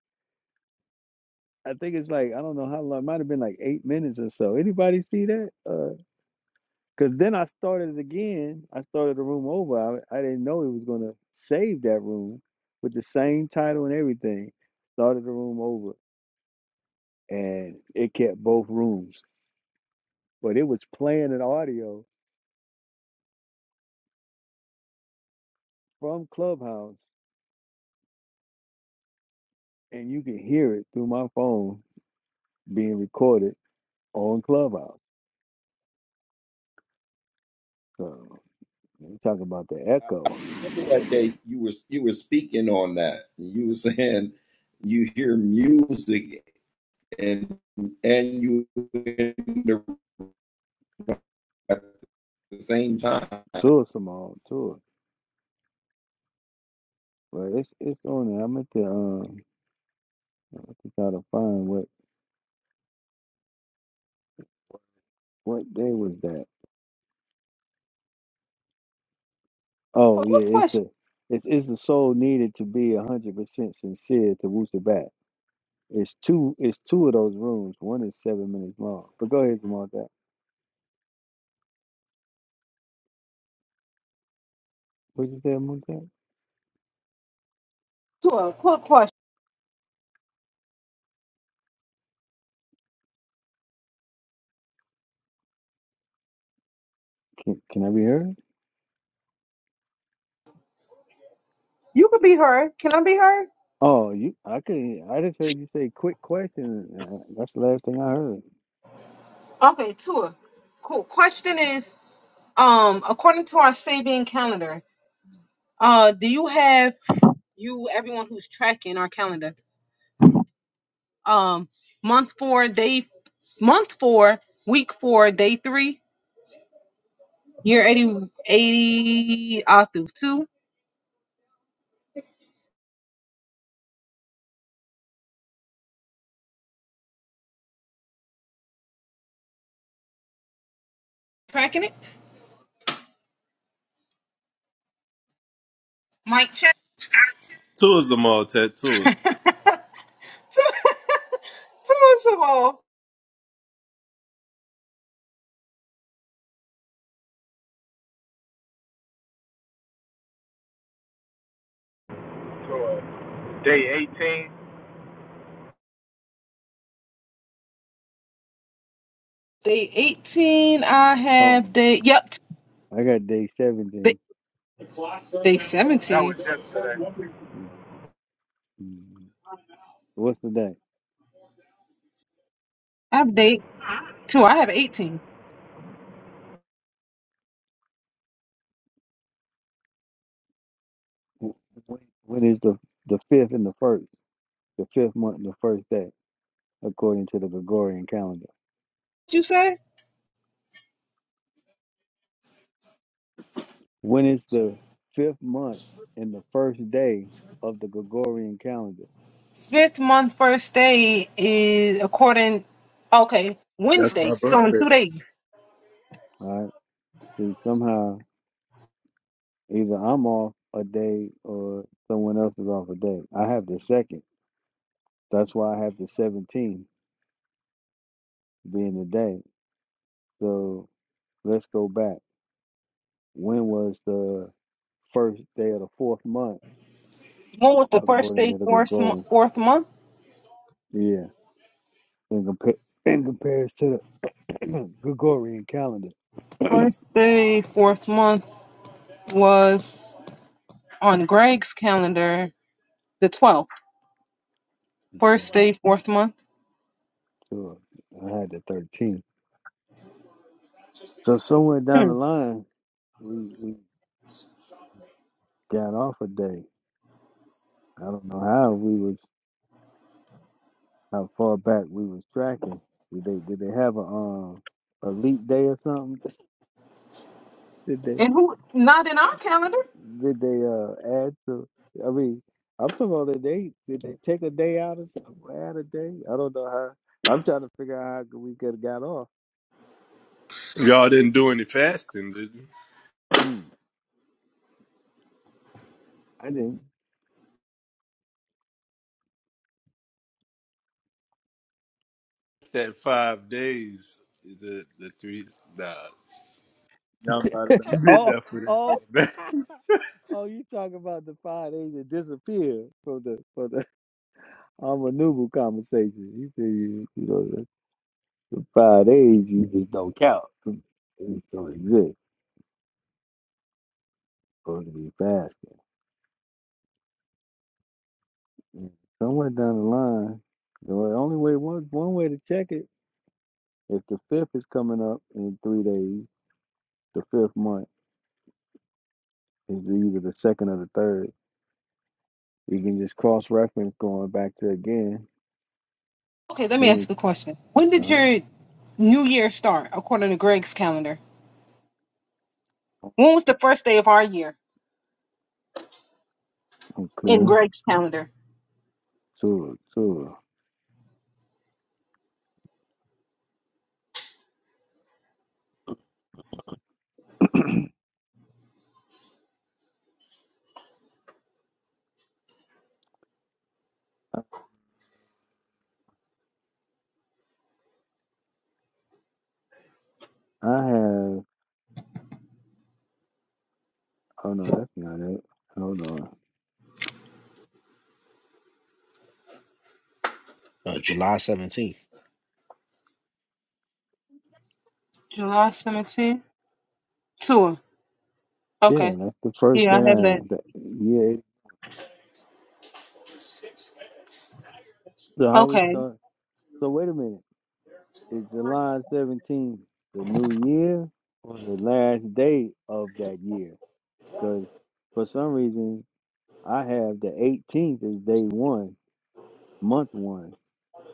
A: I think it's like I don't know how long. It might have been like eight minutes or so. Anybody see that? uh, Because then I started again. I started the room over. I, I didn't know it was going to save that room with the same title and everything. Started the room over and it kept both rooms. But it was playing an audio from Clubhouse and you can hear it through my phone being recorded on Clubhouse. So you talk about the
B: I
A: echo.
B: remember that day you were you were speaking on that. You were saying you hear music and and you in the, room at the same time.
A: Tour Simone, tour. But it's it's on there. I'm at the um I think I gotta find what what day was that? Oh yeah, it's the it's, it's the soul needed to be a hundred percent sincere to Wooster back. It's two it's two of those rooms. One is seven minutes long. But go ahead, Zamontat. What you say, Zamontat? Can can I be heard?
H: You could be her. Can I be her?
A: Oh, you I could I just heard you say quick question. Uh, that's the last thing I heard.
H: Okay, Tua. Cool. Question is, um, according to our Sabian calendar, uh, do you have you everyone who's tracking our calendar? Um, month four, day month four, week four, day three, year eighty eighty 80 uh, through two. Tracking it? Mic check.
C: Tourism all tattooed.
H: Two months ago.
G: Tour, day 18.
H: Day 18, I have
A: Oh,
H: day. Yep.
A: I got day seventeen.
H: Day
G: That was
H: 17.
G: yesterday.
A: Mm, mm. What's the day?
H: I have day two. I have 18.
A: Wh- When, when is the the fifth and the first? The fifth month and the first day, according to the Gregorian calendar.
H: You say?
A: When is the fifth month in the first day of the Gregorian calendar?
H: Fifth month first day is according, okay,
C: That's
H: Wednesday.
C: not,
H: So in two days.
A: All right. See, somehow either I'm off a day or someone else is off a day. I have the second. That's why I have the 17th being the day. So let's go back. When was the first day of the fourth month
H: When was the first
A: according
H: day,
A: to the
H: fourth, mo-
A: Gregorian?
H: fourth month?
A: Yeah. In, compa- in comparison to the Gregorian calendar. okay.
H: First day, fourth month was on Greg's calendar, the 12th. First day, fourth month.
A: Sure. I had the 13th. So somewhere down
H: Hmm.
A: the line, we we got off a day. I don't know how we was how far back we was tracking. Did they did they have a um a leap day or something? Did they
H: And who, not in our calendar?
A: did they uh add to? I mean, I'm talking about did they did they take a day out or something? or Add a day? I don't know how. I'm trying to figure out how we could have got off.
C: y'all didn't do any fasting, did you?
A: Mm, I didn't.
C: That five days, the the three. Nah, I did
A: Oh
C: that for
A: oh
C: that.
A: oh! You talking about the five days that disappeared from the from the I'm a Nubu conversation. He said, you, you know, the, the five days you just don't count. It just don't exist. Supposed to be fasting. And Somewhere down the line, the way- only way one one way to check it if the fifth is coming up in three days, the fifth month is either the second or the third. You can just cross reference going back to again
H: Okay, let me
A: June.
H: ask a question. When
A: Uh
H: did
A: huh.
H: your new year start according to Greg's calendar? When was the first day of our year in
A: Okay.
H: Greg's calendar?
A: So so I I have. Oh no, that's not it. Hold on.
E: Uh, July 17th.
H: July 17th? Tour.
A: Yeah,
H: Okay.
A: that's the first
H: Yeah, I have that.
A: time. That, yeah. So how we
H: Okay.
A: start? So wait a minute. Is July seventeenth the new year or the last day of that year? Because for some reason I have the 18th as day one, month one,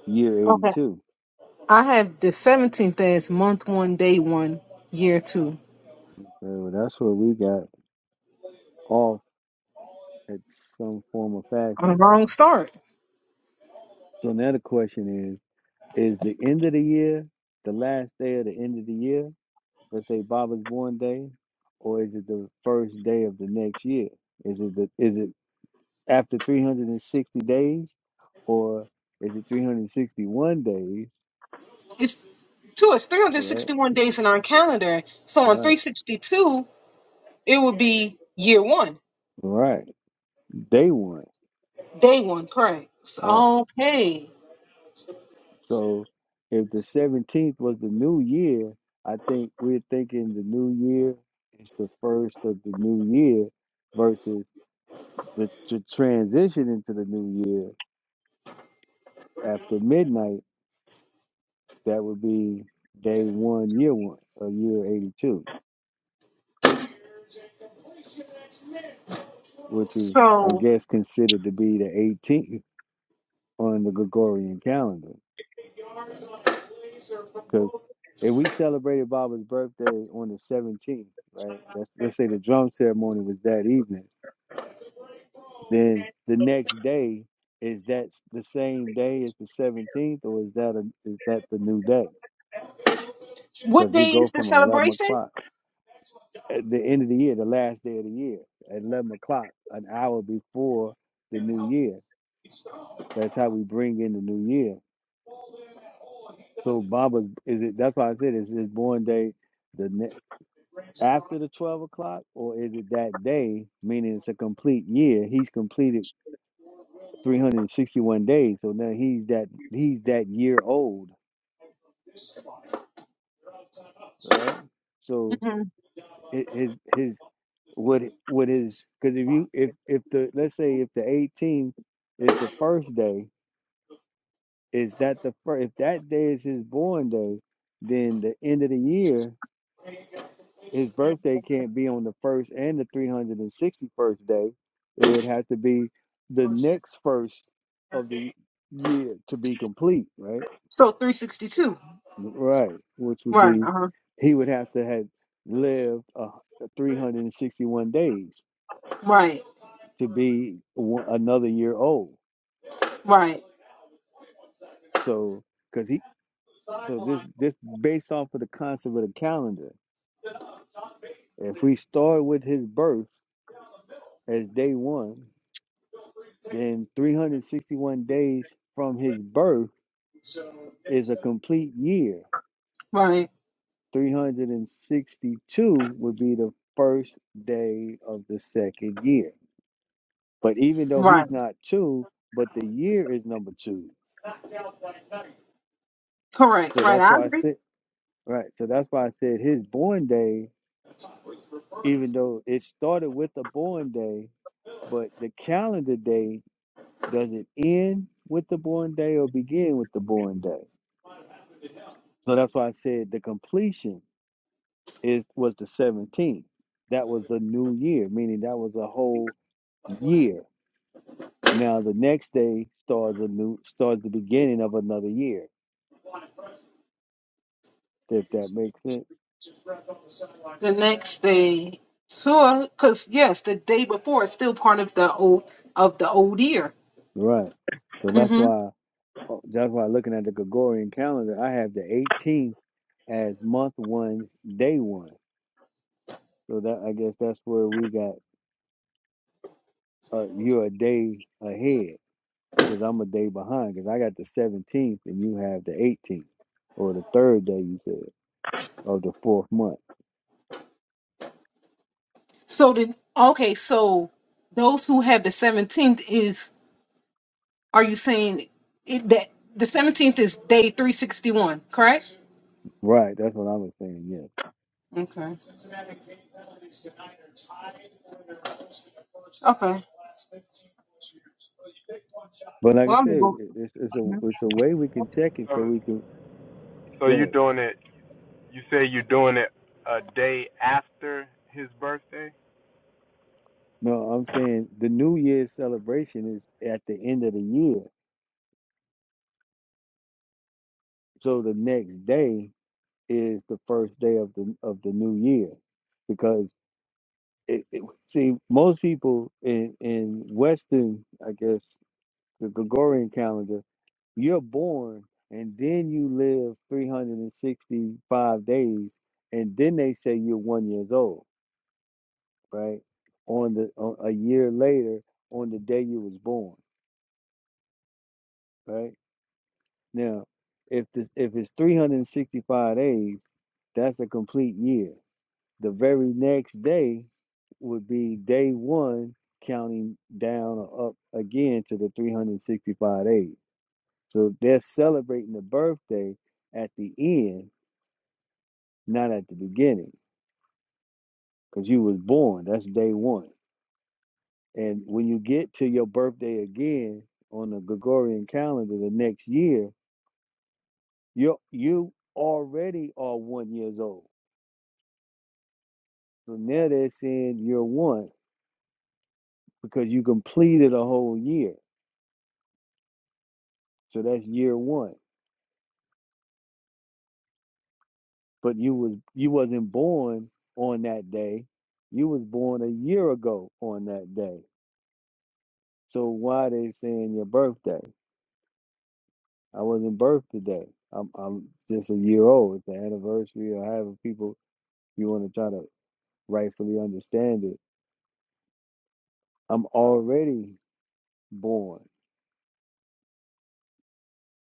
A: year
H: Okay.
A: 82.
H: I have the 17th as month one, day one, year two.
A: So that's what we got off at some form of
H: On a
A: fashion.
H: wrong start.
A: So now the question is: Is the end of the year the last day of the end of the year, let's say Baba's born day, or is it the first day of the next year? Is it the is it after 360 days, or is it 361 days?
H: It's two, it's
A: Right,
H: 361 days in our calendar. So on
A: right,
H: 362, it would be year one,
A: right. Day one.
H: day one, correct. S-
A: Right.
H: Okay.
A: So if the 17th was the new year, I think we're thinking the new year is the first of the new year versus the, the transition into the new year after midnight That would be day one, year one of year 82, which is, I
H: So
A: guess, considered to be the 18th on the Gregorian calendar. Because if we celebrated Baba's birthday on the 17th, right? That's, let's say the drum ceremony was that evening. Then the next day, is that the same day as the 17th, or is that a, is that the new day?
H: what
A: Because we
H: day is
A: go
H: the
A: from 11
H: celebration?
A: o'clock. at the end of the year, the last day of the year, at 11 o'clock, an hour before the new year. That's how we bring in the new year. So Baba is it? That's why I said is his born day the ne- after the 12 o'clock, or is it that day? Meaning it's a complete year. He's completed 361 days, so now he's that he's that year old, right? So
H: hmm
A: hi- his his what what is because if you if if the let's say if the 18th is the first day Is that the first? If that day is his born day, then the end of the year, his birthday can't be on the first and the three hundred and sixty-first day. It would have to be the next first of the year to be complete, right?
H: So 362.
A: Right, which would
H: Right.
A: be
H: Uh-huh.
A: he would have to have lived uh, 361 days
H: Right.
A: to be one, another year old.
H: Right.
A: So, because he, so this, this based off of the concept of the calendar. If we start with his birth as day one, then 361 days from his birth is a complete year.
H: Right.
A: 362 would be the first day of the second year. But even though
H: Right.
A: he's not two, but the year is number two.
H: Correct.
A: So
H: Right.
A: that's
H: I
A: why I
H: agree.
A: said, right. So that's why I said his born day, even though it started with the born day, but the calendar day does it end with the born day or begin with the born day? So that's why I said the completion is was the 17th. That was the new year, meaning that was a whole year. Now the next day starts a new starts the beginning of another year. If that makes sense,
H: the next day tour because yes the day before is still part of the old of the old year
A: right? So that's
H: hmm
A: why oh, that's why looking at the Gregorian calendar, I have the 18th as month one, day one. So that I guess that's where we got uh, you're a day ahead. because I'm a day behind because I got the 17th and you have the 18th or the third day you said of the fourth month.
H: so then okay so those who have the 17th is are you saying it, that the 17th is day 361 correct
A: Right, that's what I was saying. Yes,
H: okay okay
A: but like I
H: well i'm gonna
A: said,
H: go
A: it- it's it's a it's a way we can check it
G: So,
A: so we can
G: so
A: go
G: you
A: ahead.
G: doing it? You say you doing it a day after his birthday?
A: No, I'm saying the New Year's celebration is at the end of the year, so the next day is the first day of the of the new year because it, it see most people in in Western, I guess the Gregorian calendar, you're born and then you live 365 days and then they say you're one years old right on the on, a year later on the day you was born right now if the, if it's 365 days that's a complete year the very next day would be day one counting down or up again to the 365 days So they're celebrating the birthday at the end, not at the beginning, because you was born. That's day one. And when you get to your birthday again on the Gregorian calendar the next year, you you already are one years old. So now they're saying you're one because you completed a whole year. So that's year one. But you was you wasn't born on that day. You was born a year ago on that day. So why they saying your birthday? I wasn't birthed today. I'm I'm just a year old. It's the anniversary or however people you want to try to rightfully understand it. I'm already born.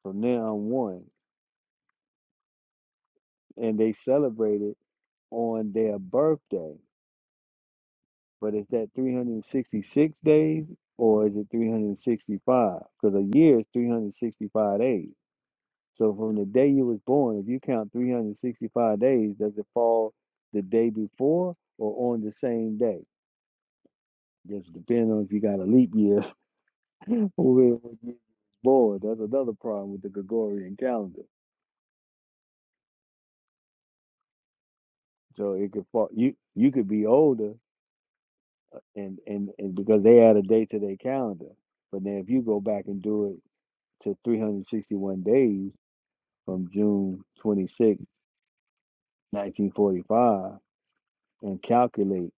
A: From now on one. And they celebrate it on their birthday. But is that 366 days or is it 365? Because a year is 365 days. So from the day you was born, if you count 365 days, does it fall the day before or on the same day? Just depends on if you got a leap year or when you was born. That's another problem with the Gregorian calendar. So it could fall you you could be older and, and, and because they add a day to their calendar. But then if you go back and do it to 361 days from June 26, 1945 and calculate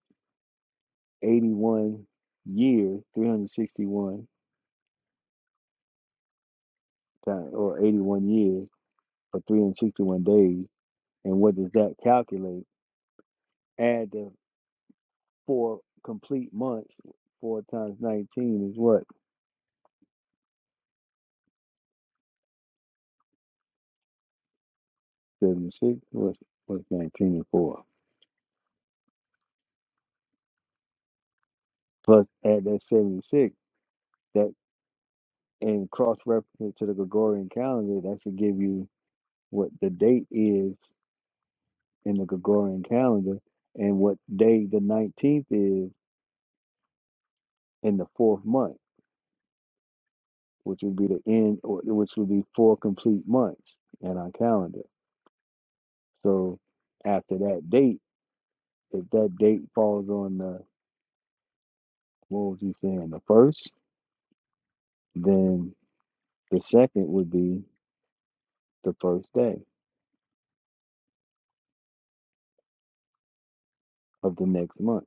A: 81 years, 361 times, or 81 years for 361 days. And what does that calculate? Add the four complete months, four times 19 is what? 76? What's, what's 19 and 4? Plus add that 76, that and cross reference to the Gregorian calendar, that should give you what the date is in the Gregorian calendar and what day the 19th is in the fourth month which would be the end, or which would be four complete months in our calendar. So after that date, if that date falls on the what was he saying, the first, then the second would be the first day of the next month.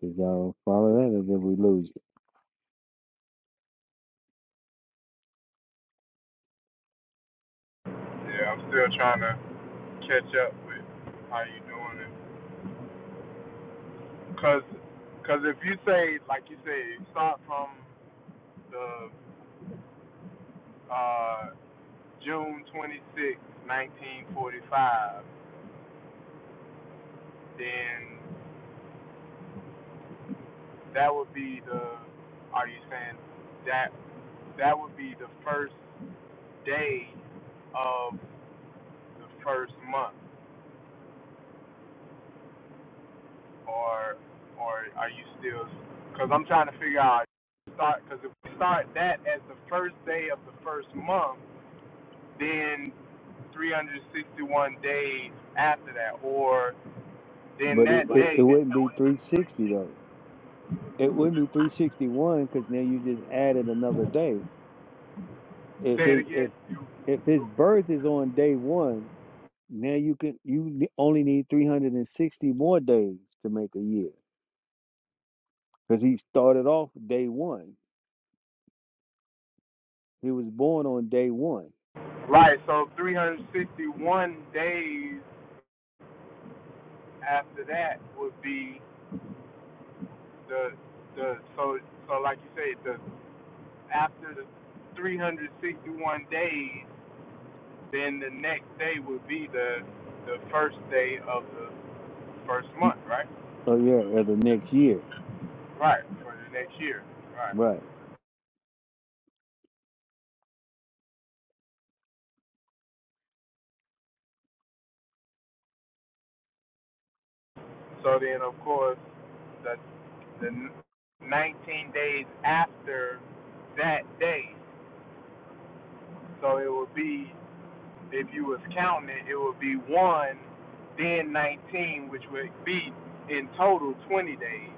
A: because y'all follow that, or did we lose it?
G: Yeah, I'm still trying to catch up with how you doing it. Cause, cause if you say like you say, you start from the uh, June 26, 1945, then that would be the are you saying that that would be the first day of the first month or or are you still because i'm trying to figure out start because if we start that as the first day of the first month then 361 days after that or then
A: But it,
G: that
A: it, it
G: Right. day
A: wouldn't be 360 though. It wouldn't be 361 because now you just added another day. If
G: say it
A: it
G: again
A: if if his birth is on day one, Now you can you ne- only need 360 more days to make a year because he started off day one. He was born on day one.
G: right so 361 days after that would be the the so so like you said, the after the 361 days, then the next day would be the the first day of the first month, right?
A: Oh yeah, of the next year.
G: Right for the next year, right?
A: Right,
G: So then, of course, the the 19 days after that day, so it would be if you was counting it, it would be one, then 19, which would be in total 20 days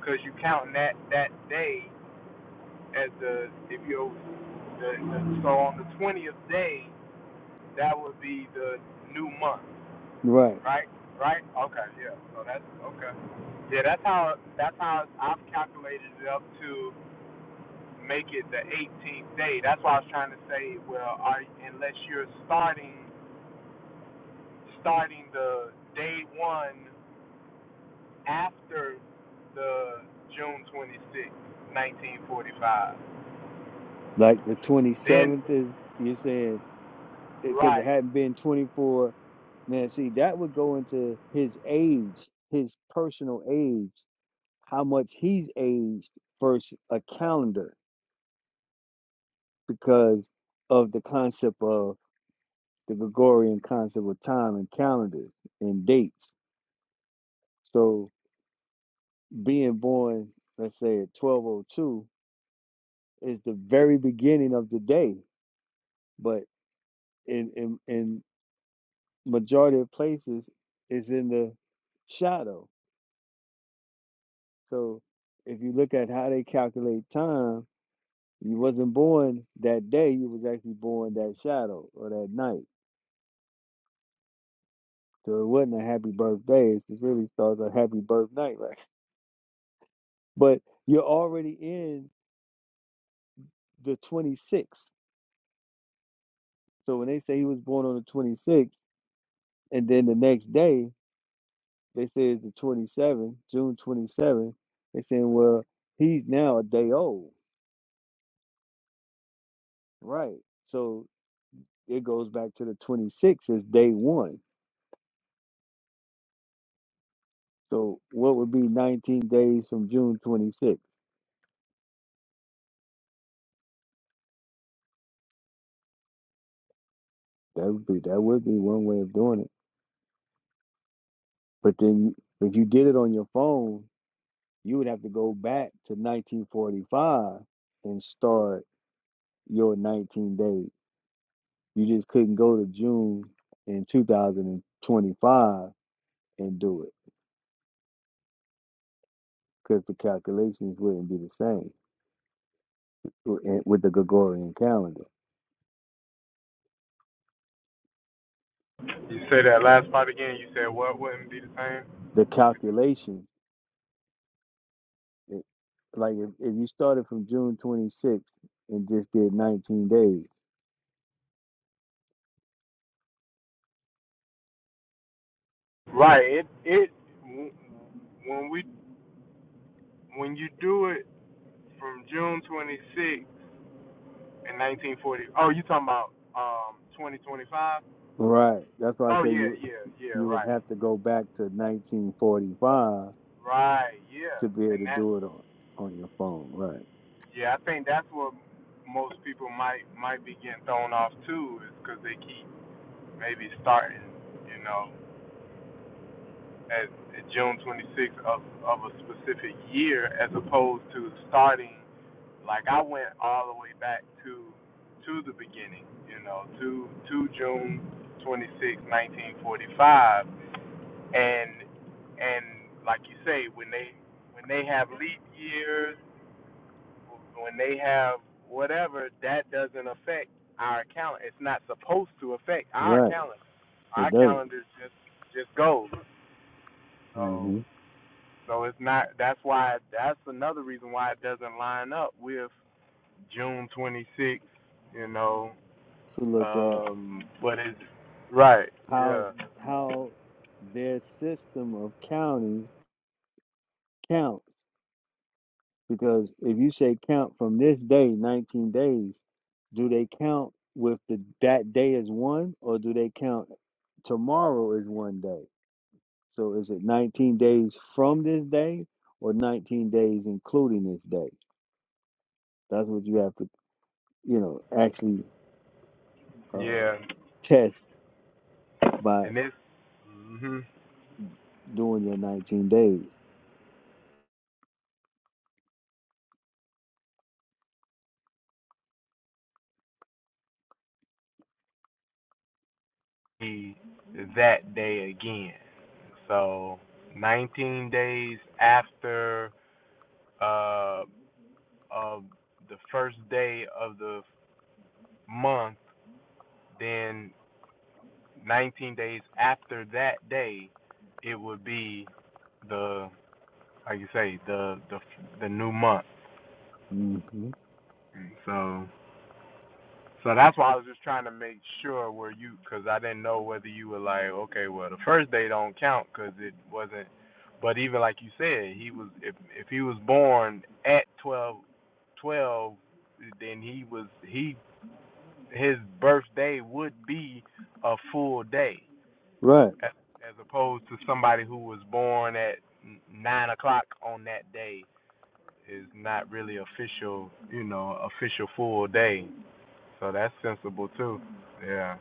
G: because you counting that that day as the if you the, the so on the twentieth day that would be the new month,
A: right.
G: right? Right? Okay, yeah. So that's okay. Yeah, that's how that's how I've calculated it up to make it the 18th day. That's why I was trying to say, well, are, unless you're starting starting the day one after the June 26, 1945,
A: Like the
G: then
A: 27th is you're saying because it
G: Right.
A: hadn't been 24. Now see that would go into his age, his personal age, how much he's aged versus a calendar because of the concept of the Gregorian concept of time and calendars and dates. So being born, let's say at twelve oh two, is the very beginning of the day. But in in, in majority of places it's in the shadow. So if you look at how they calculate time, you wasn't born that day, you was actually born that shadow or that night. So it wasn't a happy birthday, it really starts a happy birth night, right? But you're already in the 26th. So when they say he was born on the 26th, and then the next day they say it's the 27th, June 27th, they saying, well, he's now a day old, right? So it goes back to the 26th as day one. So what would be 19 days from June 26th? That would be that would be one way of doing it. But then if you did it on your phone, you would have to go back to 1945 and start your 19 days. You just couldn't go to June in 2025 and do it because the calculations wouldn't be the same wi- with the Gregorian calendar.
G: You say that last part again. You said what wouldn't be the same?
A: The calculations, it, like if, if you started from June 26th and just did 19 days,
G: Right. It it when we when you do it from June 26 in 1940. Oh, you talking about um 2025?
A: right? That's why I
G: Oh
A: say
G: yeah,
A: you
G: yeah, yeah.
A: you would
G: Right.
A: have to go back to 1945
G: Right. Yeah.
A: to be able
G: And
A: to
G: that
A: do it on, on your phone, right?
G: yeah, I think that's what most people might might be getting thrown off too, is because they keep maybe starting, you know. as June 26th of, of a specific year as opposed to starting like I went all the way back to to the beginning, you know, to to June 26, 1945 and and like you say when they when they have leap years, when they have whatever, that doesn't affect our calendar. It's not supposed to affect our
A: Right.
G: calendar.
A: It
G: Our
A: doesn't.
G: calendar just just goes. So
A: hmm
G: so it's not. That's why. That's another reason why it doesn't line up with June 26th. You know.
A: To look at.
G: Um. What is it? Right.
A: how
G: Yeah.
A: how their system of counting counts because if you say count from this day 19 days do they count with the that day as one or do they count tomorrow is one day so is it 19 days from this day or 19 days including this day that's what you have to you know actually uh
G: Yeah.
A: test by
G: And it's Mhm.
A: doing your 19 days
G: that day again. So 19 days after uh of the first day of the month, then 19 days after that day, it would be the like you say, the the the new month.
A: Mhm.
G: And so so that's why I was just trying to make sure where you, because I didn't know whether you were like, okay, well the first day don't count because it wasn't. But even like you said, he was if if he was born at twelve twelve, then he was he his birthday would be a full day
A: right
G: as, opposed to somebody who was born at nine o'clock on that day is not really official, you know, official full day. So that's sensible too. Yeah.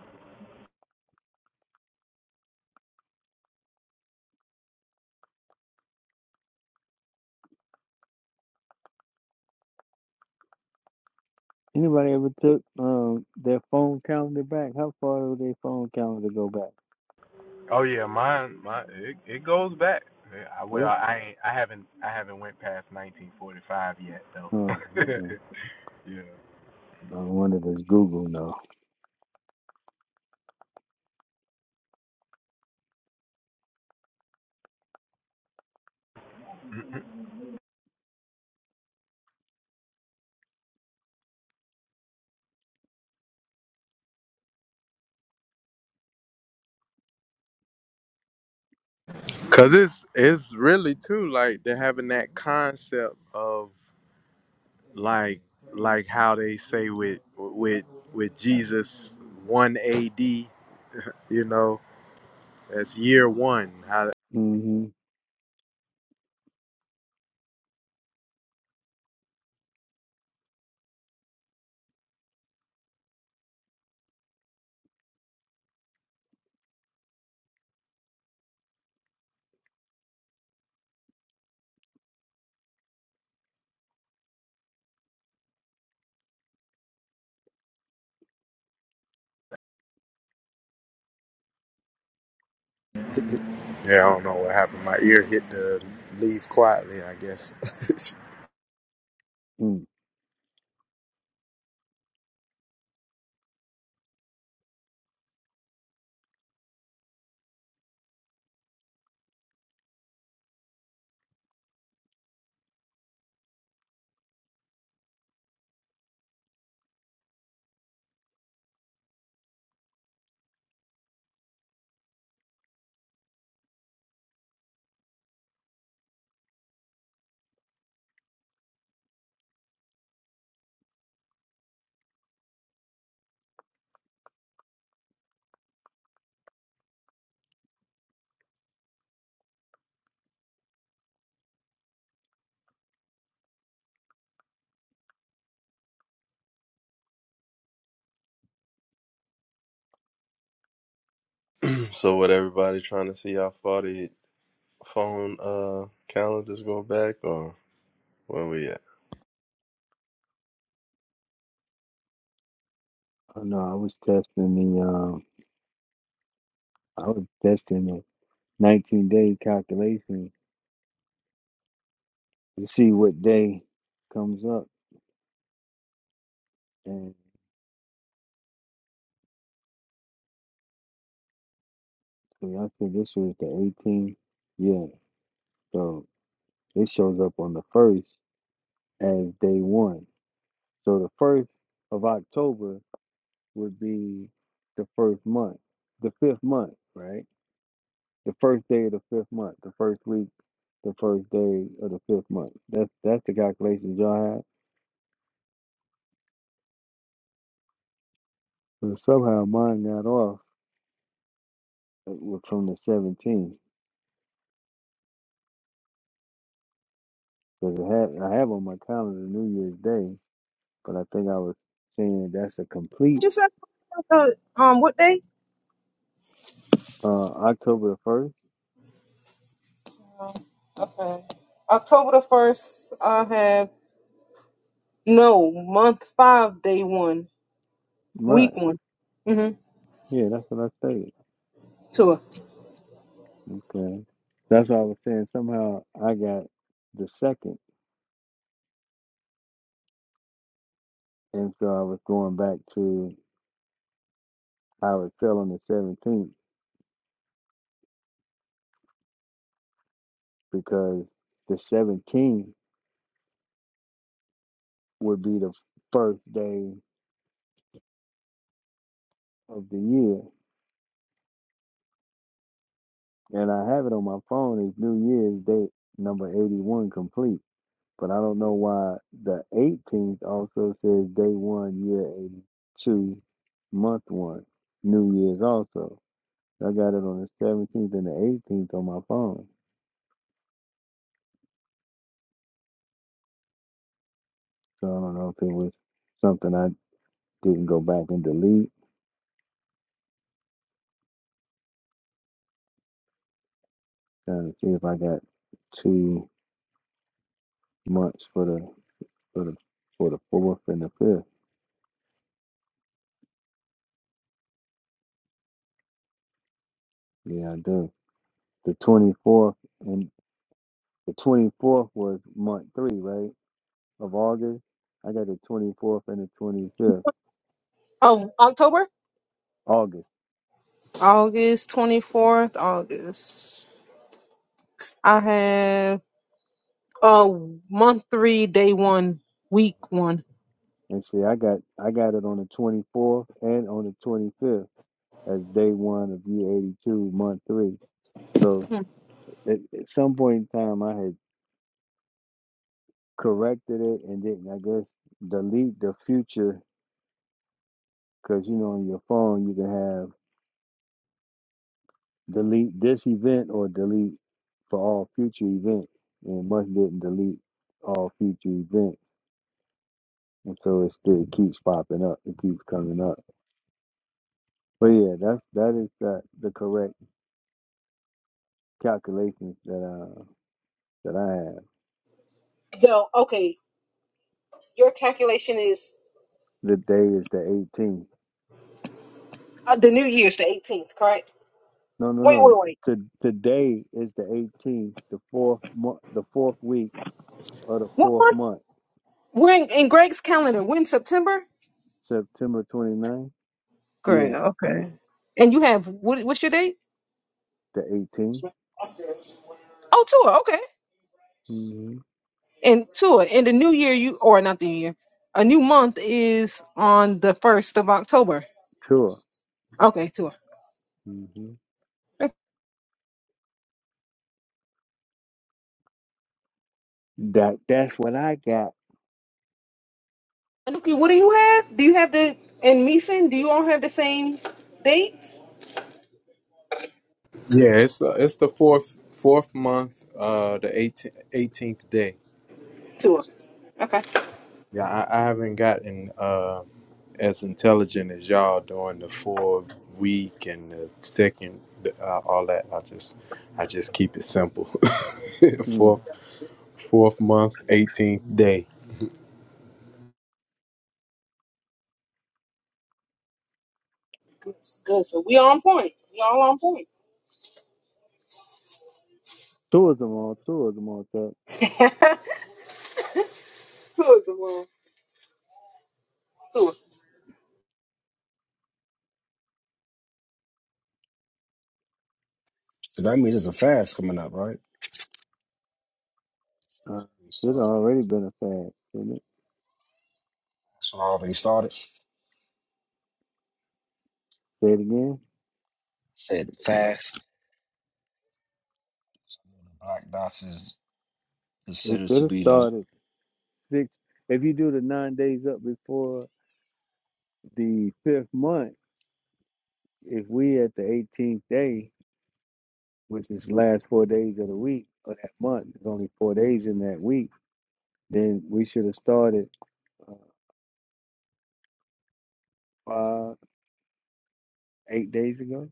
A: Anybody ever took um their phone calendar back? How far would their phone calendar go back?
G: Oh yeah, mine, my it, it goes back. Yeah, I, well,
A: What?
G: I ain't, I haven't I haven't went past 1945 yet though.
A: Oh, okay.
G: yeah.
A: I wonder does Google know?
G: Cause it's it's really too like they're having that concept of like like how they say with with with Jesus one A.D. You know that's year one. How
A: Mm-hmm.
G: Yeah, I don't know what happened. My ear hit the leave quietly, I guess.
A: Mm.
C: So, what everybody trying to see how far the phone uh calendars go back, or where we at?
A: Oh, no, I was testing the um, I was testing the 19 day calculation to see what day comes up, and so I think this was the 18th. Yeah, so it shows up on the first as day one. So the first of October would be the first month, the fifth month, right? The first day of the fifth month, the first week, the first day of the fifth month. That's that's the calculation y'all had. But somehow mine got off uh, wa- from the 17th because I had I have on my calendar New Year's Day, but I think I was saying that's a
H: what
A: complete
H: you say about um what day
A: uh October the first,
H: Okay. October the 1st, I have no month five, day one,
A: right?
H: week one. Mm-hmm.
A: Yeah, that's what I stated.
H: Two.
A: Okay, that's what I was saying. Somehow I got the second, and so I was going back to. how it fell on the 17th because the 17th would be the first day of the year. And I have it on my phone as New Year's Day, number 81 complete. But I don't know why the 18th also says day one, year 82, month one, New Year's also. I got it on the 17th and the 18th on my phone. So I don't know if it was something I didn't go back and delete. Trying to see if I got two months for the for the for the fourth and the fifth. Yeah, I do. The twenty fourth and the twenty fourth was month three, right? Of August. I got the twenty fourth and the twenty fifth
H: Oh, October?
A: August.
H: August 24th, August. I have oh, month three, day one, week one.
A: And see, I got I got it on the twenty fourth and on the twenty fifth as day one of year eighty two, month three. So
H: Hmm.
A: at, at some point in time, I had corrected it and didn't I guess delete the future because you know on your phone you can have delete this event or delete for all future events. And must didn't delete all future events. And so it still keeps popping up. It keeps coming up. But yeah, that's that is the the correct calculations that uh that I have.
H: So, okay, your calculation is
A: The day is the eighteenth.
H: uh, the new year's the 18th, correct?
A: No no
H: Wait,
A: no.
H: wait, wait.
A: To, today is the eighteenth, the fourth month the fourth week of the
H: What
A: fourth
H: month?
A: month.
H: We're in, in Greg's calendar. We're in September?
A: September 29th?
H: Great,
A: Yeah,
H: okay. And you have, what, what's your date?
A: the 18th.
H: Oh, Oh, two.
A: hmm
H: And Tua, in the new year, you or not the new year, a new month is on the first of October.
A: Sure.
H: Okay, Tua.
A: Mm-hmm.
H: Okay,
A: That that's what I got.
H: Anuki, what do you have? Do you have the and Meeson? Do you all have the same dates?
G: yeah, it's uh, it's the fourth fourth month, uh, the 18th, day.
H: Tua. Okay.
G: Yeah, I, I haven't gotten uh, as intelligent as y'all during the four week and the second, uh, all that. I just I just keep it simple.
A: Mm.
G: fourth fourth month, 18th day.
H: Good, good. So we on point. We all on point.
A: Tourism on tourism on that.
H: Tua is the one. Tua.
E: So that means it's a fast coming up, right?
A: Uh,
E: We
A: should have
E: started.
A: already been a fad, shouldn't it?
E: So I already started.
A: Say it again.
E: Said fast. Black dots is
A: We
E: considered
A: should
E: to
A: have
E: be the
A: started six. If you do the nine days up before the fifth month, if we at the 18th day, which is the last four days of the week or that month, there's only four days in that week, then we should have started uh, five, eight days ago.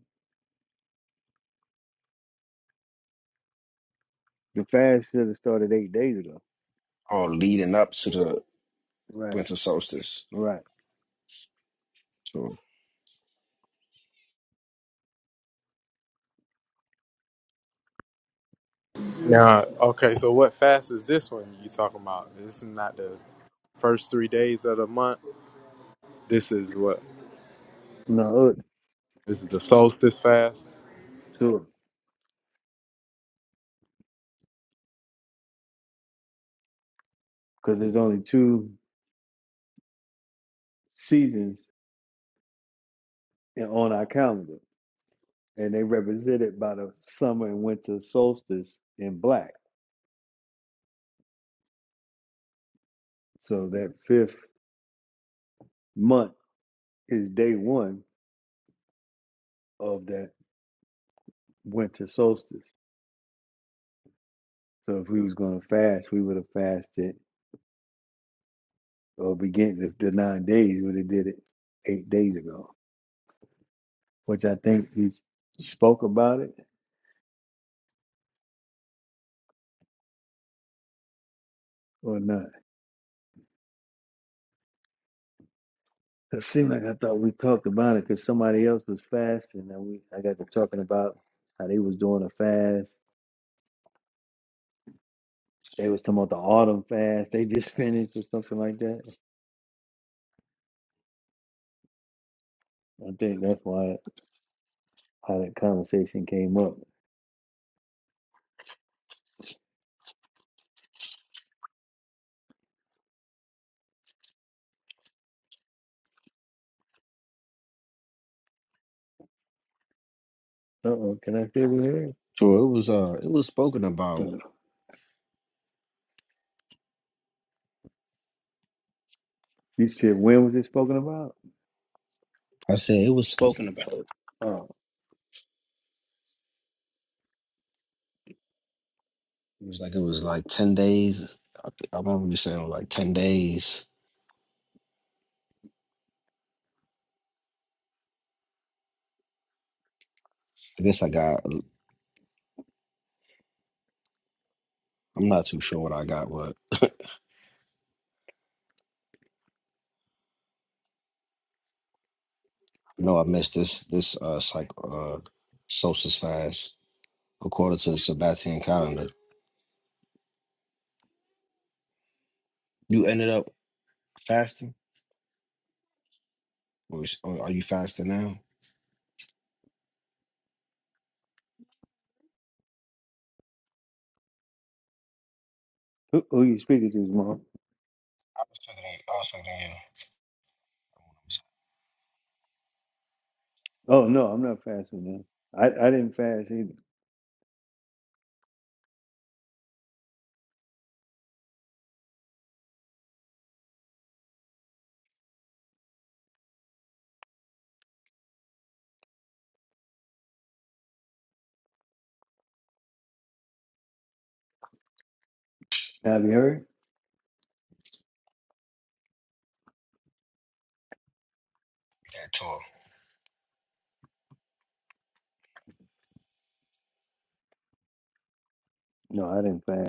A: The fast should have started eight days ago.
E: or leading up to the
A: Right,
E: winter solstice.
A: right.
E: So,
G: Now, okay, so what fast is this one you talking about? This is not the first three days of the month. This is what
A: No,
G: This is the solstice fast.
A: tourism. because there's only two seasons in, on our calendar, and they represented by the summer and winter solstice in black. So that fifth month is day one of that winter solstice. So if we was going to fast, we would have fasted or begin the, the nine days. Would have did it eight days ago, which I think we spoke about it or not. It seemed like I thought we talked about it because somebody else was fasting, and we I got to talking about how they was doing a fast. They was talking about the autumn fast they just finished or something like that. I think that's why how that conversation came up. Uh oh, can I still be here?
E: so it was uh it was spoken about.
A: Mm. You said when was it spoken about?
E: I said it was spoken about.
A: Oh,
E: It was like it was like ten days. I, th- I remember you saying it was like ten days. I guess I got. I'm not too sure what I got, but I know I missed this this uh psych uh solstice fast according to the Sabbatian calendar. You ended up fasting, or, is- or are you fasting now?
A: who, who you speaking to, mom?
E: I was thinking, I was thinking
A: Oh no, I'm not fasting now. I, I didn't fast either. Have you heard?
E: you
A: No, I didn't fast.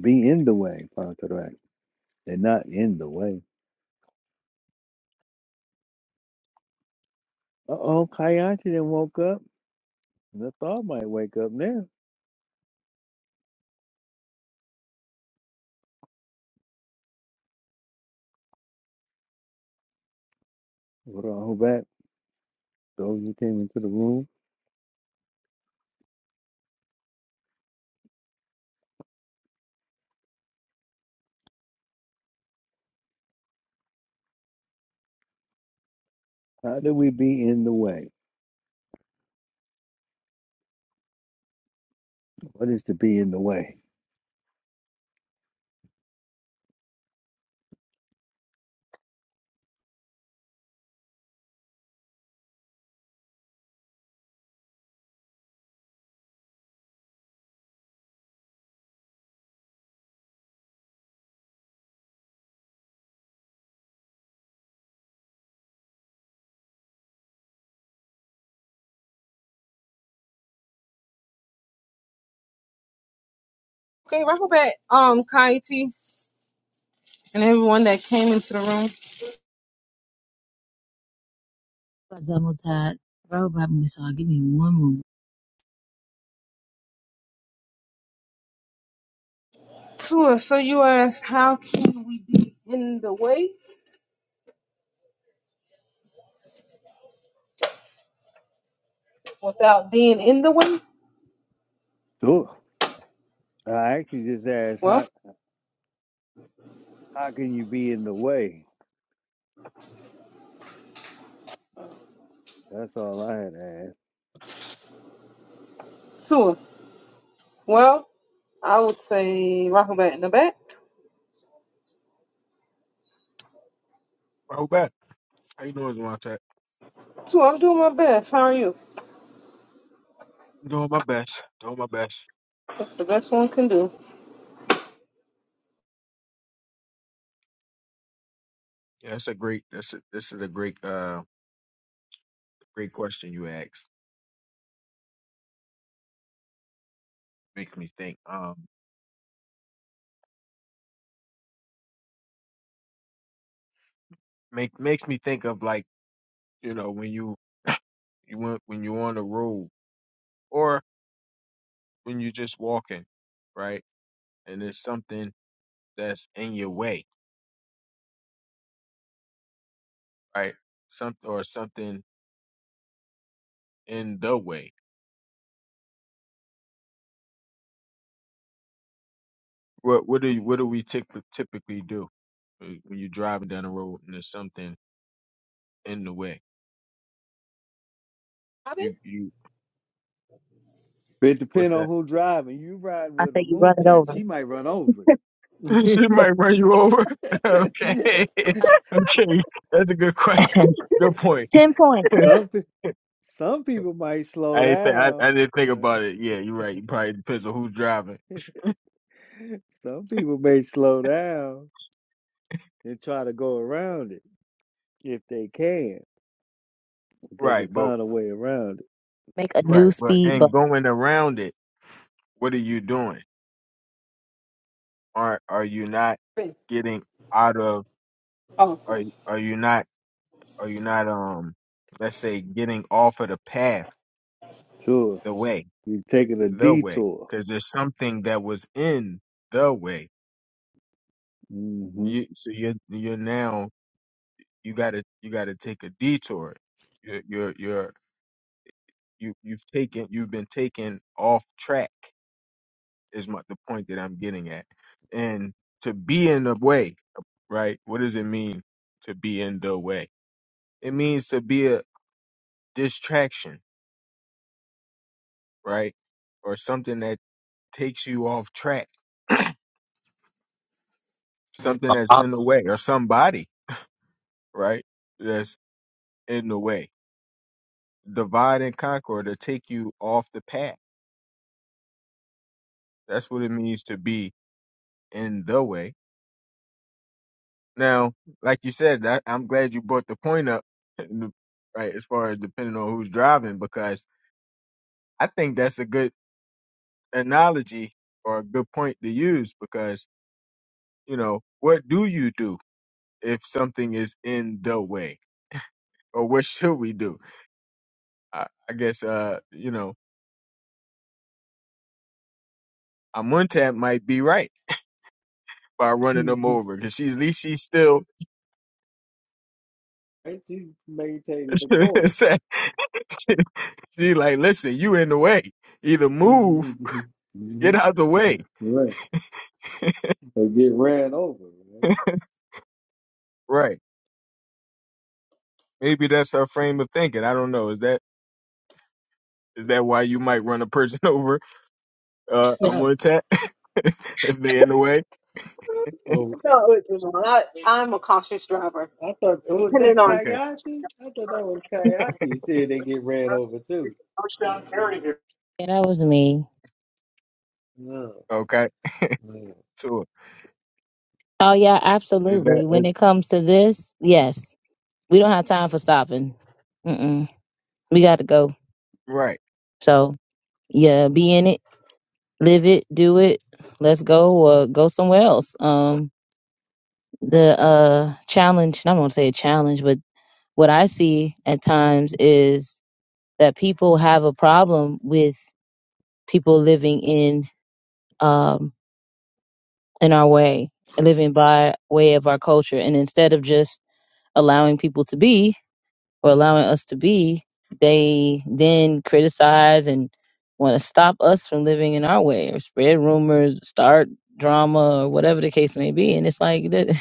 A: Be in the way, Father, correct. And not in the way. Uh oh, Kayati then woke up. The thought might wake up now. But uh, back, those who came into the room, how do we be in the way? What is to be in the way?
H: Okay, right back, um, Kaiti and everyone that came into the room.
I: But Zamultai, throw by me, so i give me one more.
H: Tua, so you asked how can we be in the way without being in the way?
A: So I actually just asked,
H: Well,
A: how how can you be in the way? That's all I had asked.
H: Tua. Well, I would say Rocket Back in the back.
J: Oh, bet. How you doing, Devontae?
H: So I'm doing my best. How are you?
J: I'm doing my best. Doing my best.
H: That's the best one can do.
J: Yeah, that's a great. That's a, this is a great, uh, great question you asked. Makes me think. Um, make makes me think of like you know when you you went when you're on the road or when you're just walking, right? And there's something that's in your way, right? Some or something in the way. What what do you, what do we typ- typically do when when you're driving down the road and there's something in the way?
H: I've been
J: You you
A: But it
J: what's
A: depends
J: that?
A: on who driving. You riding
I: I
A: with a
I: say you run
A: moon
I: it
A: tat,
I: over.
A: she might run over
J: She might
A: it.
J: run you over. okay. Okay. That's a good question. Good point.
I: Ten points.
A: some pe- some people might slow
J: I didn't think I,
A: down.
J: I didn't think about
A: right?
J: it. Yeah, you're right. It probably depends on who's driving.
A: Some people may slow down and try to go around it if they can. If they can
J: Right, but
A: find a way around it,
I: Make a new
J: right, but
I: speed
J: and
I: bump.
J: going around it, what are you doing? Are are you not
H: been
J: getting out of
H: awesome.
J: are are you not are you not um let's say getting off of the path,
A: sure.
J: the way,
A: You're taking a
J: the way.
A: detour.
J: Because there's something that was in the way.
A: hmm
J: You so you're you're now you gotta you gotta take a detour. You're you're you're you you've taken you've been taken off track is my the point that I'm getting at. And to be in the way, right? What does it mean to be in the way? It means to be a distraction, right? Or something that takes you off track, something that's
G: Ob-
J: in the way, or somebody, right? That's in the way. Divide and conquer to take you off the path. That's what it means to be in the way Now, like you said, I, I'm glad you brought the point up, right? As far as depending on who's driving, because I think that's a good analogy or a good point to use. Because you know, what do you do if something is in the way, or what should we do? I, I guess, uh, you know, Amuntat might be right by running them over because she's at least she's still.
A: Right? She's maintaining the course.
J: she like, listen, you in the way. Either move, get
A: Mhm.
J: out the way.
A: Right. They get ran over, right?
J: Right. maybe that's her frame of thinking. I don't know. Is that is that why you might run a person over? Uh, I'm
I: Yep.
J: gonna attack if they in the way.
A: Oh,
H: Oh, it was on. I, I'm a cautious driver,
A: I thought oh, was
H: depending
A: that
H: on.
J: Okay,
A: Kayati? I thought that was Kayati. Said they get ran over too.
I: Yeah, that was me.
A: No.
J: okay.
A: no.
J: So
I: Oh yeah,
J: is that
I: absolutely.
J: is,
I: When it comes to this, yes. We don't have time for stopping. Mm-mm. We got to go.
J: right?
I: So yeah, be in it, live it, do it. Let's go or go somewhere else. Um the uh challenge, and I won't say a challenge, but what I see at times is that people have a problem with people living in um, in our way, living by way of our culture, and instead of just allowing people to be or allowing us to be, they then criticize and want to stop us from living in our way or spread rumors, start drama or whatever the case may be. And it's like that,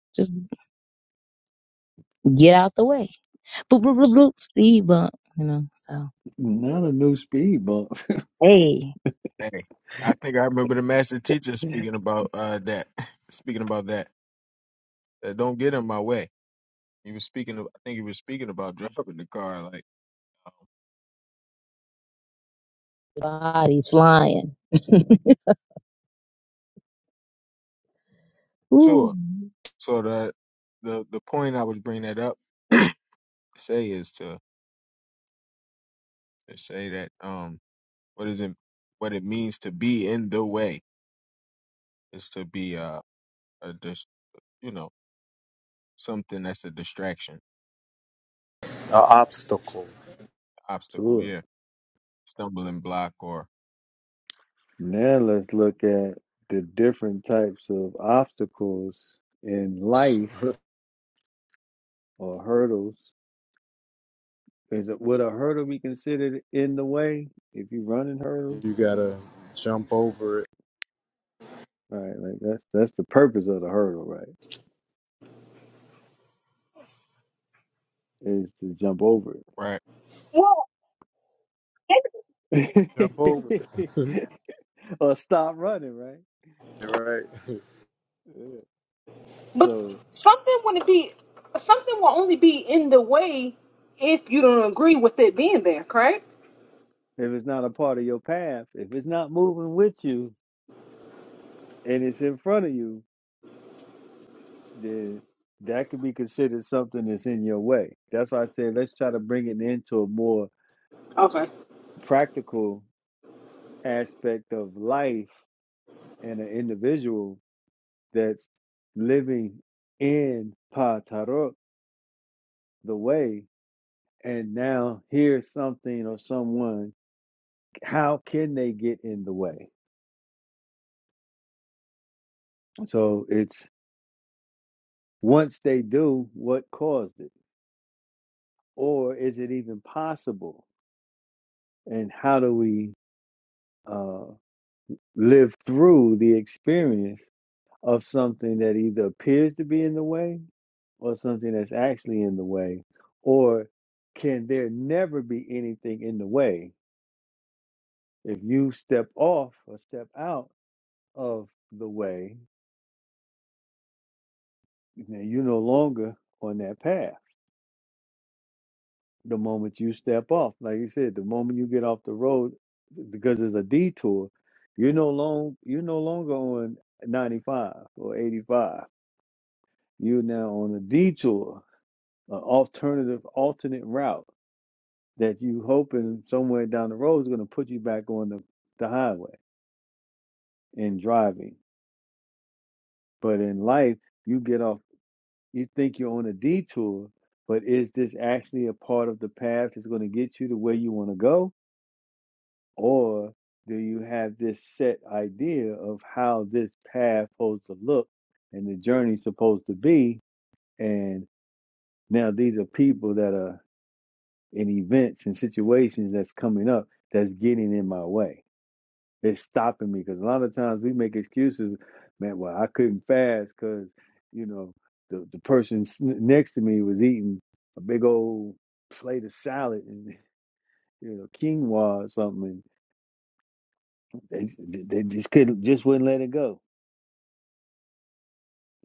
I: just get out the way. Boop boop boop boop. Speed bump, you know. So
A: Not a new speed bump.
I: hey,
J: Hey, I think I remember the master teacher speaking about uh that, speaking about that. Uh, don't get in my way. He was speaking. Of, I think he was speaking about driving the car. Like, um,
I: bodies flying. Ooh,
J: sure. So the the the point I was bringing that up to say is to to say that um what is it what it means to be in the way is to be a, a dis, you know something that's a distraction
G: a obstacle.
J: obstacle
A: Sure.
J: yeah stumbling block or
A: Now let's look at the different types of obstacles in life or hurdles Is it would a hurdle be considered in the way if you are running hurdles?
G: You gotta jump over it.
A: Right, like that's that's the purpose of the hurdle, right? Is to jump over
J: right
G: Jump
A: it
G: over it,
A: or stop running, right?
G: right?
A: Yeah.
H: But
A: So
H: something wouldn't be, something will only be in the way if you don't agree with it being there, correct?
A: if it's not a part of your path, if it's not moving with you and it's in front of you, then that could be considered something that's in your way. That's why I said let's try to bring it into a more
H: Okay.
A: practical aspect of life and an individual that's living in Patarot, the way, and now here's something or someone, how can they get in the way? So it's once they do, what caused it? Or is it even possible? And how do we uh, live through the experience of something that either appears to be in the way or something that's actually in the way? Or can there never be anything in the way If you step off or step out of the way, then you're no longer on that path. The moment you step off, like you said, the moment you get off the road, because it's a detour, you're no long you're no longer on 95 or 85. You're now on a detour, an alternative alternate route that you hoping somewhere down the road is going to put you back on the, the highway in driving. But in life, you get off You think you're on a detour, but is this actually a part of the path that's going to get you to where you want to go? Or do you have this set idea of how this path is supposed to look and the journey's supposed to be? And now these are people that are in events and situations that's coming up that's getting in my way It's stopping me because a lot of times we make excuses, man. Well, I couldn't fast because you know the the person next to me was eating a big old plate of salad and you know quinoa or something, and they they just couldn't just wouldn't let it go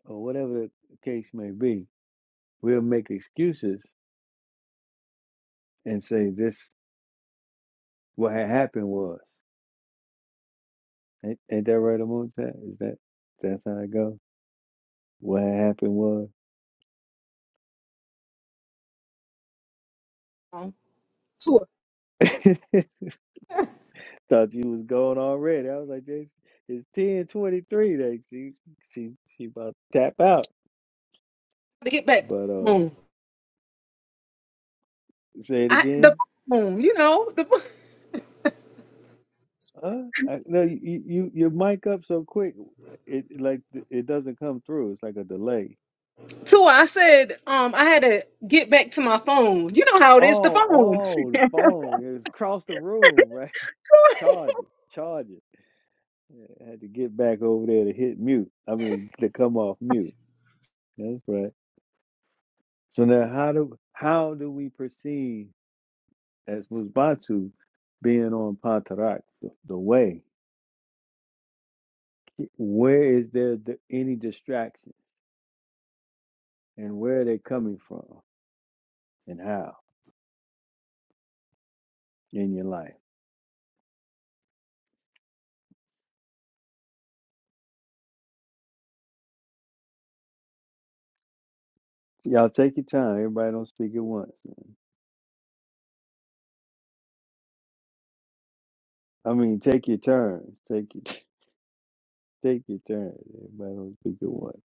A: or whatever the case may be. We'll make excuses and say this what had happened was. Ain't, ain't that right, Amonte? Is that that's how it goes? What had happened
H: um, Tua,
A: was. Thought you was going already. I was like, this it's ten twenty three. Like she she she about to tap out.
H: to get back.
A: But uh
H: Um,
A: say it
H: I the
A: again.
H: phone, you know, the
A: Uh I, no you, you you- your mic up so quick it like it doesn't come through. It's like a delay.
H: Tua. I said, um, I had to get back to my phone. You know how it is, the
A: Oh,
H: phone.
A: oh the phone. It was across the room, right? It's Charging. Charging. Yeah, I had to get back over there to hit mute. I mean to come off mute. That's right. So now how do how do we proceed as Musbatu being on Patarak, the, the way. Where is there the, any distraction, and where are they coming from, and how in your life? Y'all take your time. Everybody don't speak at once. man. I mean, take your turns. Take your take your turns. Everybody don't speak at once.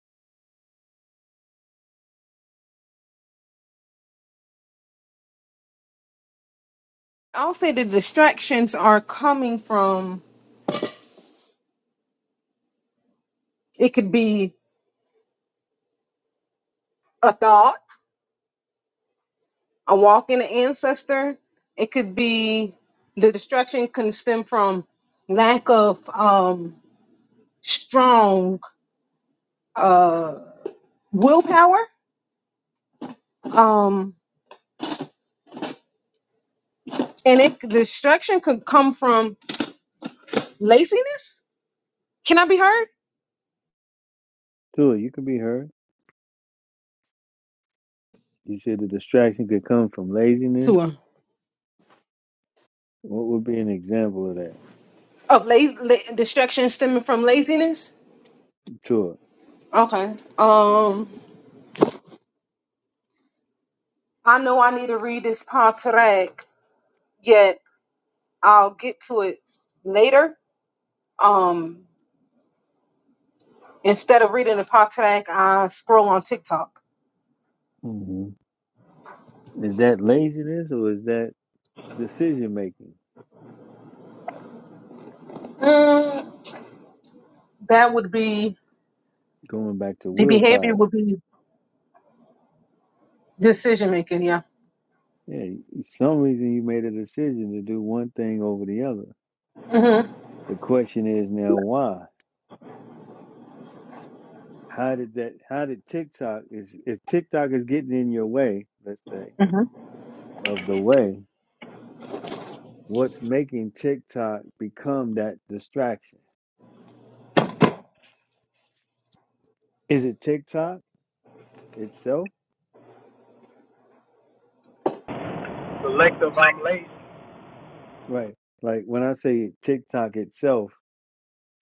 H: I'll say the distractions are coming from. It could be a thought. a walk in an ancestor. It could be the destruction can stem from lack of um, strong uh, willpower, um, and it the destruction could come from laziness. Can I be heard?
A: Tua, you can be heard. You said the distraction could come from laziness.
H: To her.
A: What would be an example of that?
H: Of la- la- destruction stemming from laziness.
A: Tua,
H: Okay. Um, I know I need to read this contract, yet I'll get to it later. Um, Instead of reading the Poxac, I scroll on TikTok.
A: hmm is that laziness or is that decision making?
H: Mm, that would be
A: Going back to
H: the behavior
A: willpower
H: would be decision making. Yeah.
A: Yeah, y- some reason you made a decision to do one thing over the other.
H: hmm
A: The question is now why? How did that how did TikTok is if TikTok is getting in your way, let's say,
H: hmm
A: of the way, what's making TikTok become that distraction? Is it TikTok itself?
G: Selective, I'm lazy.
A: Right. Like when I say TikTok itself,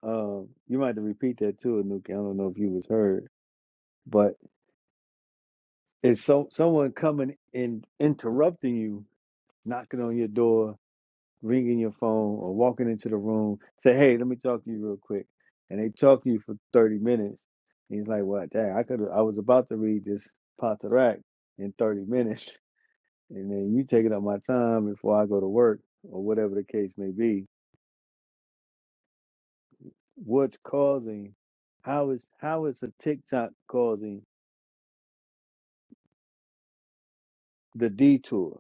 A: um, you might have to repeat that too, Anuki. I don't know if you was heard, but it's so someone coming and interrupting you, knocking on your door ringing your phone or walking into the room, say, "Hey, let me talk to you real quick," and they talk to you for thirty minutes. And he's like, "What? Dang, I could. I was about to read this Patarak in thirty minutes, and then you taking up my time before I go to work or whatever the case may be. What's causing? How is how is a TikTok causing the detour?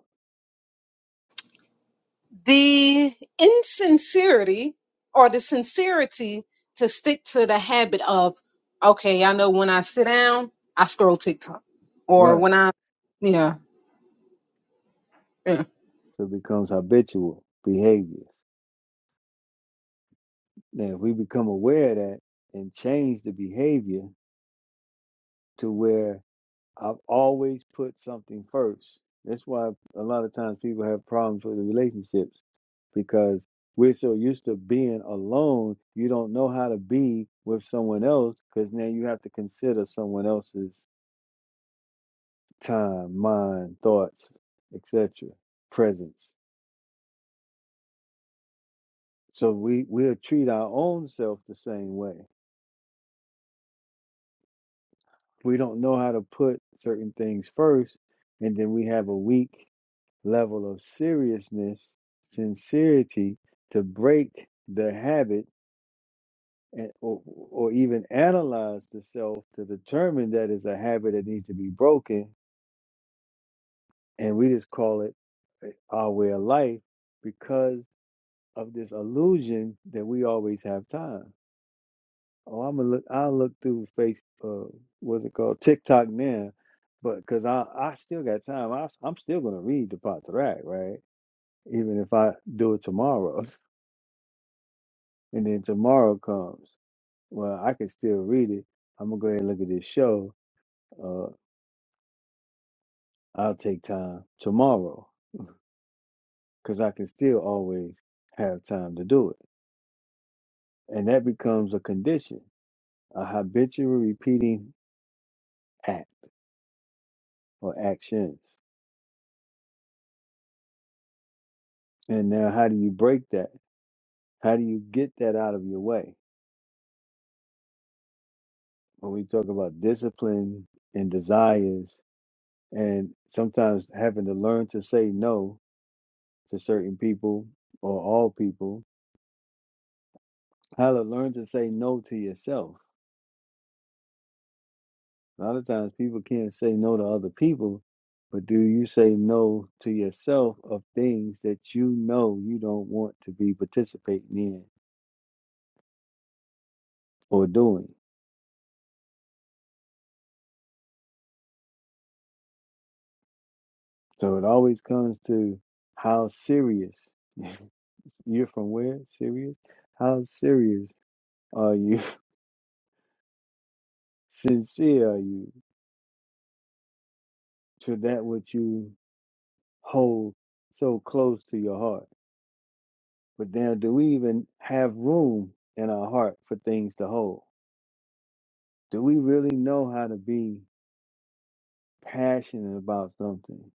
H: The insincerity or the sincerity to stick to the habit of, okay, I know when I sit down, I scroll TikTok, or
A: Right.
H: when I, yeah, yeah,
A: So it becomes habitual behavior. Now, if we become aware of that and change the behavior." to where I've always put something first. That's why a lot of times people have problems with the relationships because we're so used to being alone, you don't know how to be with someone else because now you have to consider someone else's time, mind, thoughts, etc., presence. So we we'll treat our own self the same way. We don't know how to put certain things first, and then we have a weak level of seriousness, sincerity to break the habit and, or, or even analyze the self to determine that it's a habit that needs to be broken. And we just call it eh, our way of life because of this illusion that we always have time. Oh, I'm gonna look. I look through face. Uh, what's it called? TikTok now, but because I I still got time. I, am still gonna read the Pontarac, right? Even if I do it tomorrow. And then tomorrow comes. Well, I can still read it. I'm gonna go ahead and look at this show. Uh, I'll take time tomorrow because I can still always have time to do it. And that becomes a condition, a habitual repeating act or actions. And now, how do you break that? How do you get that out of your way? When we talk about discipline and desires, and sometimes having to learn to say no to certain people or all people How to learn to say no to yourself. A lot of times people can't say no to other people, but do you say no to yourself of things that you know you don't want to be participating in or doing? So it always comes to how serious you're from where? Serious? How serious are you? Sincere are you to that which you hold so close to your heart? But then, do we even have room in our heart for things to hold? Do we really know how to be passionate about something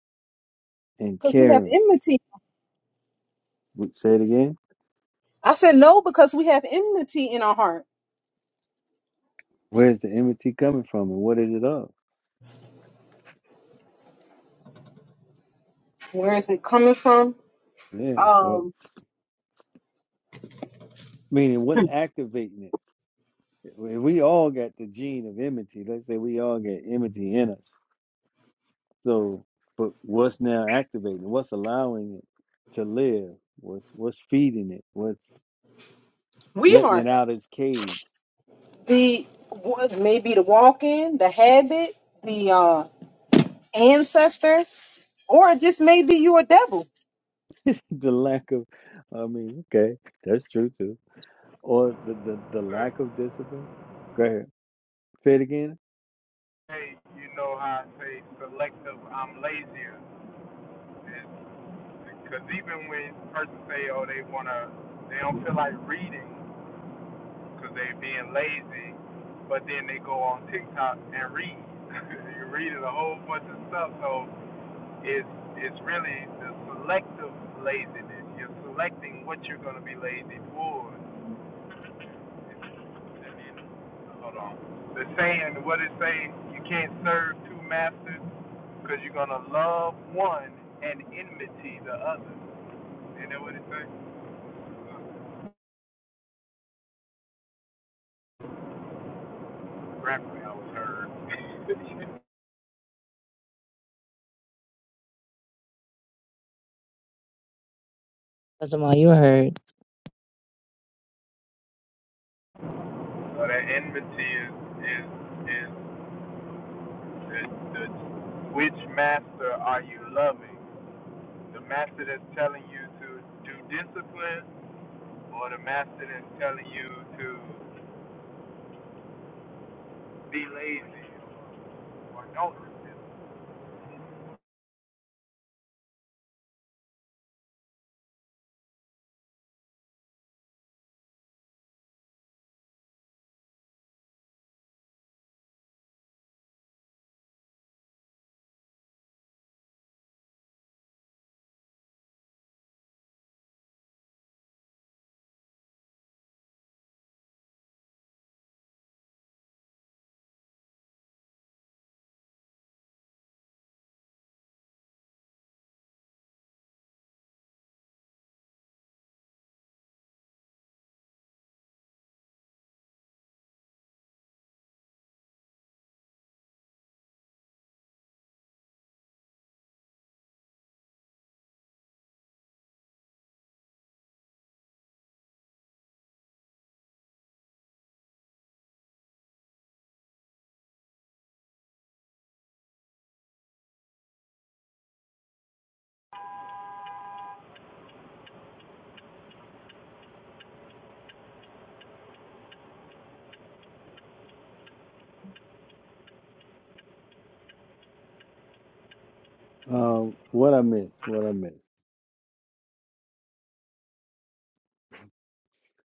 A: and
H: because we have
A: caring?
H: enmity.
A: Would- Say it again.
H: I said no because we have enmity in our heart.
A: Where's the enmity coming from and what is it of?
H: Where is it coming from?
A: Yeah. Well,
H: Um,
A: meaning, what's activating it? If we all got the gene of enmity, let's say we all got enmity in us. So, but what's now activating it? What's allowing it to live? What's, what's feeding it? What's
H: we
A: letting
H: are.
A: it out its cage?
H: the maybe the walk-in, the habit, the uh, ancestor, or just maybe you a devil.
A: the lack of, I mean, okay, that's true too or the, the, the
G: So
A: lack of discipline. Go ahead. Say it again.
G: Hey, you know how I say selective, I'm lazier. Because even when person say, oh, they wanna, they don't feel like reading because they being lazy, but then they go on TikTok and read. You're reading a whole bunch of stuff, So. Is is really the selective laziness. You're selecting what you're going to be lazy for. And then, hold on. The saying, what it say? You can't serve two masters because you're going to love one and enmity the other. You know what it say? Grappling, I was heard.
I: that's all, you heard.
G: so that enmity is is is the, the which master are you loving? The master that's telling you to do discipline or the master is telling you to be lazy or don't resist.
A: Um, what I missed, what I missed.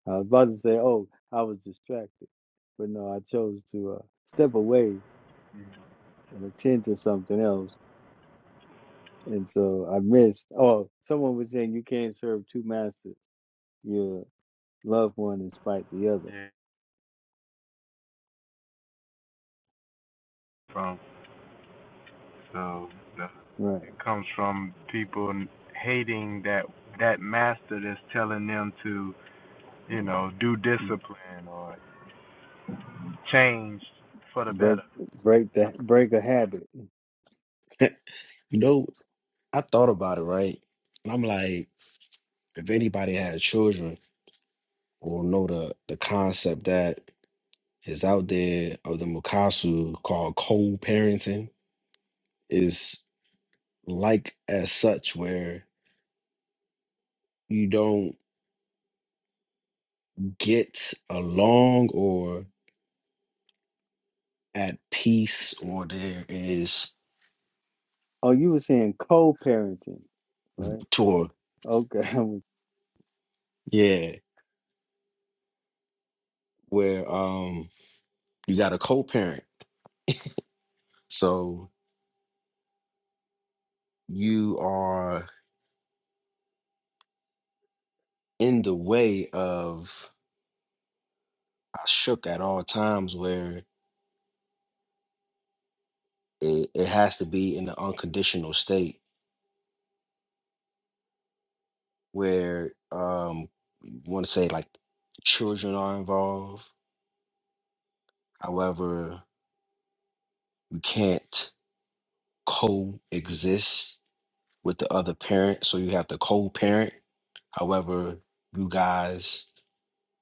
A: I was about to say, oh, I was distracted, but no, I chose to uh, step away and attend to something else. And so I missed. Oh, someone was saying you can't serve two masters. You love one and spite the other.
G: yeah. from so the,
A: Right.
G: it comes from people hating that that master that's telling them to you know do discipline or change for the
A: Break,
G: better
A: break that, break a habit.
E: that too. you know, I thought about it right, and I'm like, if anybody had children, will know the the concept that. is out there of the Mukasu called co-parenting is like as such where you don't get along or at peace or there is
A: Oh, you were saying co-parenting, right?
E: tour
A: Okay.
E: yeah where um you got a co-parent so you are in the way of I shook at all times where it, it has to be in an unconditional state where um you want to say like children are involved however you can't coexist with the other parent so you have to co-parent however you guys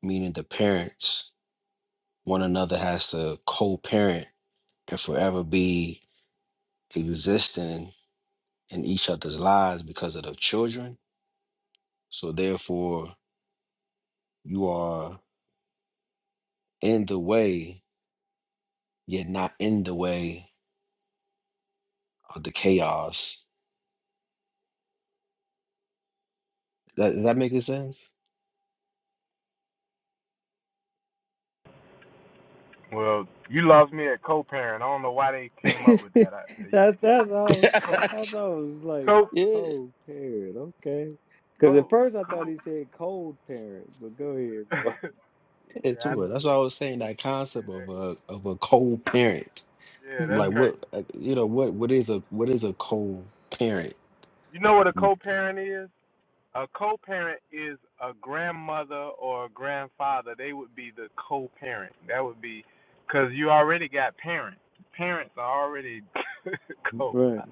E: meaning the parents one another has to co-parent and forever be existing in each other's lives because of the children so therefore you are in the way yet not in the way of the chaos That, does that make any sense?
G: well you lost me at co-parent i don't know why they came up
A: that
G: with that I,
A: that's all.
G: uh,
E: yeah,
A: That's all was like
G: co
E: yeah,
A: cold parent. Okay, because at
G: co co
A: first I thought
G: co
A: he said cold parent, but go ahead.
G: yeah I,
E: to it. That's why I was saying that concept
G: yeah,
E: of
G: that,
E: a of a co-parent.
G: yeah
E: I'm
G: that's
E: like,
G: crazy
E: what uh, you know, what what is a what is a co-parent
G: you know what a co-parent is A co parent is a grandmother or a grandfather. They would be the co parent. That would be because you already got parents. Parents are already co.
A: right,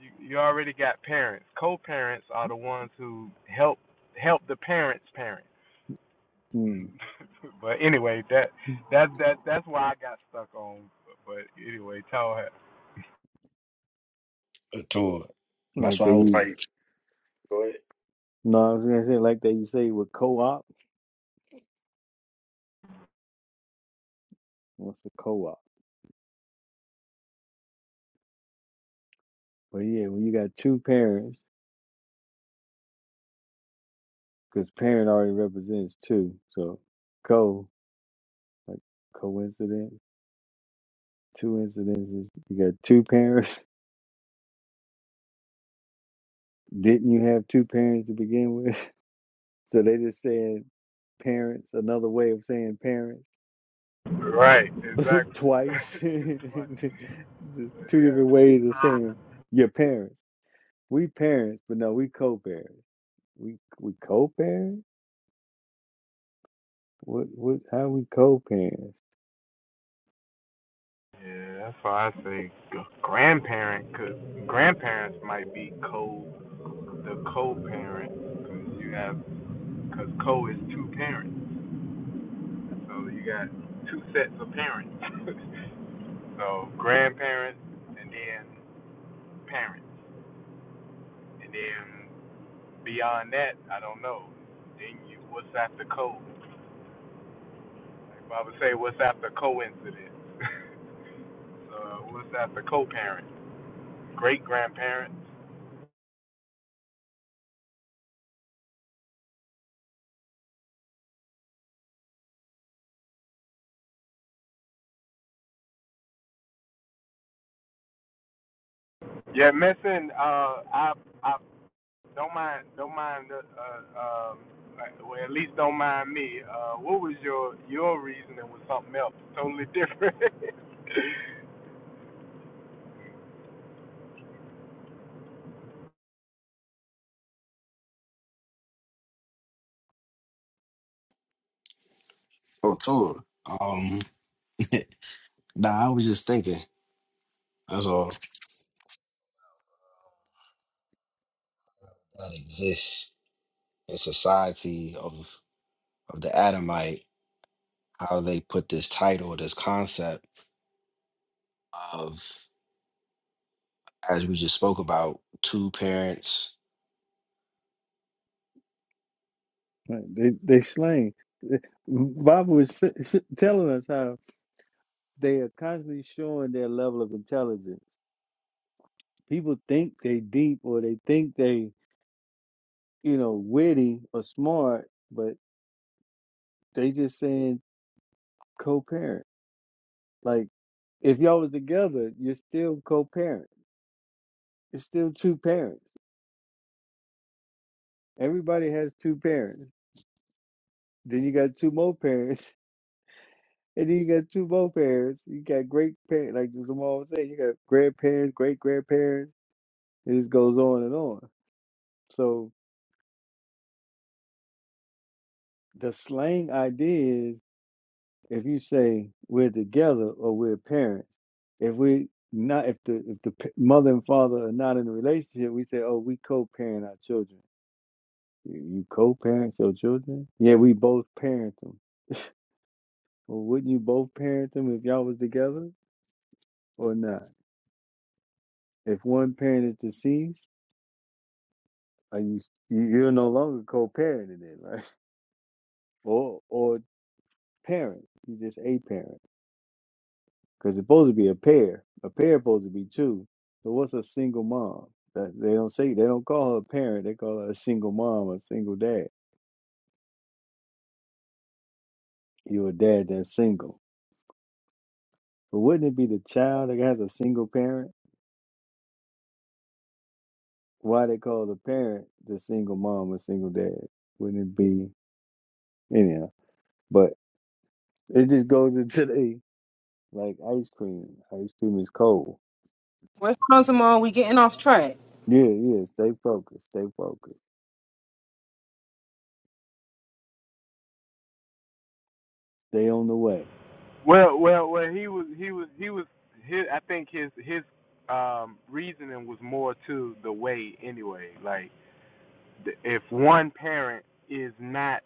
G: You, you already got parents. Co parents are the ones who help help the parents parent.
A: mm.
G: but anyway, that that that that's why I got stuck on. But anyway, tell her.
E: Uh, to it? That's
A: like
E: why
A: they
E: I was
A: use.
E: like, go ahead.
A: No, I was gonna say like they say with co-op. What's the co-op? But yeah, when you got two parents, because parent already represents two, so co like coincidence, two incidences. You got two parents. Didn't you have two parents to begin with? So they just saying parents, another way of saying parents
G: Right, exactly.
A: twice.
G: It's
A: Two
G: like,
A: different ways of
G: yeah.
A: saying your parents. We parents, but no, we co-parents. We we co-parents. What what? How we co-parents?
G: Yeah, that's why I say grandparent, cause grandparents might be co the co-parent, cause you have, cause co is two parents, so you got two sets of parents. so grandparents and then parents, and then beyond that, I don't know. Then you, what's after co? Like Baba say, what's after coincidence? so what's after co-parent? Great grandparents. Yeah, missing. Uh, I I don't mind. Don't mind. Uh, uh, um, well, at least don't mind me. Uh, what was your your reasoning was something else, totally different.
E: Oh, to it. Um, nah, I was just thinking. That's all that exists in society of of the Adamite. How they put this title, this concept of, as we just spoke about, two parents
A: Like, They they slang. Bob was telling us how they are constantly showing their level of intelligence. People think they deep or they think they you know witty or smart, but they just saying. co-parent. Like if y'all was together, you're still co-parent. It's still two parents. Everybody has two parents. Then you got two more parents, and then you got two more parents. You got great parents, like Jamal was saying. You got grandparents, great grandparents. It just goes on and on. So the slang idea is if you say we're together or we're parents. If we not if the if the p- mother and father are not in a relationship, we say oh we co-parent our children You you co-parent your children? Yeah, we both parent them. Well, wouldn't you both parent them if y'all was together or not? If one parent is deceased, are you you- you're no longer co-parenting it, right? Or or parent, you just a parent because it's supposed to be a pair. A pair supposed to be two. So what's a single mom? That they don't say they don't call her a parent. They call her a single mom, a single dad. You're a dad that's single. But wouldn't it be the child that has a single parent? why they call the parent the single mom or single dad? Wouldn't it be anyhow? But it just goes into the like ice cream. Ice cream is cold.
H: Where's Rosamond? We getting off track.
A: Yeah, yeah. Stay focused. Stay focused. Stay on the way.
G: well, well, well. He was. He was. He was. His, I think his his um reasoning was more to the way anyway. Like th- if one parent is not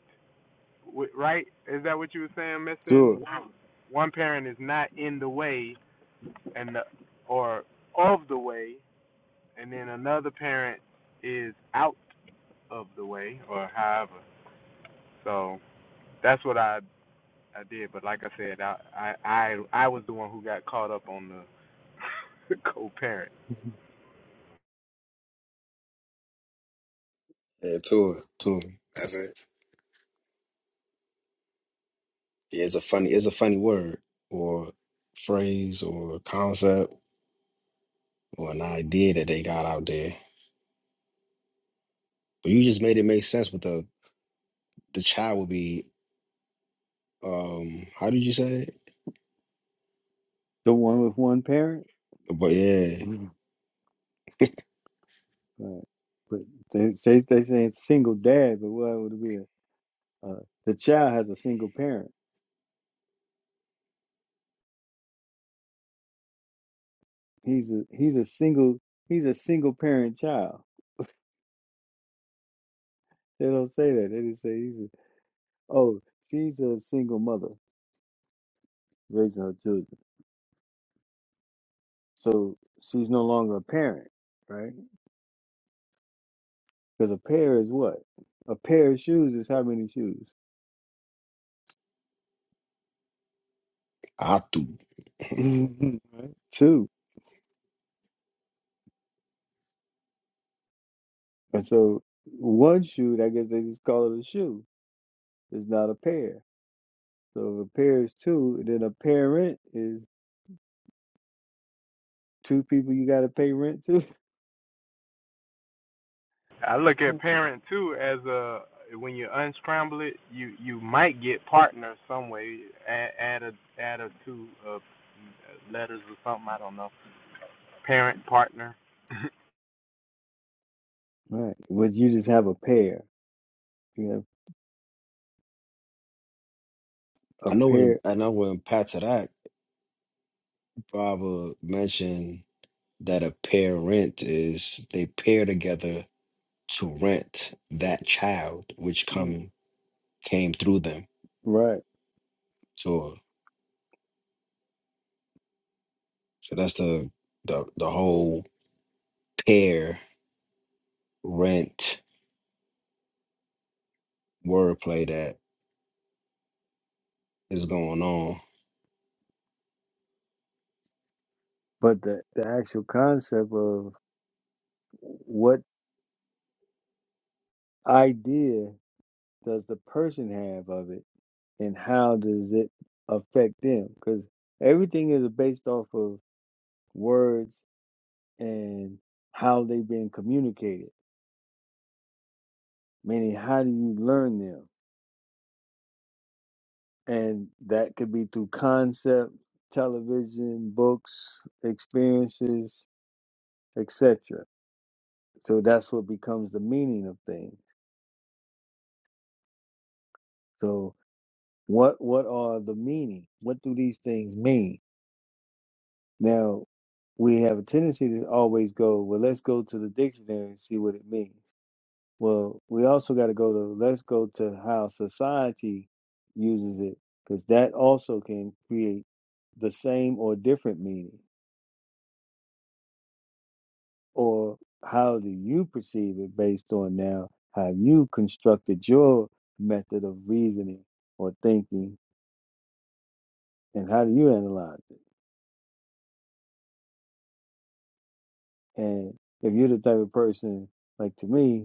G: wi- right, is that what you were saying, missing?
A: Sure.
G: One, one parent is not in the way, and the, or of the way and then another parent is out of the way or however. So that's what I I did. But like I said, I I I, I was the one who got caught up on the co-parent.
E: Yeah, tour, tour. That's it. Yeah, it's a funny, it's a funny word or phrase or concept or an idea that they got out there. But you just made it make sense. With the the child would be, um, how did you say it?
A: The one with one parent.
E: But yeah,
A: right. But they say they saying single dad, but what would it be? A, uh, the child has a single parent. He's a he's a single he's a single parent child. They don't say that. They just say he's a, oh she's a single mother. raising her children. So she's no longer a parent, right? Because a pair is what? A pair of shoes is how many shoes?
E: atu.
A: right? Two. And so one shoe, I guess they just call it a shoe, is not a pair. So if a pair is two, then a parent is two people you got to pay rent to.
G: I look at parent too as a when you unscramble it, you you might get partner some way. Add, add a add a two uh, letters or something. I don't know. Parent partner.
A: right. But you just have a pair. You have
E: I know
A: a
E: when
A: pair.
E: I know when Patarak Baba mentioned that a parent is they pair together to rent that child which
A: Mm,
E: come came through them.
A: Right.
E: So so that's the the the whole pair rent wordplay that is going on.
A: But the, the actual concept of what idea does the person have of it and how does it affect them? Because everything is based off of words and how they've been communicated, meaning how do you learn them? And that could be through concept, television, books, experiences, etc. So that's what becomes the meaning of things. So what what are the meaning? What do these things mean? Now we have a tendency to always go, well, let's go to the dictionary and see what it means Well, we also got to go to let's go to how society uses it because that also can create the same or different meaning. Or how do you perceive it based on now how you constructed your method of reasoning or thinking and how do you analyze it? And if you're the type of person like to me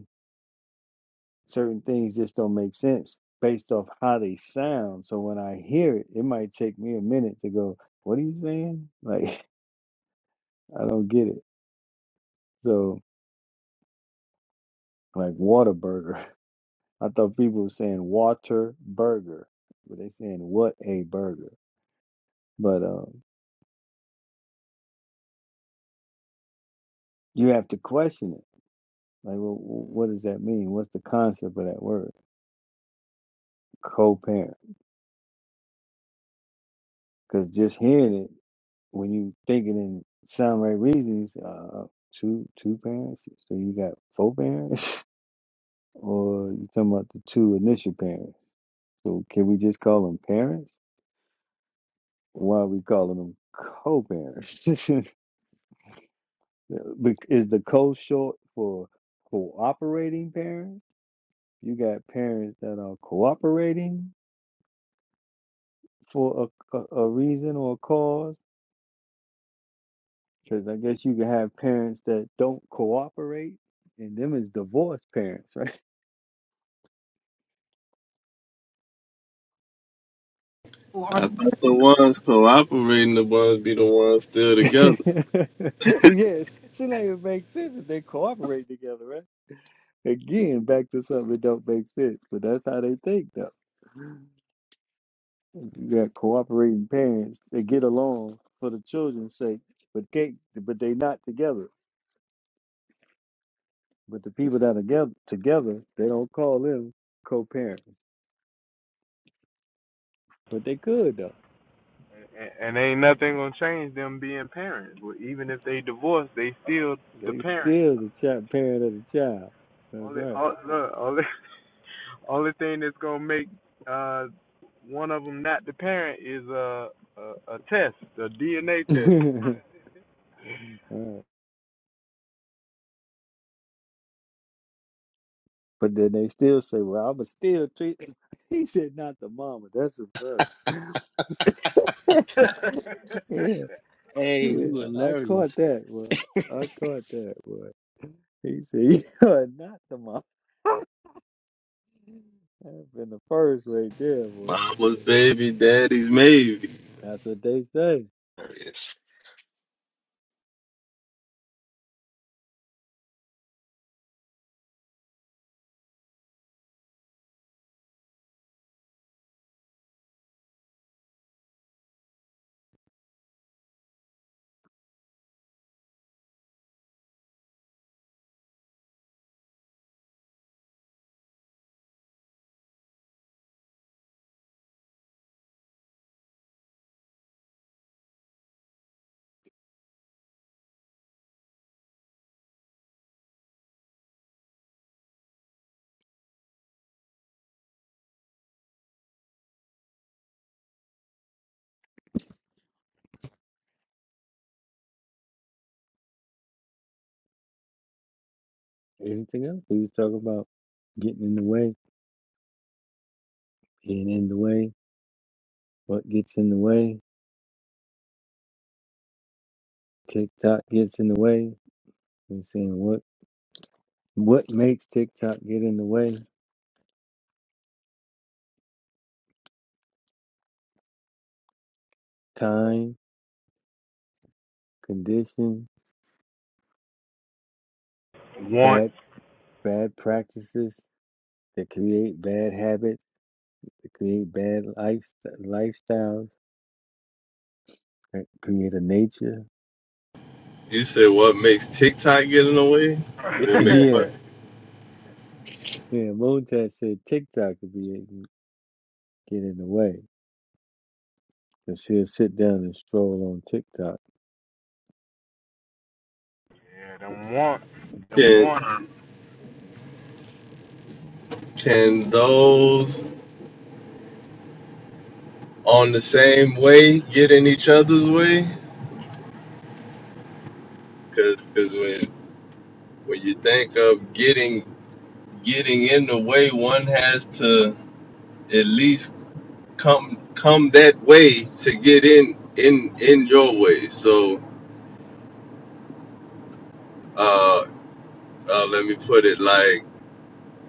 A: certain things just don't make sense based off how they sound. So when I hear it, it might take me a minute to go, "What are you saying?" Like I don't get it. So like water burger, I thought people were saying water burger, but they saying what a burger. But um, you have to question it. Like, well, what does that mean? What's the concept of that word? Co-parent. Because just hearing it. when you thinking in sound right reasons, uh, two two parents. So you got four parents, or you talking about the two initial parents? So can we just call them parents? Why are we calling them co-parents? Bec- Is the co short for cooperating parents? You got parents that are cooperating for a, a, a reason or a cause. Because I guess you can have parents that don't cooperate, and them is divorced parents, right?
H: Or
C: I thought the ones cooperating, the ones be the ones still
A: Yes,
C: together.
A: seems like it makes sense if they cooperate together, right? Again, back to something that don't make sense, but that's how they think, though. You got cooperating parents that get along for the children's sake, but can't, but they not together. But the people that are together, together, they don't call them co-parents, but they could though.
G: and, ain't nothing gonna change them being parents. Well, Even if they divorce, they still the
A: They
G: parents.
A: still the child, parent of the child. That's
G: Only, all,
A: right.
G: look, only, only thing that's gonna make uh one of them not the parent is a a, a test, a DNA test.
A: All right. But then they still say, well, I'ma still treat He said not the mama. That's a funny. yeah, yeah. I caught that one. I caught that one. He said, you are not the mama. That's been the first right there, boy.
C: Mama's baby, daddy's maybe.
A: That's what they say.
E: There it is.
A: Anything else? He was talking about getting in the way, being in the way, what gets in the way, TikTok gets in the way. We're saying what what makes TikTok get in the way? Time, condition,
G: want.
A: bad bad practices that create bad habits, that create bad life, lifestyles, that create a nature.
C: You said what makes TikTok get in the way? What makes
G: yeah,
A: Yeah,
C: what?
A: yeah. Moontat said TikTok could be get in the way. Cause she'll sit down and stroll on TikTok,
G: them want, them want.
C: Can can those on the same way get in each other's way? Cause, 'cause when when you think of getting getting in the way, one has to at least come come that way to get in in in your way. So uh, uh let me put it like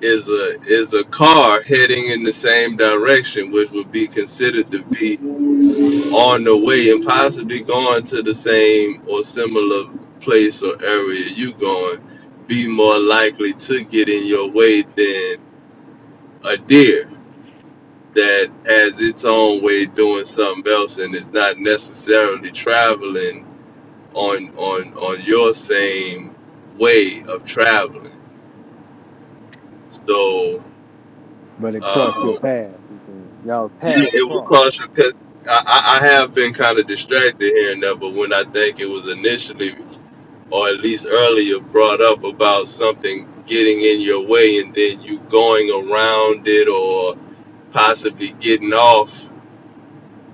C: is a is a car heading in the same direction, which would be considered to be on the way and possibly going to the same or similar place or area you going, be more likely to get in your way than a deer that has its own way doing something else and is not necessarily traveling on on on your same way of traveling. So
A: but it crossed
C: um,
A: your path. He said, "Y'all
C: Yeah,
A: paths
C: it will
A: cross."
C: cause you. Cause I, I I have been kind of distracted here and there, but when I think it was initially, or at least earlier, brought up about something getting in your way and then you going around it or possibly getting off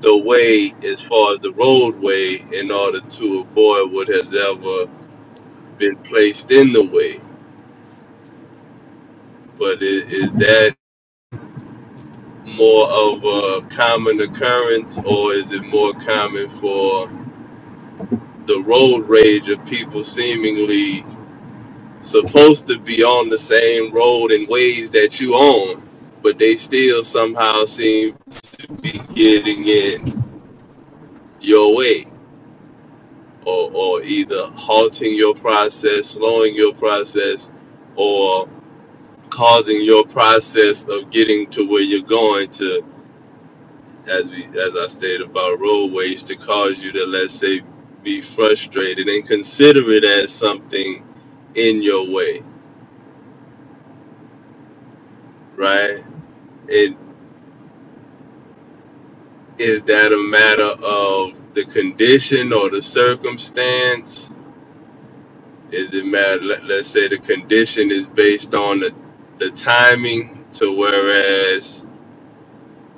C: the way as far as the roadway in order to avoid what has ever been placed in the way. But is, is that more of a common occurrence or is it more common for? the road rage of people seemingly supposed to be on the same road in ways that you on, but they still somehow seem to be getting in your way or, or either halting your process, slowing your process, or causing your process of getting to where you're going to, as we as I stated about road rage, to cause you to let's say be frustrated and consider it as something in your way right? It is that a matter of the condition or the circumstance? Is it matter? Let, let's say the condition is based on the the timing, to whereas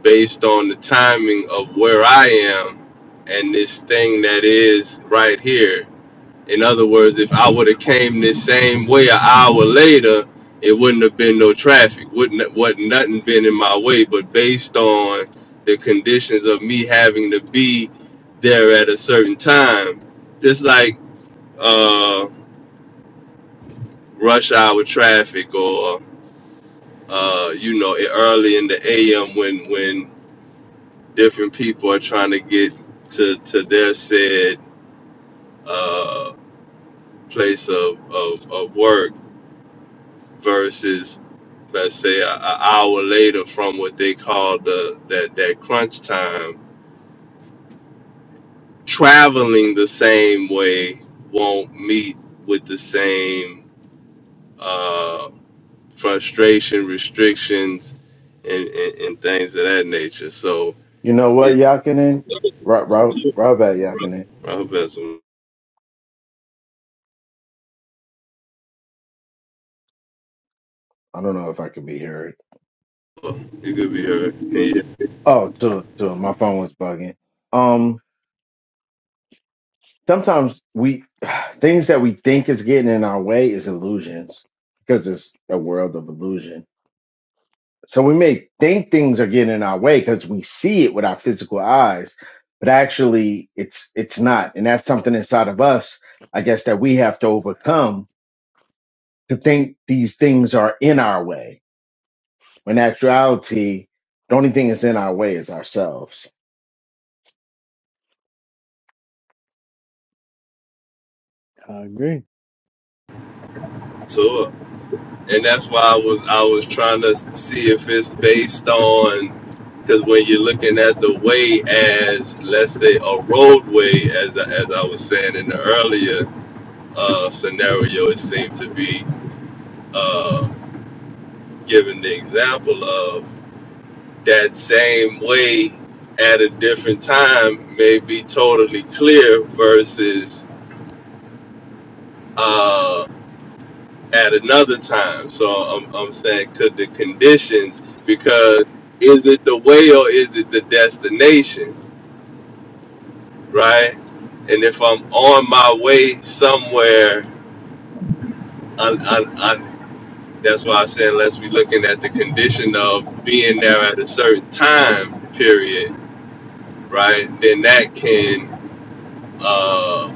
C: based on the timing of where I am and this thing that is right here. In other words, if I would have came this same way an hour later, it wouldn't have been no traffic. Wouldn't what nothing been in my way. But based on the conditions of me having to be there at a certain time, just like uh, rush hour traffic or uh, you know e- early in the a.m. when when different people are trying to get to to their said uh, place of, of of work versus let's say an hour later from what they call the that that crunch time traveling the same way won't meet with the same uh, frustration restrictions and, and, and things of that nature so
D: You know what,
C: it
D: Yakinen? Rob, Rob, Rob at Yakinen.
C: I hope that's you
D: I don't know if I could be heard.
C: could be heard. Can you hear
D: Oh, to to my phone was bugging. Um, sometimes we things that we think is getting in our way is illusions because it's a world of illusion. So we may think things are getting in our way because we see it with our physical eyes, but actually it's it's not, and that's something inside of us, I guess, that we have to overcome to think these things are in our way. When in actuality, the only thing that's in our way is ourselves.
A: I agree.
C: me? So, uh, and that's why I was I was trying to see if it's based on because when you're looking at the way as let's say a roadway as I- as I was saying in the earlier uh, scenario, it seemed to be uh, given the example of that same way at a different time may be totally clear versus. Uh, at another time. So I'm, I'm saying, could the conditions, because is it the way or is it the destination, right? And if I'm on my way somewhere, I, I, I, that's why I said, unless we looking at the condition of being there at a certain time period, right? Then that can. Uh,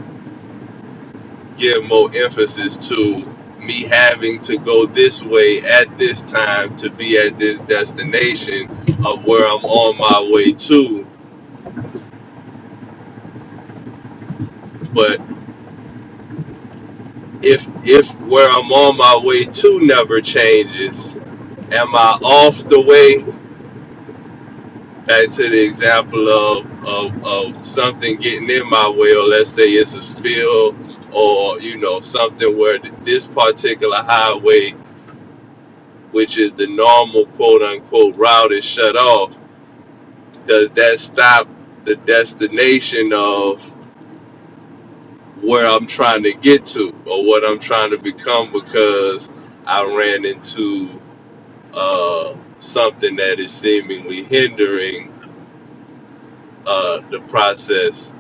C: give more emphasis to me having to go this way at this time to be at this destination of where I'm on my way to. But if if where I'm on my way to never changes, am I off the way? Back to the example of, of of something getting in my way, or let's say it's a spill, or you know something where th- this particular highway, which is the normal quote unquote route, is shut off does that stop the destination of where I'm trying to get to or what I'm trying to become because I ran into uh, something that is seemingly hindering uh, the process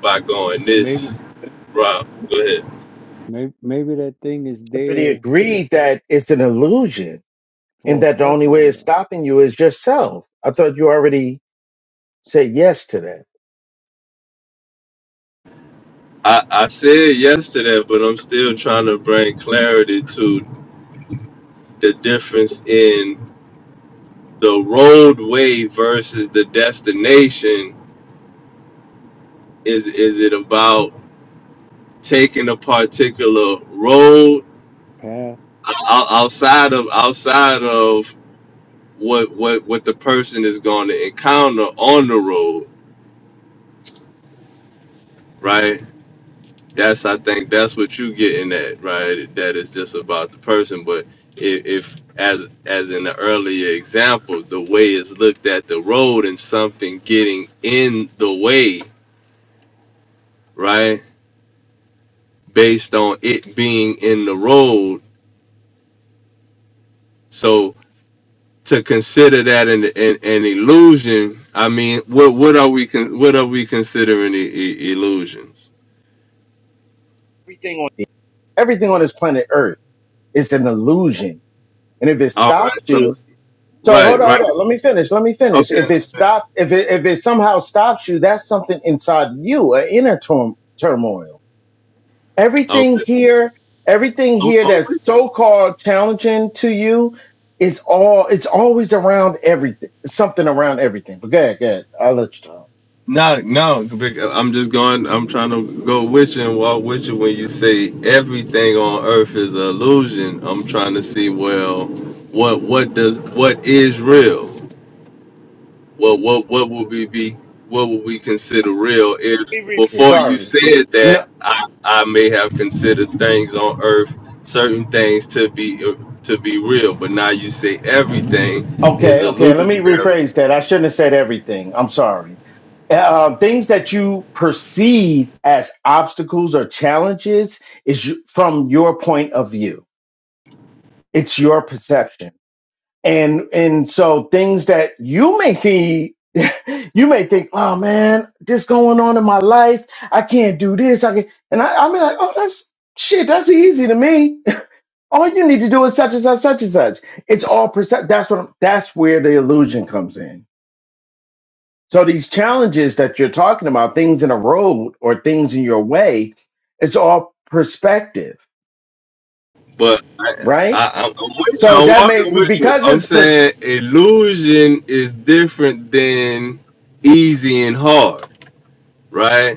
C: by going
A: Maybe,
C: this route? Go ahead.
A: maybe, maybe that thing is
D: But he
A: there
D: agreed that it's an illusion and
A: for
D: that
A: a
D: the only
A: purpose,
D: way it's
A: though.
D: stopping you is yourself. I thought you already said yes to that.
C: I, I said yesterday, but I'm still trying to bring clarity to the difference in the roadway versus the destination. Is is it about taking a particular road
A: Path
C: o- outside of outside of what what what the person is going to encounter on the road right that's i think that's what you getting at right that is just about the person but if, if as as in the earlier example the way is looked at the road and something getting in the way right based on it being in the road so to consider that an, an, an illusion, I mean, what what are we con- what are we considering I- I- illusions?
D: Everything on everything on this planet Earth is an illusion, and if it
C: All right,
D: stops
C: so
D: you, so hold
C: right,
D: on, hold on.
C: right,
D: Let me finish. Let me finish.
C: okay,
D: If it stop, if it if it somehow stops you, that's something inside you, an inner turm- turmoil. Everything
C: okay.
D: here, everything
C: I'm,
D: here
C: I'm
D: that's
C: with you.
D: so called challenging to you. is all it's always around everything something around everything. But go ahead, go ahead. I'll let you talk.
C: No, no, bec- I'm just going. I'm trying to go with you and walk with you when you say everything on earth is an illusion. I'm trying to see well, what what does what is real? Well, what what would we be? What would we consider real? If
D: Let me rephrase.
C: before you
D: Sorry.
C: said that,
D: No.
C: I I may have considered things on earth, certain things to be uh, to be real, but now you say everything is
D: Okay. Okay. Let me
C: illusionary.
D: rephrase that. I shouldn't have said everything. I'm sorry. Uh, um, things that you perceive as obstacles or challenges is you, from your point of view. It's your perception, and and so things that you may see, you may think, "Oh man, this going on in my life. I can't do this. I can," and I, I'm like, "Oh, that's shit. That's easy to me." All you need to do is such and such, such and such. It's all percent. That's what. I'm, that's where the illusion comes in. So these challenges that you're talking about, things in a road or things in your way, it's all perspective,
C: But I,
D: right?
C: I I'm I'm with you.
D: So
C: I'm
D: that may
C: walking with you.
D: because
C: I'm
D: it's pers-
C: saying illusion is different than easy and hard, right?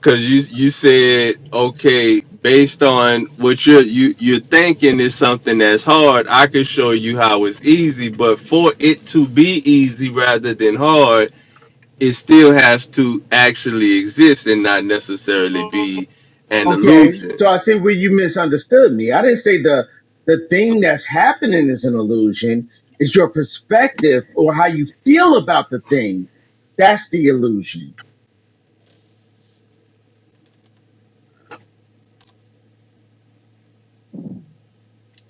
C: Cause you you said okay, based on what you're you you're thinking is something that's hard. I can show you how it's easy, but for it to be easy rather than hard, it still has to actually exist and not necessarily be an
D: okay.
C: illusion.
D: So I see where you misunderstood me. I didn't say the the thing that's happening is an illusion. It's your perspective or how you feel about the thing. That's the illusion.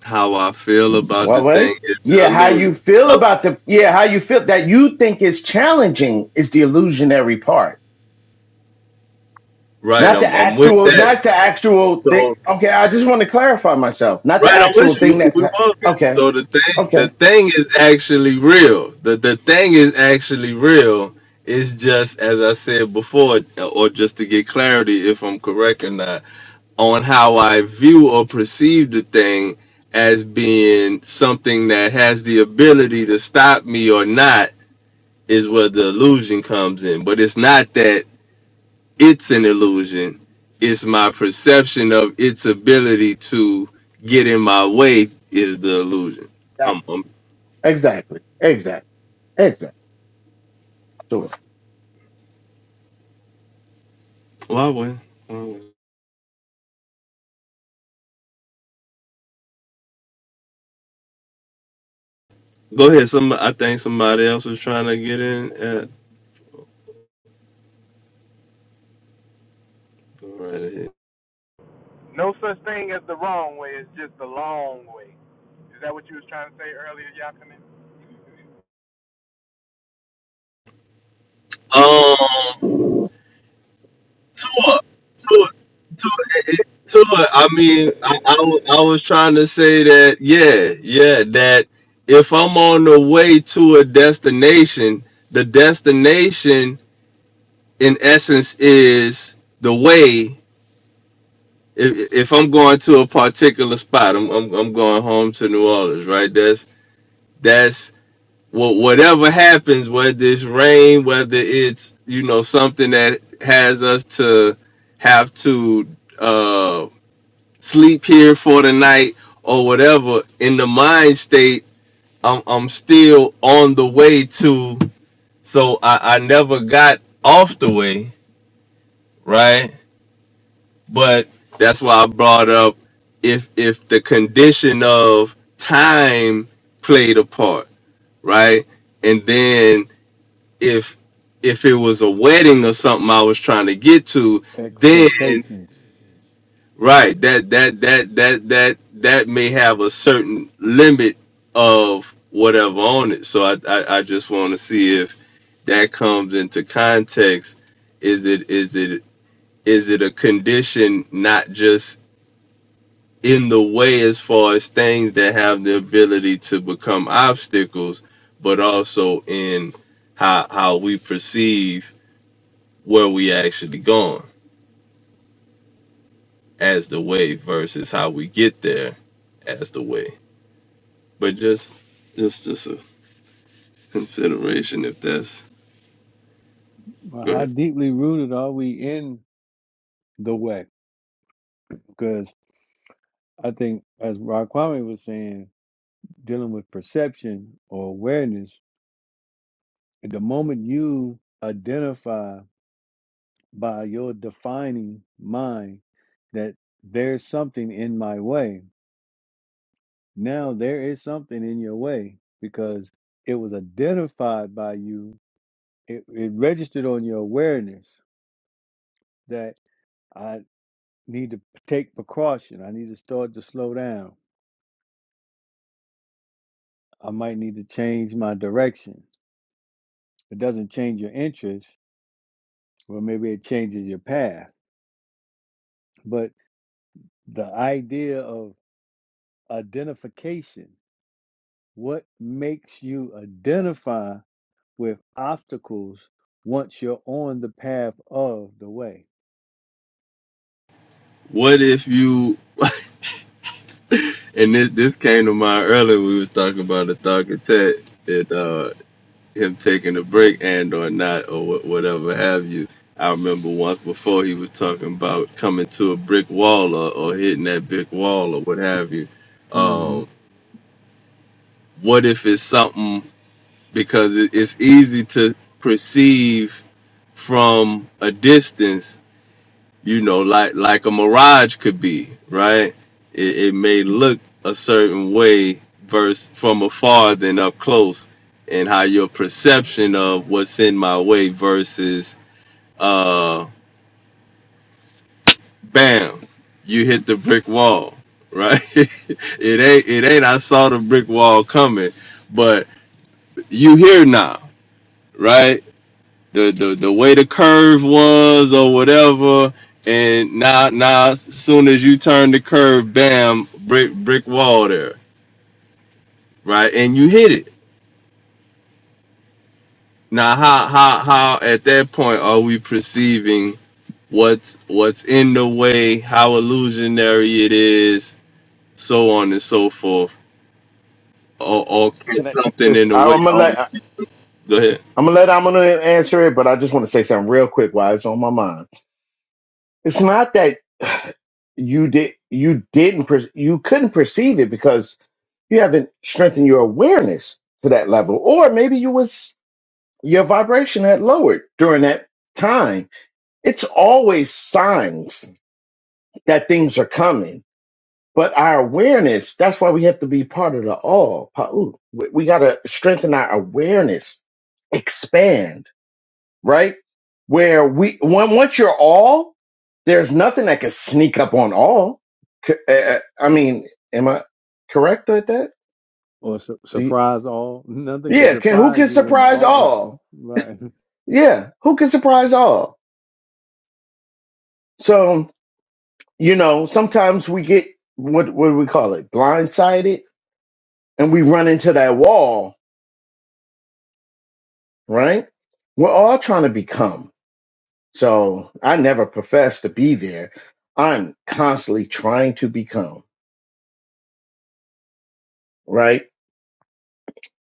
C: How I feel about
D: What
C: the
D: way?
C: thing is the
D: Yeah, how
C: illusion.
D: you feel
C: Oh,
D: about the yeah, how you feel that you think is challenging is the illusionary part.
C: right,
D: Not the
C: I'm I'm with
D: actual,
C: that.
D: not the actual thing.
C: So
D: Okay, I just want to clarify myself. Not the
C: Right, I'm
D: actual
C: with you.
D: thing
C: We,
D: that's
C: we
D: ha-
C: walking.
D: okay.
C: So the thing, the
D: Okay,
C: thing is actually real. The the thing is actually real. It's just as I said before, or just to get clarity, if I'm correct or not, on how I view or perceive the thing as being something that has the ability to stop me or not is where the illusion comes in. But it's not that it's an illusion. It's my perception of its ability to get in my way is the illusion.
D: Yeah.
C: Um, um
D: exactly, exactly, exactly. Sure.
C: why would? why would- Go ahead. Some I think somebody else was trying to get in. At, go right ahead.
G: No such thing as the wrong way. It's just the long way. Is that what you was trying to say earlier, Yakinen?
C: Um, Tua, Tua, Tua, Tua. I mean, I, I w- I was trying to say that. Yeah, yeah. That if I'm on the way to a destination, the destination in essence is the way if, if I'm going to a particular spot, I'm, I'm I'm going home to New Orleans, right? That's that's what whatever happens, whether it's rain, whether it's you know something that has us to have to uh, sleep here for the night or whatever. In the mind state, I'm I'm still on the way to, so I I never got off the way, right? But that's why I brought up if if the condition of time played a part, right? And then if if it was a wedding or something I was trying to get to, then
A: expectations.
C: right, that that that that that that may have a certain limit of whatever on it. So I I, I just want to see if that comes into context. Is it is it is it a condition not just in the way as far as things that have the ability to become obstacles, but also in how how we perceive where we actually going as the way versus how we get there as the way. But just just just a consideration if that's
A: Well,
C: go
A: how
C: ahead.
A: deeply rooted are we in the way? Because I think, as Rod Kwame was saying, dealing with perception or awareness, the moment you identify by your defining mind that there's something in my way, now there is something in your way because it was identified by you, it, it registered on your awareness that I need to take precaution. I need to start to slow down. I might need to change my direction. It doesn't change your interest. Well, maybe it changes your path. But the idea of identification, what makes you identify with obstacles once you're on the path of the way?
C: What if you and this this came to mind earlier we was talking about the thug attack. It uh him taking a break and or not or wha- whatever have you. I remember once before he was talking about coming to a brick wall or, or hitting that brick wall or what have you.
A: hmm
C: Um, what if it's something because it, it's easy to perceive from a distance you know, like like a mirage could be, right? It, it may look a certain way versus from afar than up close, and how your perception of what's in my way versus, uh, bam, you hit the brick wall, right? it ain't it ain't I saw the brick wall coming, but you here now, right? the the the way the curve was or whatever. And now now as soon as you turn the curve, bam, brick brick wall there, right? And you hit it. Now how how how at that point are we perceiving what's what's in the way, how illusionary it is, so on and so forth. Or, or can
D: Can I, can I
C: something
D: Just,
C: in the
D: I,
C: way.
D: I'm gonna
C: Oh,
D: let I'm
C: go ahead.
D: gonna let I'm gonna answer it, but I just want to say something real quick while it's on my mind. It's not that you did you didn't per- you couldn't perceive it because you haven't strengthened your awareness to that level or maybe you was your vibration had lowered during that time it's always signs that things are coming but our awareness that's why we have to be part of the all Pa- ooh, we, we got to strengthen our awareness expand right where we when, once you're all there's nothing that can sneak up on all C- uh, uh, i mean am i correct with that
A: Or su- surprise all? Nothing can
D: Yeah, can, who
A: surprise
D: can
A: you in the
D: surprise
A: all.
D: all?
A: Right.
D: Yeah, who can surprise all? So, you know, sometimes we get what what do we call it? Blindsided and we run into that wall, right? We're all trying to become. So, I never profess to be there. I'm constantly trying to become, right?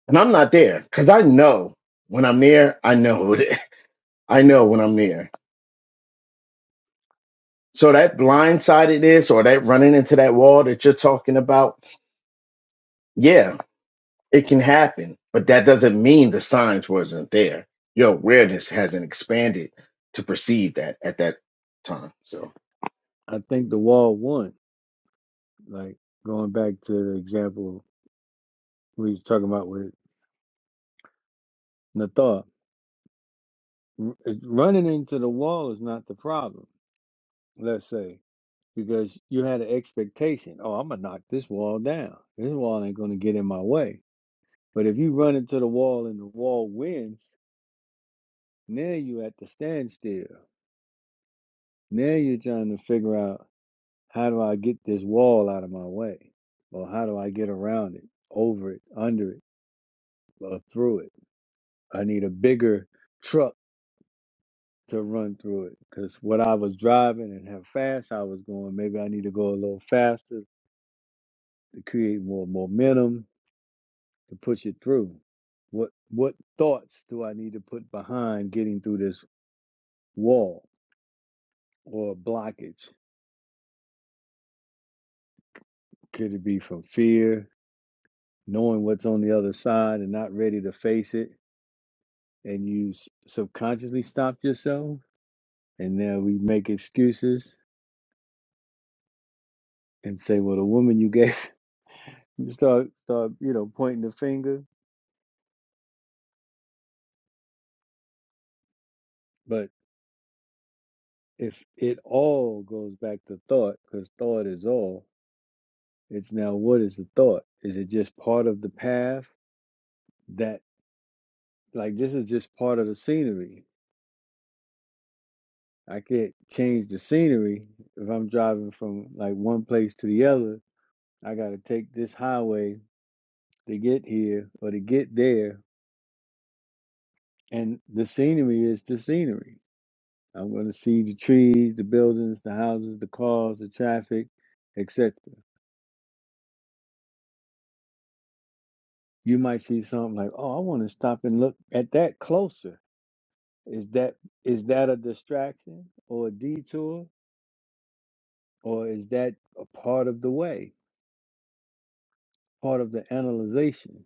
D: And I'm not there cuz I know when I'm there, I know it. I know when I'm there. So that blindsidedness or that running into that wall that you're talking about, yeah, It can happen, but that doesn't mean the signs wasn't there. Your awareness hasn't expanded to perceive that at that time. So,
A: I think the wall won. Like going back to the example we was talking about with Nathar, r- running into the wall is not the problem, let's say because you had an expectation. Oh, I'm gonna knock this wall down. This wall ain't gonna get in my way. But if you run into the wall and the wall wins, now you at the standstill. Now you're trying to figure out how do I get this wall out of my way, or how do I get around it, over it, under it, or through it. I need a bigger truck to run through it because what I was driving and how fast I was going, maybe I need to go a little faster to create more momentum to push it through? What what thoughts do I need to put behind getting through this wall or blockage? Could it be from fear, knowing what's on the other side and not ready to face it, and you s- subconsciously stopped yourself? And now we make excuses and say, "Well, the woman you gave," you start start you know pointing the finger. But if it all goes back to thought, because thought is all, it's now what is the thought? Is it just part of the path? that like this is just part of the scenery. I can't change the scenery if I'm driving from like one place to the other. I got to take this highway to get here or to get there, and the scenery is the scenery. I'm going to see the trees, the buildings, the houses, the cars, the traffic, etc. You might see something like, "Oh, I want to stop and look at that closer." Is that is that a distraction or a detour, or is that a part of the way? part of the analyzation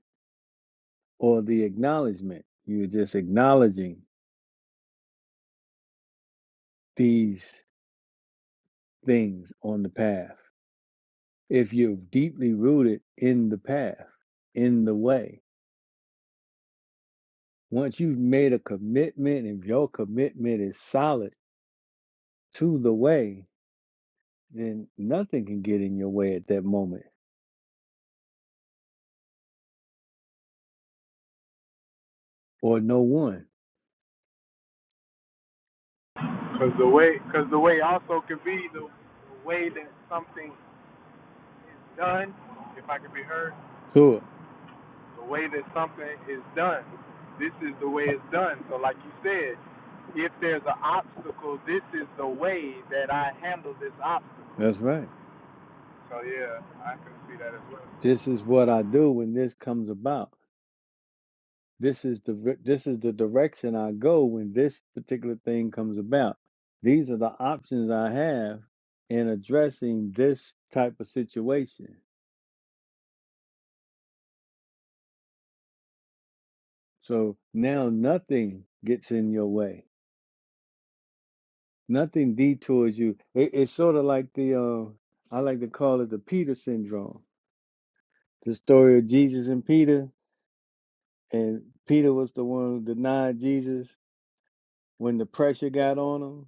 A: or the acknowledgement. You're just acknowledging these things on the path. If you're deeply rooted in the path, in the way, once you've made a commitment, if your commitment is solid to the way, then nothing can get in your way at that moment or no one.
G: Because the way, because the way also could be the way that something is done, if I could be heard,
A: Sure,
G: the way that something is done. This is the way it's done. So, like you said, if there's an obstacle, this is the way that I handle this obstacle.
A: that's right.
G: So yeah, I can see that as well.
A: This is what I do when this comes about. this is the this is the direction I go when this particular thing comes about. These are the options I have in addressing this type of situation. So now nothing gets in your way. Nothing detours you. It, it's sort of like the uh, I like to call it the Peter syndrome. The story of Jesus and Peter, and Peter was the one who denied Jesus when the pressure got on him.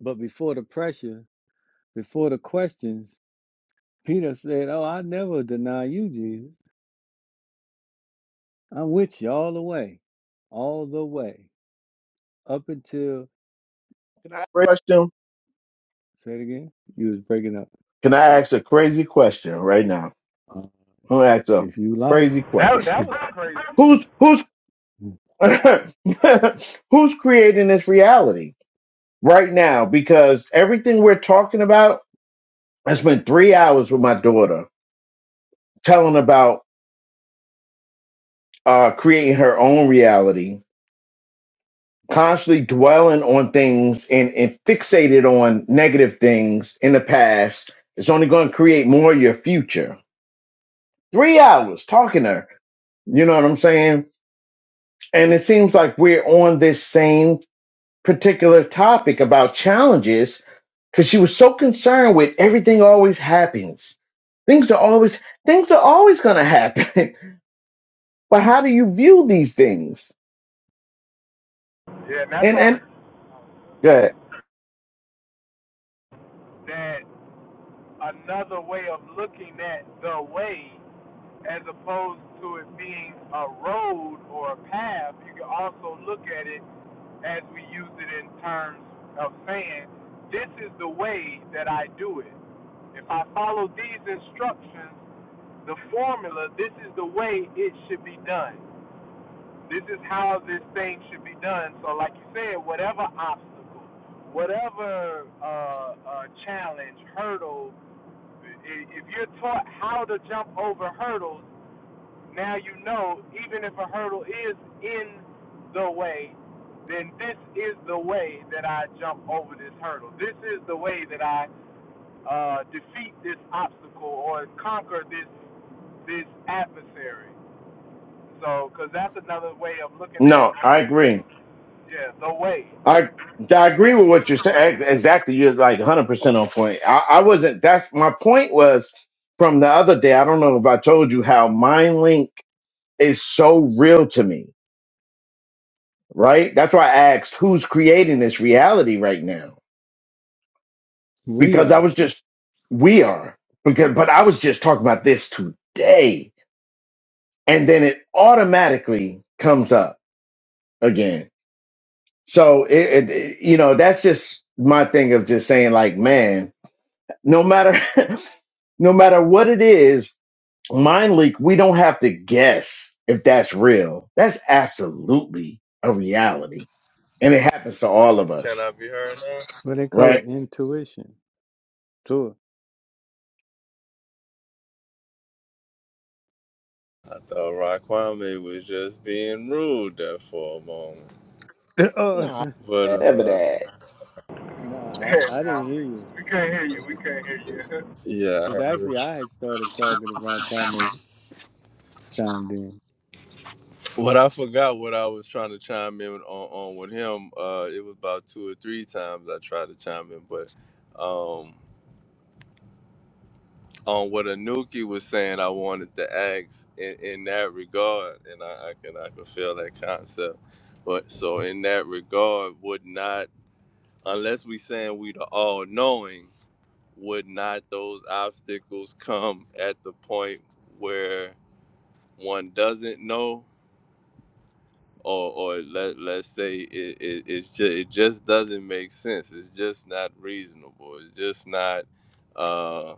A: But before the pressure, before the questions, Peter said, Oh, I never deny you, Jesus. I'm with you all the way, all the way, up until,
D: can I ask a question?
A: say it again, you was breaking up.
D: Can I ask a crazy question right now?
A: Uh,
D: I'm gonna ask a
A: if you
D: crazy
A: like,
G: That
D: question.
G: that was crazy.
D: Who's who's who's creating this reality right now? Because everything we're talking about, I spent three hours with my daughter telling about uh, creating her own reality constantly dwelling on things and, and fixated on negative things in the past is only going to create more of your future. Three hours talking to her. You know what I'm saying? And it seems like we're on this same particular topic about challenges because she was so concerned with everything always happens. Things are always things are always gonna happen. but how do you view these things?
G: Yeah, and that's
D: And
G: why
D: and good.
G: that another way of looking at the way as opposed to it being a road or a path, you can also look at it as we use it in terms of saying, This is the way that I do it. If I follow these instructions, the formula, this is the way it should be done. This is how this thing should be done. So, like you said, whatever obstacle, whatever uh, uh, challenge, hurdle, if you're taught how to jump over hurdles, now you know even if a hurdle is in the way, then this is the way that I jump over this hurdle. This is the way that I uh, defeat this obstacle or conquer this this adversary. So, because that's another way of looking at,
D: No, I agree.
G: yeah, the way.
D: I I agree with what you're saying. Exactly, you're like 100 percent on point. I, I wasn't. That's my point was from the other day. I don't know if I told you how MindLink is so real to me. Right. That's why I asked who's creating this reality right now
A: we
D: because I
A: are.
D: was just we are because but I was just talking about this today and then it automatically comes up again. So it, it it- you know that's just my thing of just saying like man no matter no matter what it is, mind leak, we don't have to guess if that's real. That's absolutely a reality. And it happens to all of
C: Can
D: us,
C: I be heard now?
A: What they call it,
D: right?
A: intuition. Tour.
C: I thought Raquame was just being rude there for a moment.
A: oh,
D: No,
C: But
D: I never
C: uh
D: that.
A: no, I, I
G: Nah,
A: didn't hear
G: we
A: you.
G: we can't hear you. We can't hear you.
C: Yeah.
A: Because actually, I had started talking if Ron Kwame chimed in.
C: What I forgot what I was trying to chime in on, on with him, uh, it was about two or three times I tried to chime in, but um, on what Anuki was saying, I wanted to ask in, in that regard, and I, I can I can feel that concept. But so in that regard, would not unless we saying we the all knowing, would not those obstacles come at the point where one doesn't know? or or let let's say it it it's just, it just doesn't make sense. It's just not reasonable. It's just not uh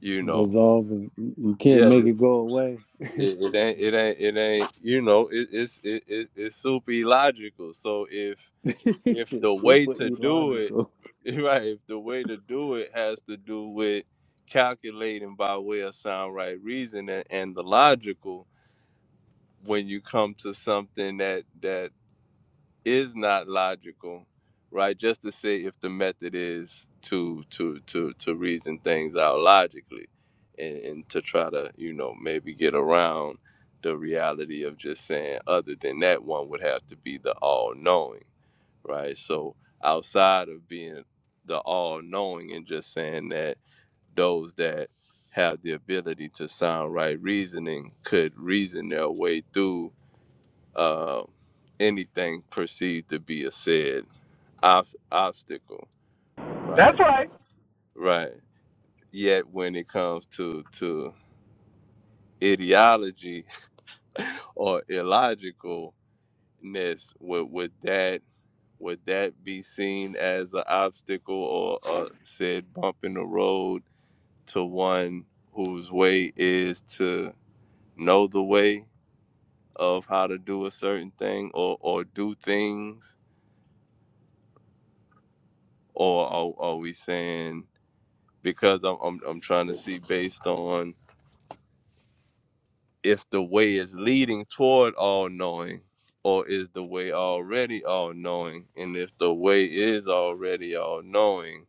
C: you know
A: Dissolving, you you can't
C: yeah
A: make it go away.
C: it, it ain't it ain't it ain't you know it, it's it, it it's super illogical. So if if
A: it's
C: the way
A: super
C: to do it
A: illogical.
C: right if the way to do it has to do with calculating by way of sound right reason and, and the logical when you come to something that that is not logical, right? Just to say if the method is to to to to reason things out logically, and, and to try to you know maybe get around the reality of just saying other than that one would have to be the all knowing, right? So outside of being the all knowing and just saying that those that have the ability to sound right reasoning could reason their way through uh, anything perceived to be a said ob- obstacle,
G: That's
C: Right.
G: right.
C: right? Yet when it comes to to ideology or illogicalness, would would that would that be seen as an obstacle or a said bump in the road to one whose way is to know the way of how to do a certain thing or or do things, or are, are we saying? because I'm, I'm I'm trying to see based on if the way is leading toward all knowing or is the way already all knowing and if the way is already all knowing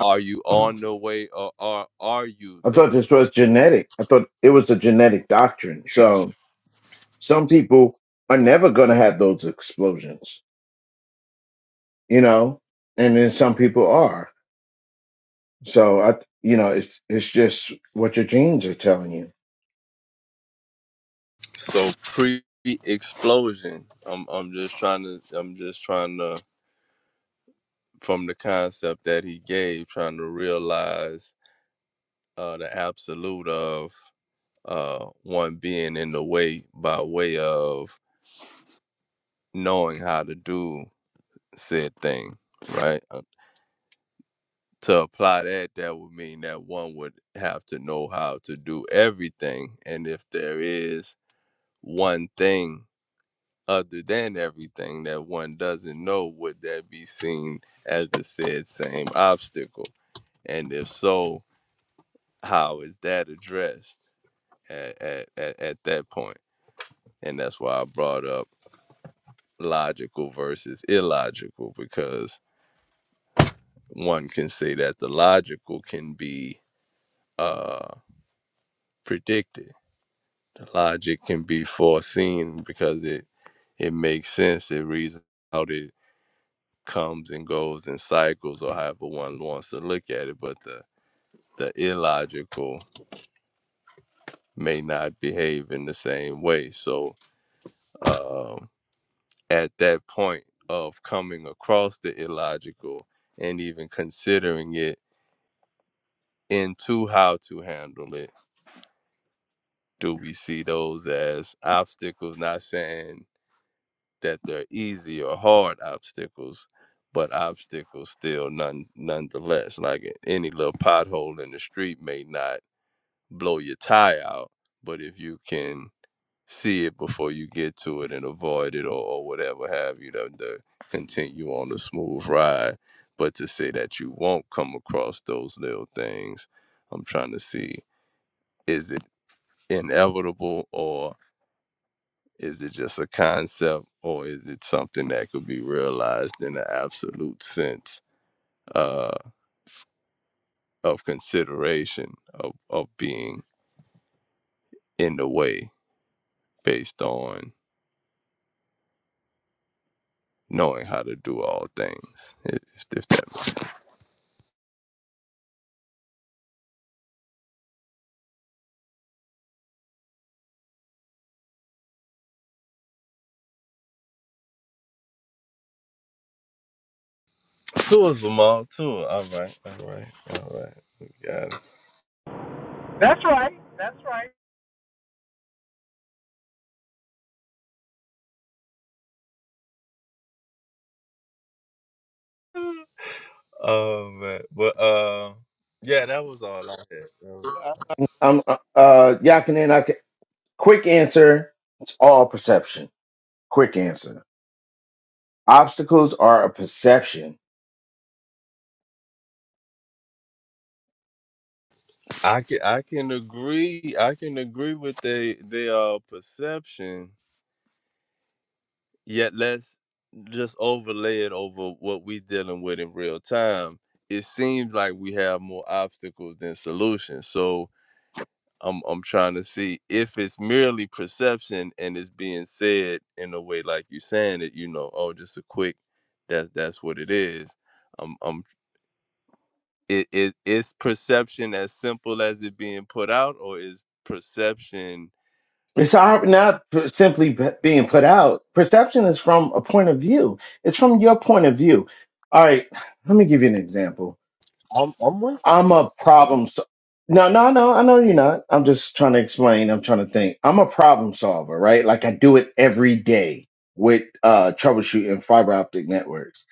C: are you on
D: I
C: the way or are are you the
D: thought
C: way
D: this was genetic. I thought it was a genetic doctrine. So some people are never going to have those explosions, you know, and then some people are. So I, you know, it's it's just what your genes are telling you.
C: so pre explosion I'm I'm just trying to I'm just trying to from the concept that he gave trying to realize uh the absolute of uh one being in the way by way of knowing how to do said thing, right? Uh, To apply that, that would mean that one would have to know how to do everything. And if there is one thing other than everything that one doesn't know, would that be seen as the said same obstacle? And if so, how is that addressed at, at, at, at that point? And that's why I brought up logical versus illogical because one can say that the logical can be uh, predicted. The logic can be foreseen because it it makes sense. It reasons out it comes and goes in cycles, or however one wants to look at it. But the the illogical may not behave in the same way. So um, at that point of coming across the illogical and even considering it into how to handle it do we see those as obstacles? Not saying that they're easy or hard obstacles, but obstacles still none nonetheless. Like any little pothole in the street may not blow your tie out, but if you can see it before you get to it and avoid it or, or whatever have you to, to continue on the smooth ride. But to say that you won't come across those little things, I'm trying to see is it inevitable or Is it just a concept or is it something that could be realized in the absolute sense uh, of consideration of, of being in the way based on knowing how to do all things? If, if that makes sense. Two is them all too. All right, all right, all right. We got it.
G: That's right. That's right.
C: Oh man, but uh, yeah, that was all I had. That
D: I'm uh, uh, Yakinen, I Quick answer it's all perception. Quick answer. Obstacles are a perception.
C: I can I can agree I can agree with they their uh, perception. Yet let's just overlay it over what we dealing with in real time. It seems like we have more obstacles than solutions. So I'm I'm trying to see if it's merely perception and it's being said in a way like you saying it. You know, oh, just a quick. That's that's what it is. Um, um, it, it is perception as simple as it being put out, or is perception
D: It's our- not p- simply p- being put out. Perception is from a point of view, it's from your point of view. All right, let me give you an example.
C: I'm, I'm with
D: I'm a problem. So- no, no, no, I know you're not. I'm just trying to explain. I'm trying to think. I'm a problem solver, right? Like I do it every day with uh, troubleshooting fiber optic networks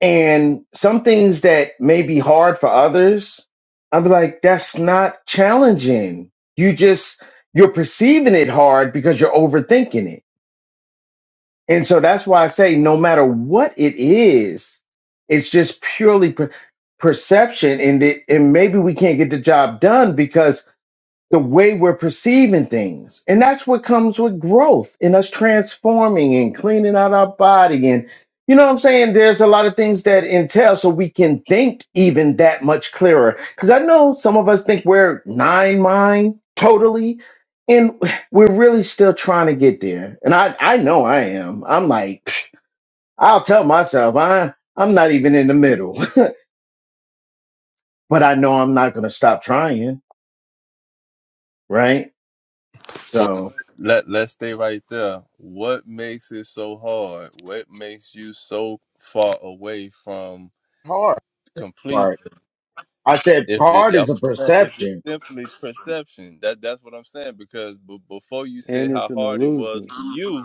D: And some things that may be hard for others, I'm like, that's not challenging. You just, you're perceiving it hard because you're overthinking it. And so that's why I say, no matter what it is, it's just purely per- perception. And, it, and maybe we can't get the job done because the way we're perceiving things. And that's what comes with growth and us transforming and cleaning out our body. And you know what I'm saying? There's a lot of things that entail so we can think even that much clearer. Because I know some of us think we're nine mind totally. And we're really still trying to get there. And I, I know I am. I'm like, psh, I'll tell myself I, I'm not even in the middle, but I know I'm not going to stop trying. Right.
C: Well,
D: So
C: let let's stay right there. What makes it so hard? What makes you so far away from complete?
D: Hard. I said
C: If it,
D: hard is
C: I'm
D: a
C: just saying, if it's
D: perception.
C: simply perception, that that's what I'm saying. Because b- before you said
A: And
C: how
A: it's an
C: hard it was
A: illusion.
C: for you,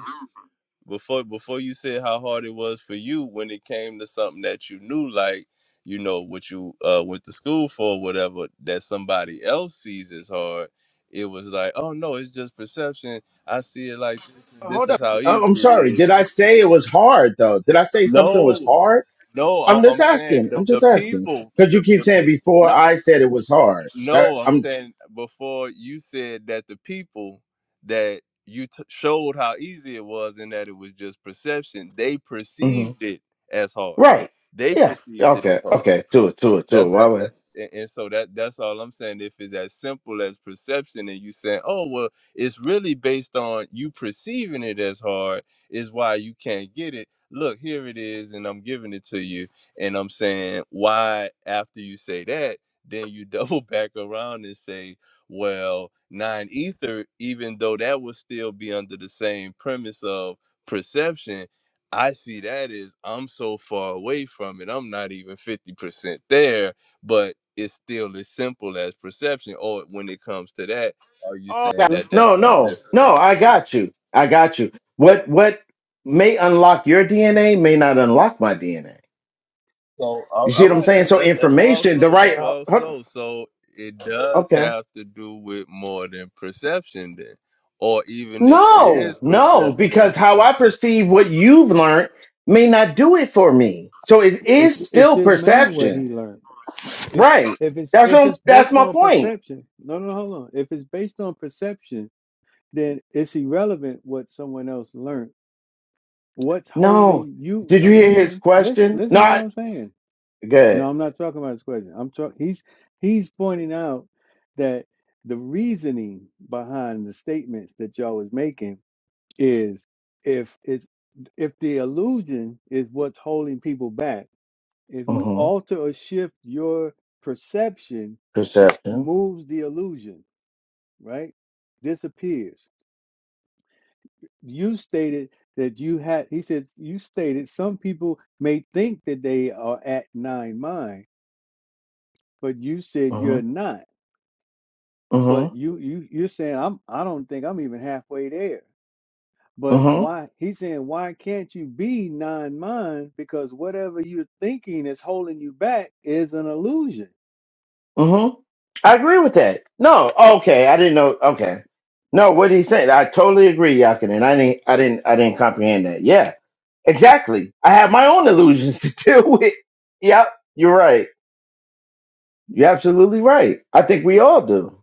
C: before before you said how hard it was for you when it came to something that you knew like you know what you uh went to school for or whatever that somebody else sees as hard it was like oh no it's just perception i see it like this, and this
D: Hold
C: is
D: up.
C: how
D: I-
C: easy
D: I'm
C: it
D: sorry. Did
C: is
D: I say it was hard though? Did I say something was
C: no
D: hard?
C: no
D: I'm
C: I-
D: just
C: i'm saying
D: asking.
C: the
D: I'm
C: the
D: just asking.
C: people
D: Cause you
C: the
D: keep
C: the
D: saying
C: people
D: before I said it was hard. That
C: No, I'm
D: I'm
C: saying before you said that the people that you t- showed how easy it was and that it was just perception, they
D: mhm.
C: perceived it as hard.
D: right.
C: They
D: Yeah.
C: perceived it as
D: Okay.
C: hard.
D: Okay. To it. To it. To it.
C: That's
D: Why
C: that's that.
D: would
C: And, and so that that's all I'm saying. If it's as simple as perception, and you saying, "Oh well, it's really based on you perceiving it as hard," is why you can't get it. Look, here it is, and I'm giving it to you, and I'm saying why after you say that, then you double back around and say, "Well, nine ether, even though that would still be under the same premise of perception." I see that as I'm so far away from it. I'm not even 50% there, but it's still as simple as perception. Or when it comes to that, are you
D: Oh,
C: saying that that's
D: no,
C: something
D: no,
C: different?
D: no. I got you. I got you. What what may unlock your DNA may not unlock my DNA.
C: So,
D: You
C: all
D: see
C: all
D: what I'm
C: right,
D: saying?
C: let,
D: So
C: let, let's walk
D: information, the
C: slow. Let's
D: right.
C: walk slow. So, it does
D: Okay.
C: have to do with more than perception, then. Or even if it
D: No,
C: is
D: no,
C: perception,
D: because how I perceive what you've learned may not do it for me. So it
A: It
D: is
A: it
D: still
A: shouldn't matter what he
D: perception.
A: learned. It's
D: Right.
A: if it's
D: That's what
A: if
D: I'm,
A: it's
D: that's
A: based
D: my
A: on
D: point.
A: perception. No, no, hold on. If it's based on perception, then it's irrelevant what someone else learned. What's
D: No.
A: holding you?
D: Did
A: No,
D: you hear his
A: listen, listen,
D: question?
A: listen. To What
D: Not
A: I'm saying. No,
D: good.
A: I'm not talking about this question. I'm talking. He's he's pointing out that the reasoning behind the statements that y'all was making is if it's if the illusion is what's holding people back if you
D: Mm-hmm.
A: alter or shift your perception, m-
D: Perception.
A: moves the illusion, right? Disappears. You stated that you had, he said, you stated some people may think that they are at nine mind, but you said
D: Mm-hmm.
A: you're not. But
D: Mm-hmm.
A: you you you're saying I'm I don't think I'm even halfway there. But
D: Mm-hmm.
A: why he's saying why can't you be nine mind? Because whatever you're thinking is holding you back is an illusion.
D: Mm-hmm. I agree with that. No. Okay. I didn't know. Okay. No, what he said. I totally agree, Yakin, and I didn't I didn't I didn't comprehend that. Yeah. Exactly. I have my own illusions to deal with. Yep, you're right. You're absolutely right. I think we all do.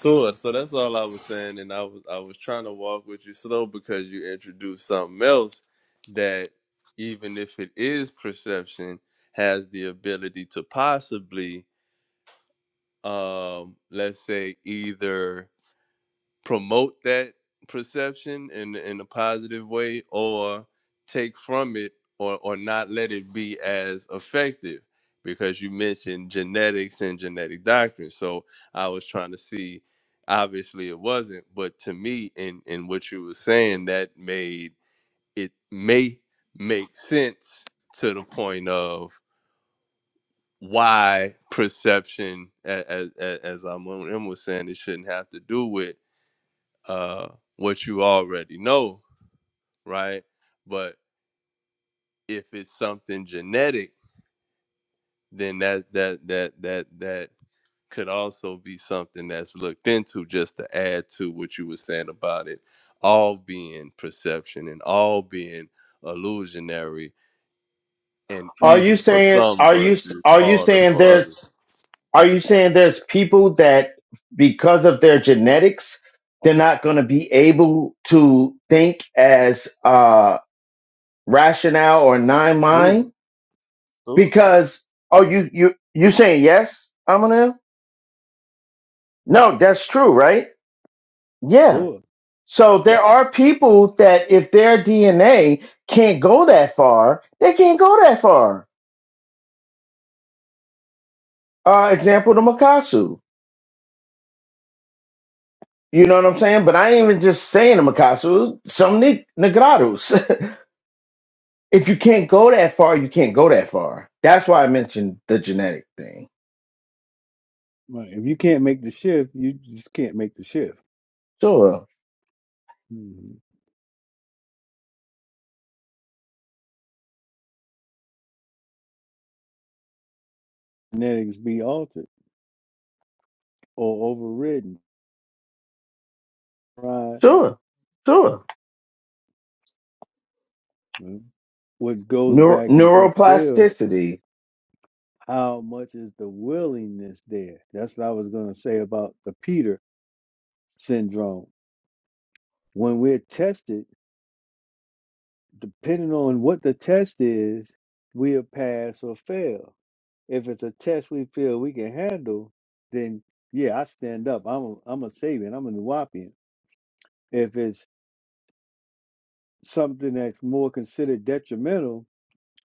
C: Sure. So that's all I was saying, and I was I was trying to walk with you slow because you introduced something else that even if it is perception, has the ability to possibly, um, let's say, either promote that perception in in a positive way or take from it or or not let it be as effective because you mentioned genetics and genetic doctrine so i was trying to see obviously it wasn't but to me in in what you were saying that made it may make sense to the point of why perception as as, as i'm was saying it shouldn't have to do with uh, what you already know, right? But if it's something genetic, then that that that that that could also be something that's looked into just to add to what you were saying about it all being perception and all being illusionary and
D: Are you
C: easy for
D: saying
C: some
D: are you
C: versus
D: are you
C: harder
D: saying
C: for
D: there's
C: others.
D: are you saying there's people that because of their genetics they're not going to be able to think as uh rationale or nine
A: Tour,
D: mind
C: So,
D: because oh you you you saying yes, Amanel? No, that's true, right? Yeah.
A: tour.
D: So there are people that if their DNA can't go that far, they can't go that far. Uh, example, the Makasu. You know what I'm saying? But I ain't even just saying the Makasu, some Nig- Negrados. if you can't go that far, you can't go that far. That's why I mentioned the genetic thing.
A: Right. If you can't make the shift, you just can't make the shift.
D: Sure,
A: Mhm. Genetics be altered or overridden. Right.
D: sure, sure.
A: Mhm. What goes
D: Neur-
A: back into still
D: neuroplasticity.
A: how much is the willingness there? That's what I was going to say about the Peter syndrome. When we're tested, depending on what the test is, we'll pass or fail. If it's a test we feel we can handle, then yeah, I stand up. I'm a, I'm a Sabian. I'm a Nuwapian. If it's something that's more considered detrimental.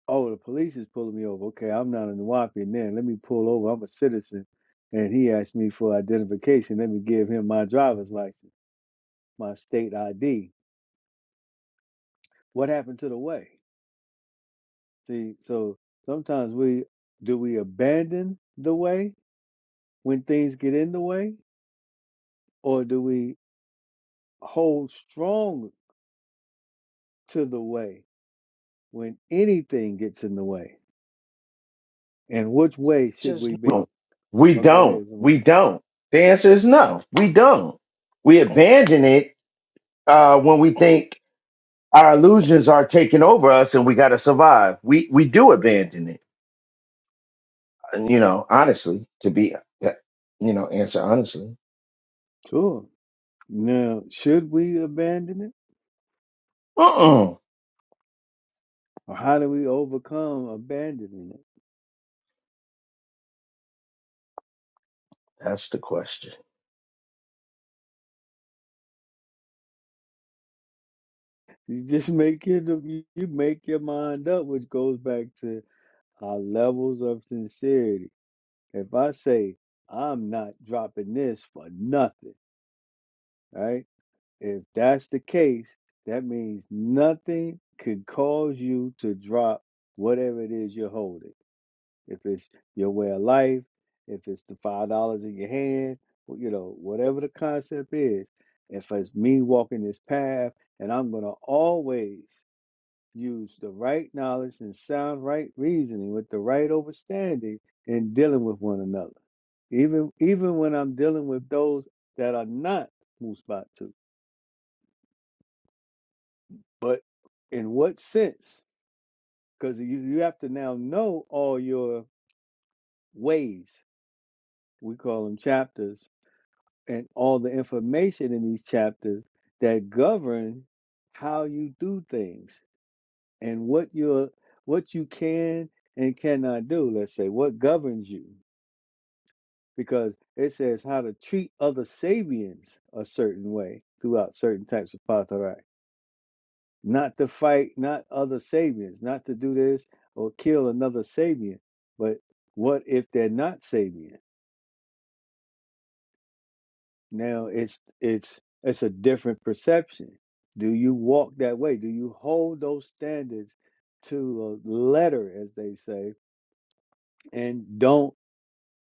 A: Oh, the police is pulling me over. Okay, I'm not a Nuwapian then. Let me pull over. I'm a citizen. And he asked me for identification. Let me give him my driver's license, my state ID. What happened to the way? See, so sometimes we do we abandon the way when things get in the way, or do we hold strong to the way when anything gets in the way? And which way should
D: Just
A: we
D: We
A: be?
D: don't. We
A: Oh, go
D: don't.
A: ahead,
D: We
A: Zamar.
D: don't. The answer is no. We don't. We abandon it uh, when we think our illusions are taking over us and we got to survive. We we do abandon it, and, you know, honestly, to be, you know, answer honestly.
A: Sure. Now, should we abandon it,
D: Mm-mm.
A: or how do we overcome abandoning it?
D: That's the question.
A: You just make your you you make your mind up, which goes back to our levels of sincerity. If I say I'm not dropping this for nothing, right? If that's the case, that means nothing could cause you to drop whatever it is you're holding if it's your way of life, if it's the five dollars in your hand, wh- you know, whatever the concept is, if it's me walking this path and I'm gonna always use the right knowledge and sound right reasoning with the right understanding in dealing with one another. Even even when I'm dealing with those that are not Musbatu. But in what sense? Because you, you have to now know all your ways. We call them chapters and all the information in these chapters that govern how you do things and what you're what you can and cannot do let's say what governs you because it says how to treat other sabians a certain way throughout certain types of patharai not to fight not other sabians not to do this or kill another sabian but what if they're not sabian Now it's it's it's a different perception. Do you walk that way? Do you hold those standards to the letter, as they say, and don't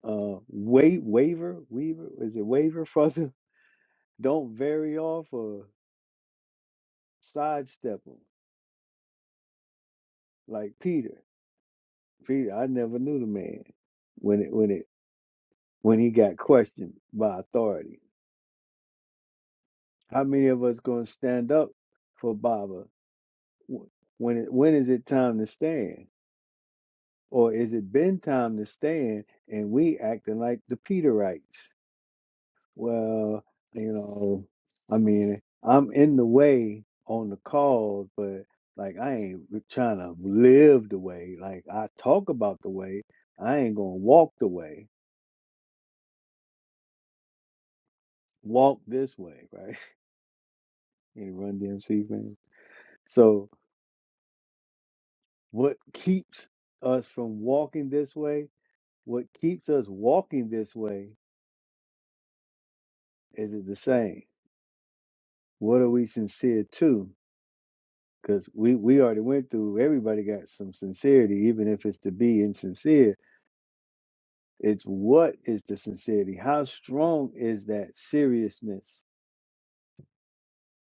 A: uh wait waver weaver is it waver fussing? Don't vary off or sidestep them like Peter. Peter, I never knew the man when it when it when he got questioned by authority. How many of us gonna stand up for Baba? Wh- When it, when is it time to stand? Or is it been time to stand and we acting like the Peterites? Well, you know, I mean, I'm in the way on the cause, but like I ain't trying to live the way. Like I talk about the way, I ain't gonna walk the way. Walk this way, right? Any Run DMC fan. So what keeps us from walking this way? What keeps us walking this way? Is it the same? What are we sincere to? because we we already went through everybody got some sincerity even if it's to be insincere it's what is the sincerity how strong is that seriousness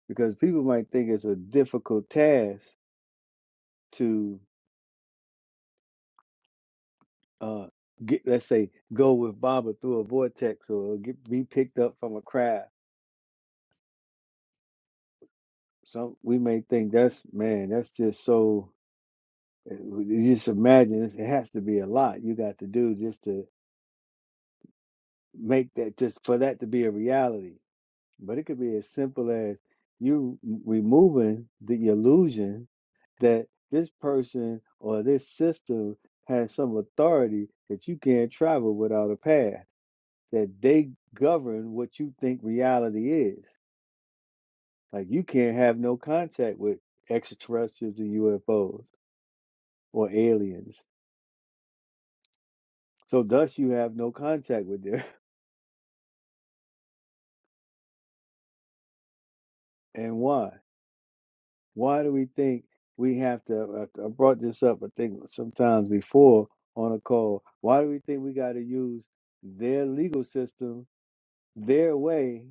A: because people might think it's a difficult task to uh get let's say go with baba through a vortex or get be picked up from a crowd some we may think that's man that's just so you just imagine it has to be a lot you got to do just to make that just for that to be a reality But it could be as simple as you m- removing the illusion that this person or this system has some authority that you can't travel without a path, that they govern what you think reality is. Like you can't have no contact with extraterrestrials and UFOs or aliens. So thus you have no contact with them. And why? Why do we think we have to? I I brought this up, I think, sometimes before on a call. Why do we think we got to use their legal system, their way,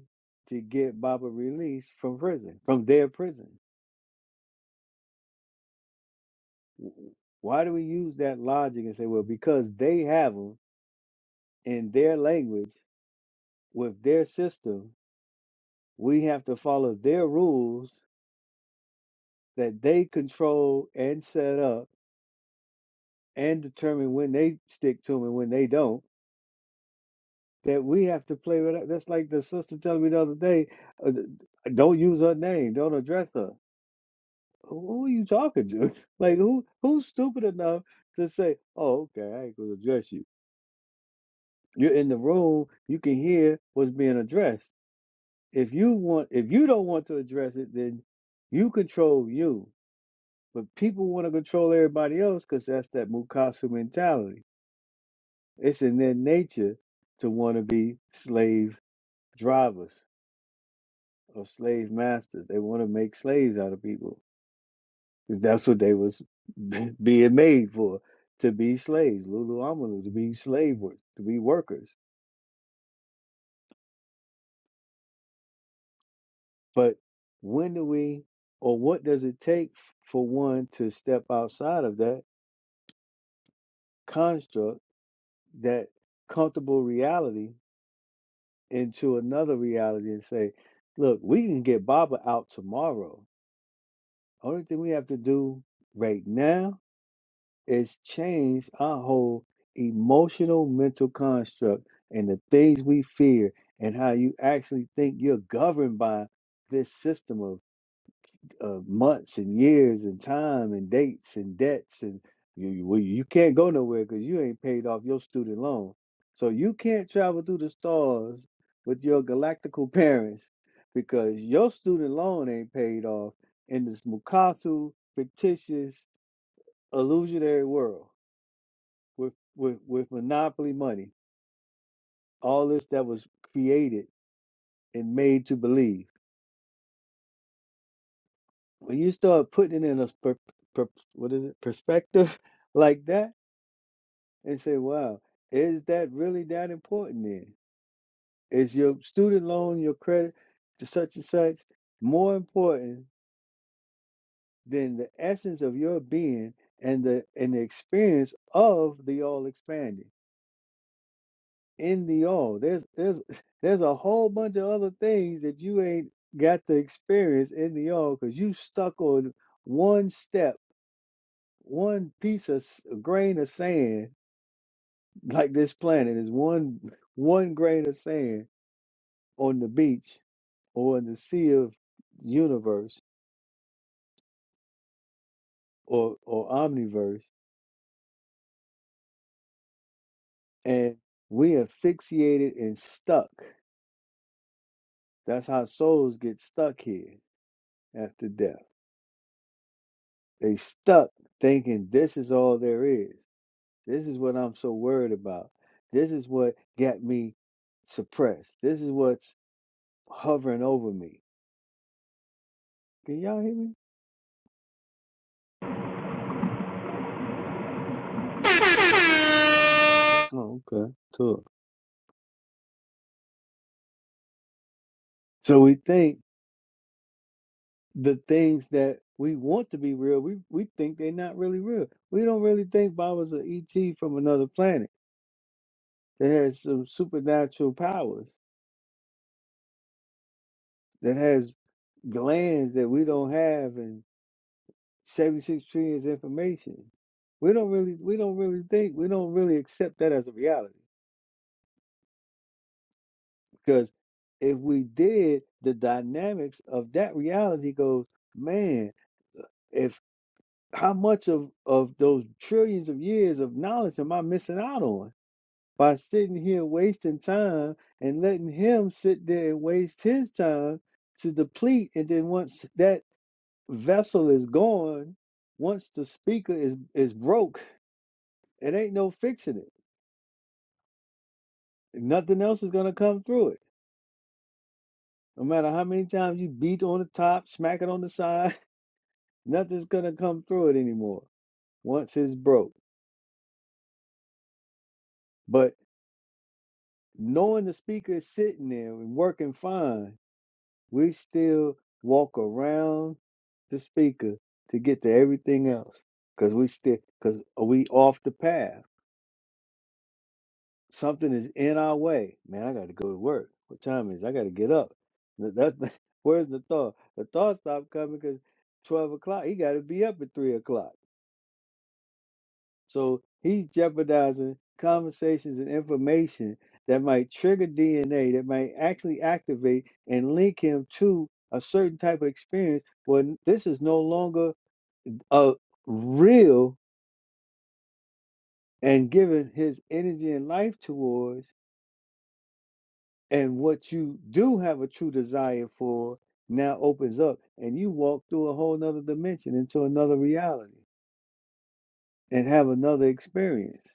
A: to get Baba released from prison, from their prison? W- Why do we use that logic and say, well, because they have them in their language with their system, we have to follow their rules that they control and set up and determine when they stick to to 'em and when they don't that we have to play with. That's like the sister telling me the other day, uh, don't use her name, don't address her. Who who are you talking to? Like who who's stupid enough to say, "Oh, okay, I ain't gonna address you." You're in the room, you can hear what's being addressed. If you want, if you don't want to address it, then you control you. But people want to control everybody else because that's that Mukasa mentality. It's in their nature to want to be slave drivers of slave masters. They want to make slaves out of people, cause that's what they was being made for to be slaves, lulu amalu, to be slave work, to be workers. But when do we, or what does it take for one to step outside of that construct, that comfortable reality, into another reality and say, look, we can get Baba out tomorrow. Only thing we have to do right now It's changed our whole emotional mental construct and the things we fear and how you actually think you're governed by this system of, of months and years and time and dates and debts and you you, well, you can't go nowhere because you ain't paid off your student loan so you can't travel through the stars with your galactical parents because your student loan ain't paid off in this Mukasu fictitious illusionary world with with with monopoly money, all this that was created and made to believe. When you start putting it in a per, per, what is it perspective like that, and say, "Wow, is that really that important?" Then is your student loan, your credit to such and such, more important than the essence of your being and the and the experience of the all expanding? In the all, There's there's there's a whole bunch of other things that you ain't got to experience in the all because you stuck on one step, one piece of s- grain of sand. Like this planet is one one grain of sand on the beach or in the sea of universe or or omniverse, and we are fixated and stuck. That's how souls get stuck here after death. They stuck thinking this is all there is. This is what I'm so worried about. This is what got me suppressed. This is what's hovering over me. Can y'all hear me? Oh, okay. Cool. So we think the things that we want to be real, we, we think they're not really real. We don't really think Baba's an ET from another planet that has some supernatural powers, that has glands that we don't have and. 76 trillion is information. We don't really we don't really think we don't really accept that as a reality because if we did the dynamics of that reality goes, man, if how much of of those trillions of years of knowledge am I missing out on by sitting here wasting time and letting him sit there and waste his time to deplete and then once that vessel is gone, once the speaker is is broke, it ain't no fixing it Nothing else is gonna come through it. No matter how many times you beat on the top, smack it on the side, nothing's gonna come through it anymore once it's broke. But knowing the speaker is sitting there and working fine, we still walk around the speaker to get to everything else because we still because we off the path something is in our way. Man, I got to go to work. What time is? it? I got to get up. Th- That's the, where's the thought? The thought stopped coming because twelve o'clock. He got to be up at three o'clock. So he's jeopardizing conversations and information that might trigger DNA that might actually activate and link him to a certain type of experience when this is no longer a real and giving his energy and life towards And what you do have a true desire for now opens up, and you walk through a whole nother dimension into another reality and have another experience.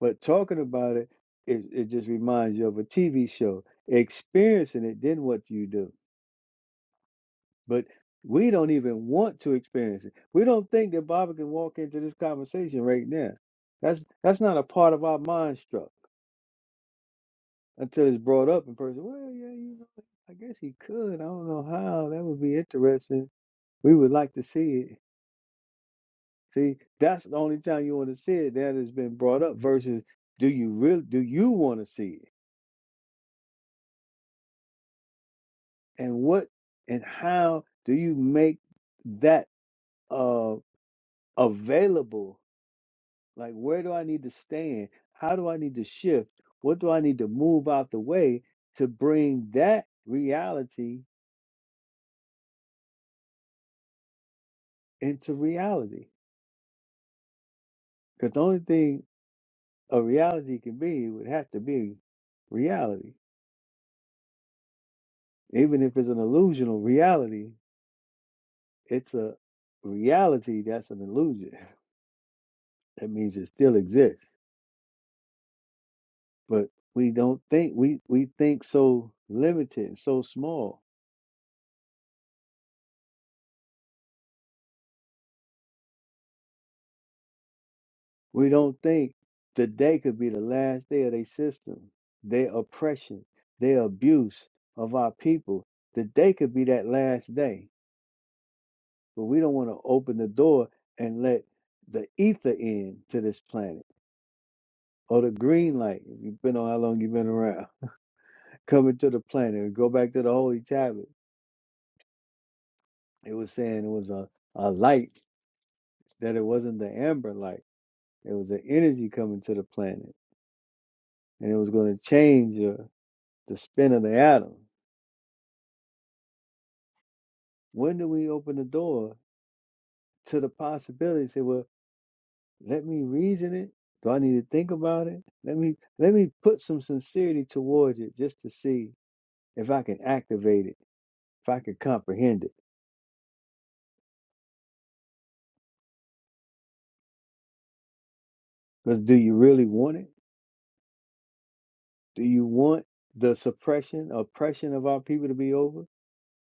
A: But talking about it, it, it just reminds you of a TV show. Experiencing it, then what do you do? But we don't even want to experience it. We don't think that Bobby can walk into this conversation right now. That's that's not a part of our mind structure. Until it's brought up in person, well, yeah, you know, I guess he could. I don't know how. That would be interesting. We would like to see it. See, that's the only time you want to see it that has been brought up versus do you really do you want to see it? And what and how do you make that uh available? Like where do I need to stand? How do I need to shift? What do I need to move out the way to bring that reality into reality? Because the only thing a reality can be, it would have to be reality. Even if it's an illusional reality, it's a reality that's an illusion. That means it still exists. But we don't think we we think so limited and so small. We don't think the day could be the last day of their system, their oppression, their abuse of our people. The day could be that last day. But we don't want to open the door and let the ether in to this planet or the green light, if you've been on how long you've been around, coming to the planet. Go back to the holy tablet. It was saying it was a, a light, that it wasn't the amber light. It was the energy coming to the planet. And it was going to change uh, the spin of the atom. When do we open the door to the possibility? Say, well, let me reason it. Do I need to think about it? Let me let me put some sincerity towards it just to see if I can activate it, if I can comprehend it. Because do you really want it? Do you want the suppression, oppression of our people to be over?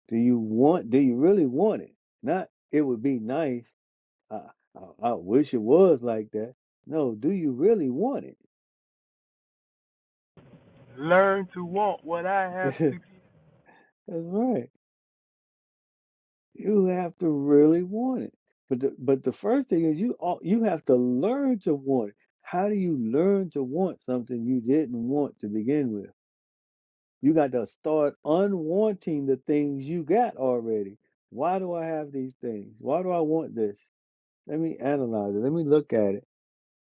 A: Do you want, do you really want it? Not, it would be nice. I, I, I wish it was like that. No, do you really want it?
G: Learn to want what I have to
A: That's
G: give.
A: right. You have to really want it. But the, but the first thing is you all, you have to learn to want it. How do you learn to want something you didn't want to begin with? You got to start unwanting the things you got already. Why do I have these things? Why do I want this? Let me analyze it. Let me look at it.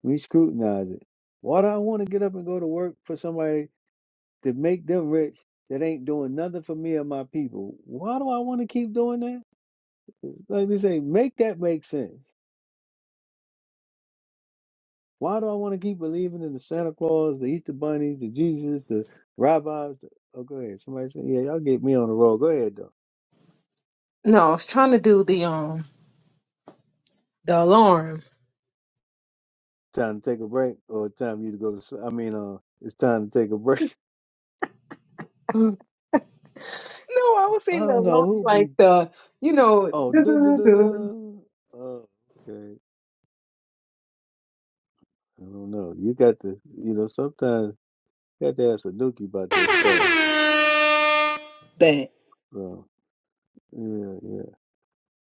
A: Let me scrutinize it. Why do I want to get up and go to work for somebody to make them rich that ain't doing nothing for me or my people? Why do I want to keep doing that? Like they say, make that make sense. Why do I want to keep believing in the Santa Claus, the Easter bunnies, the Jesus, the rabbis? The... Oh, go ahead. Somebody say, yeah, y'all get me on the road. Go ahead, though.
H: No, I was trying to do the um the alarm.
A: Time to take a break, or it's time you to go to. sleep. I mean, uh, it's time to take a break. I
H: No, I was saying the
A: don't
H: alarm
A: know who
H: like
A: be.
H: the you know
A: Oh, dun dun dun dun. Oh, okay. I don't know. You got to, you know, sometimes you got to ask a nookie about this stuff.
H: that.
A: So, yeah, yeah.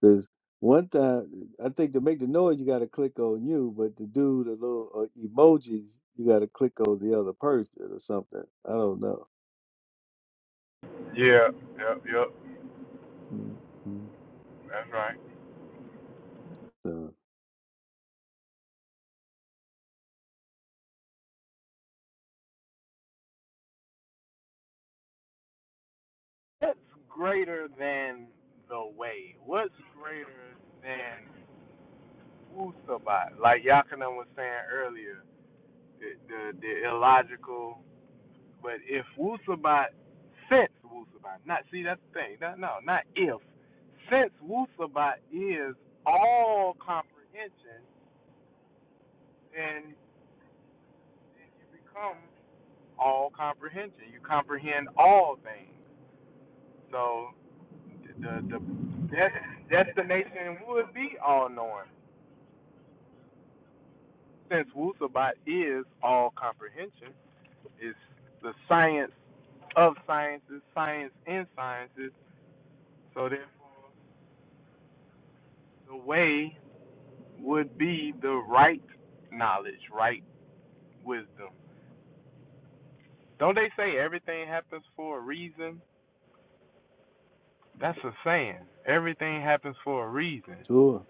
A: Because one time, I think to make the noise, you got to click on you, but to do the little uh, emojis, you got to click on the other person or something. I don't know.
G: Yeah, yep, yep.
A: mm mm.
G: That's right.
A: So,
G: What's greater than the way? What's greater than Wusabat? Like Yakana was saying earlier, the, the, the illogical. But if Wusabat, since Wusabat, not, see, that's the thing. Not, no, not if. Since Wusabat is all comprehension, then, then you become all comprehension. You comprehend all things. So the the des- destination would be all knowing, since Wusabat is all comprehension. It's the science of sciences, science in sciences. So therefore, the way would be the right knowledge, right wisdom. Don't they say everything happens for a reason? That's a saying. Everything happens for a reason.
A: sure.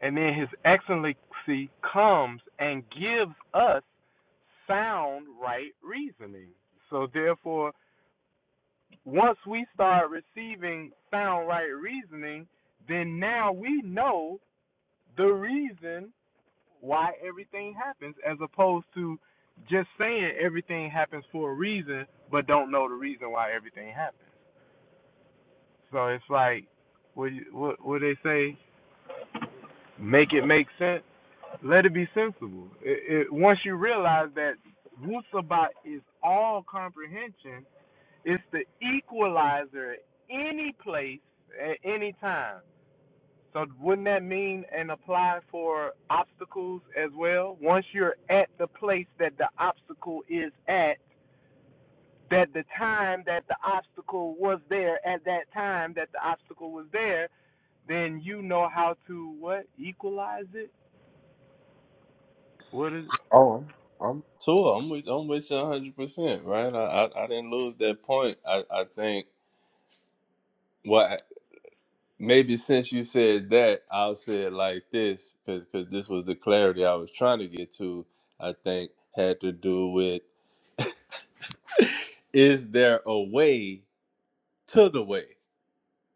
G: And then His Excellency comes and gives us sound right reasoning. So, therefore, once we start receiving sound right reasoning, then now we know the reason why everything happens as opposed to just saying everything happens for a reason but don't know the reason why everything happens. So it's like what you- what what they say, make it make sense. Let it be sensible. It, it, once you realize that Wusabat is all comprehension, it's the equalizer at any place, at any time. So wouldn't that mean and apply for obstacles as well? Once you're at the place that the obstacle is at, that the time that the obstacle was there, at that time that the obstacle was there, then you know how to what? Equalize it? What is
C: oh, I'm, I'm too. I'm with I'm with you 100. percent Right? I, I I didn't lose that point. I I think what Maybe since you said that, I'll say it like this, because this was the clarity I was trying to get to. I think had to do with is there a way to the way?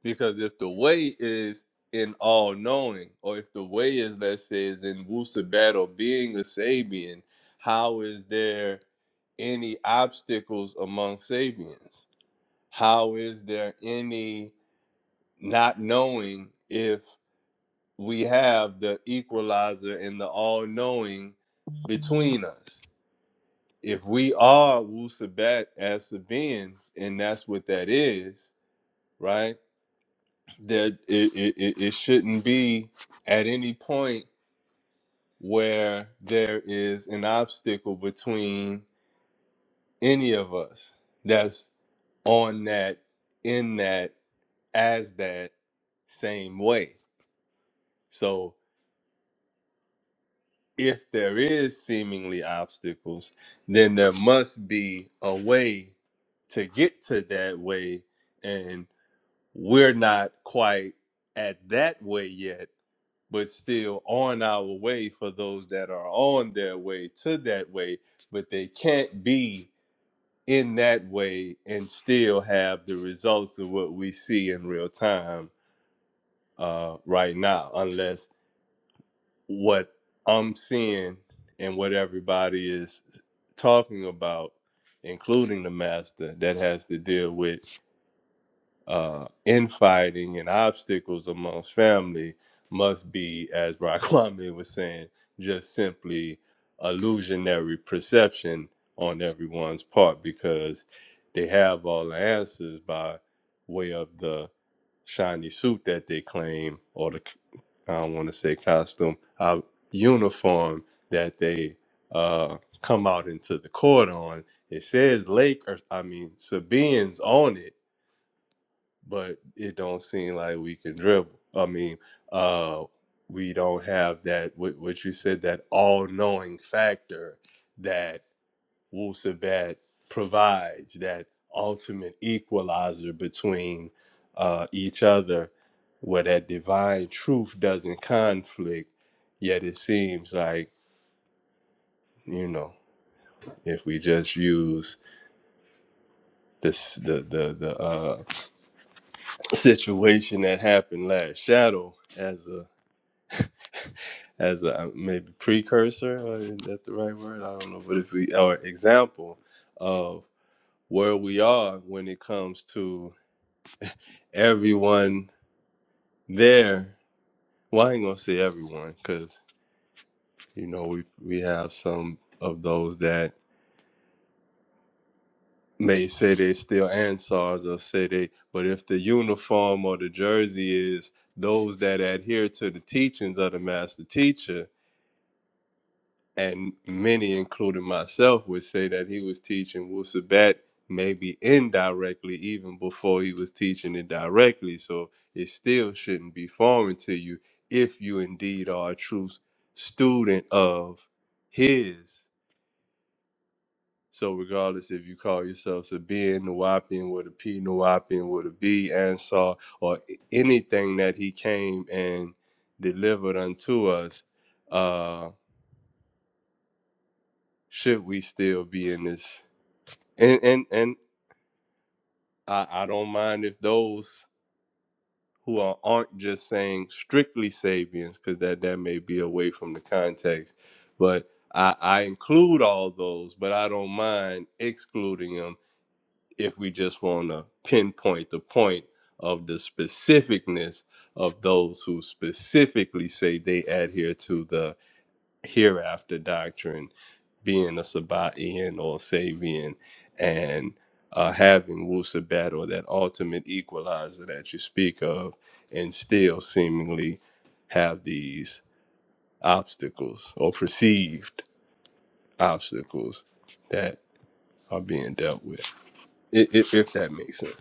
C: Because if the way is in all knowing, or if the way is, let's say, is in Wusabat or being a Sabian, how is there any obstacles among Sabians? How is there any not knowing if? we have the equalizer and the all knowing between us. If we are Wu Sabat as Sabians, and that's what that is, right? That it, it, it it shouldn't be at any point where there is an obstacle between any of us that's on that, in that, as that same way. So if there is seemingly obstacles, then there must be a way to get to that way. And we're not quite at that way yet, but still on our way for those that are on their way to that way, but they can't be in that way and still have the results of what we see in real time uh, right now, unless what I'm seeing and what everybody is talking about, including the master, that has to deal with uh, infighting and obstacles amongst family, must be, as Raquame was saying, just simply illusionary perception on everyone's part because they have all the answers by way of the shiny suit that they claim or the I don't want to say costume, uh, uniform that they uh, come out into the court on. It says Lake, or I mean Sabians on it, but it don't seem like we can dribble. I mean, uh, we don't have that. What, what you said that all-knowing factor that. Wu Sabat provides that ultimate equalizer between uh, each other, where that divine truth doesn't conflict. Yet it seems like you know, if we just use this the the the uh, situation that happened last shadow as a as a um, maybe precursor, or is that the right word? I don't know, but if we our example of where we are when it comes to everyone There, well, I ain't gonna say everyone, because you know we we have some of those that may say they still Ansars or say they, but if the uniform or the jersey is those that adhere to the teachings of the master teacher, and many, including myself, would say that he was teaching Wusabat maybe indirectly, even before he was teaching it directly. So it still shouldn't be foreign to you if you indeed are a true student of his. So regardless if you call yourself Sabian, Nawapian, with a P, Nawapian, with a B, Ansar, or anything that he came and delivered unto us, uh, should we still be in this? and and and I, I don't mind if those who are aren't just saying strictly Sabians, because that that may be away from the context, but I, I include all those, but I don't mind excluding them if we just want to pinpoint the point of the specificness of those who specifically say they adhere to the hereafter doctrine being a Sabaean or Sabian and uh, having Wu Sabat or that ultimate equalizer that you speak of, and still seemingly have these obstacles or perceived obstacles that are being dealt with, if, if, if that makes sense.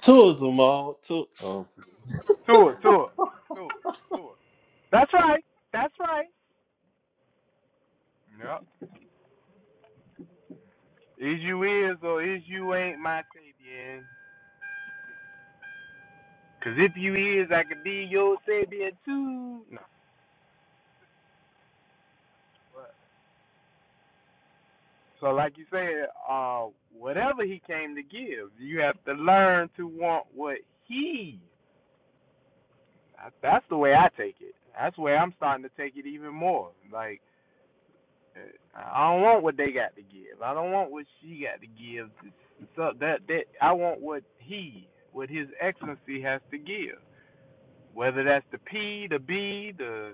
C: Tourism, all. To- um,
G: Tua, Tua. Tua, Tua. That's right. That's right. Yep. Is you is or is you ain't my Sabian? Cause if you is, I could be your Sabian too. No. So like you said, uh, whatever he came to give, you have to learn to want what he. That's the way I take it. That's the way I'm starting to take it even more. Like I don't want what they got to give. I don't want what she got to give. So that that I want what he, what his excellency has to give. Whether that's the P, the B, the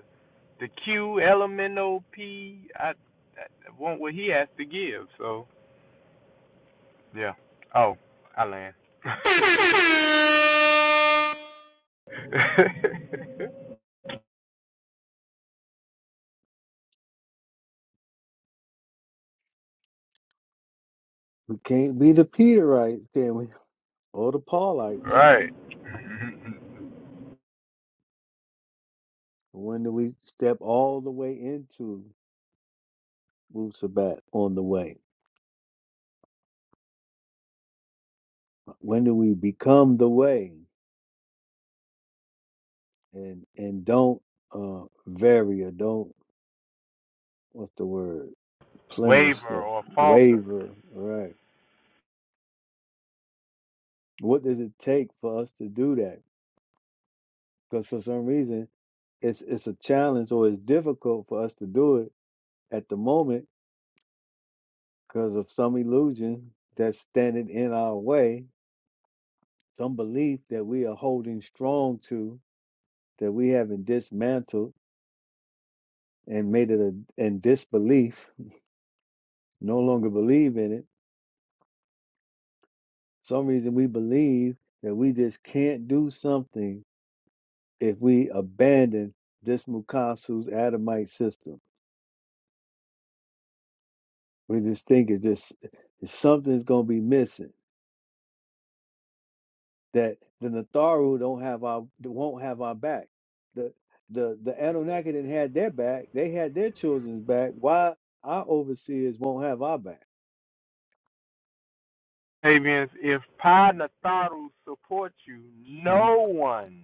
G: the Q, elemental P, I, I want what he has to give. So yeah. Oh, I land.
A: We can't be the Peterites, can we? or the Paulites,
G: right.
A: when do we step all the way into Wu Sabat on the way? When do we become the way and and don't uh, vary or don't what's the word plemish
G: Waver
A: or
G: or falter.
A: waver? Right. What does it take for us to do that? Because for some reason it's it's a challenge or it's difficult for us to do it at the moment because of some illusion that's standing in our way, some belief that we are holding strong to that we haven't dismantled and made it a in disbelief, no longer believe in it. For Some reason we believe that we just can't do something if we abandon this Mukasu's Adamite system. We just think it's just it's something's gonna be missing. That the Natharu don't have our won't have our back. The the the Anunnaki didn't have their back. They had their children's back. Why our overseers won't have our back?
G: Fabians, if Panatharu supports you,
A: Mm-hmm.
G: no one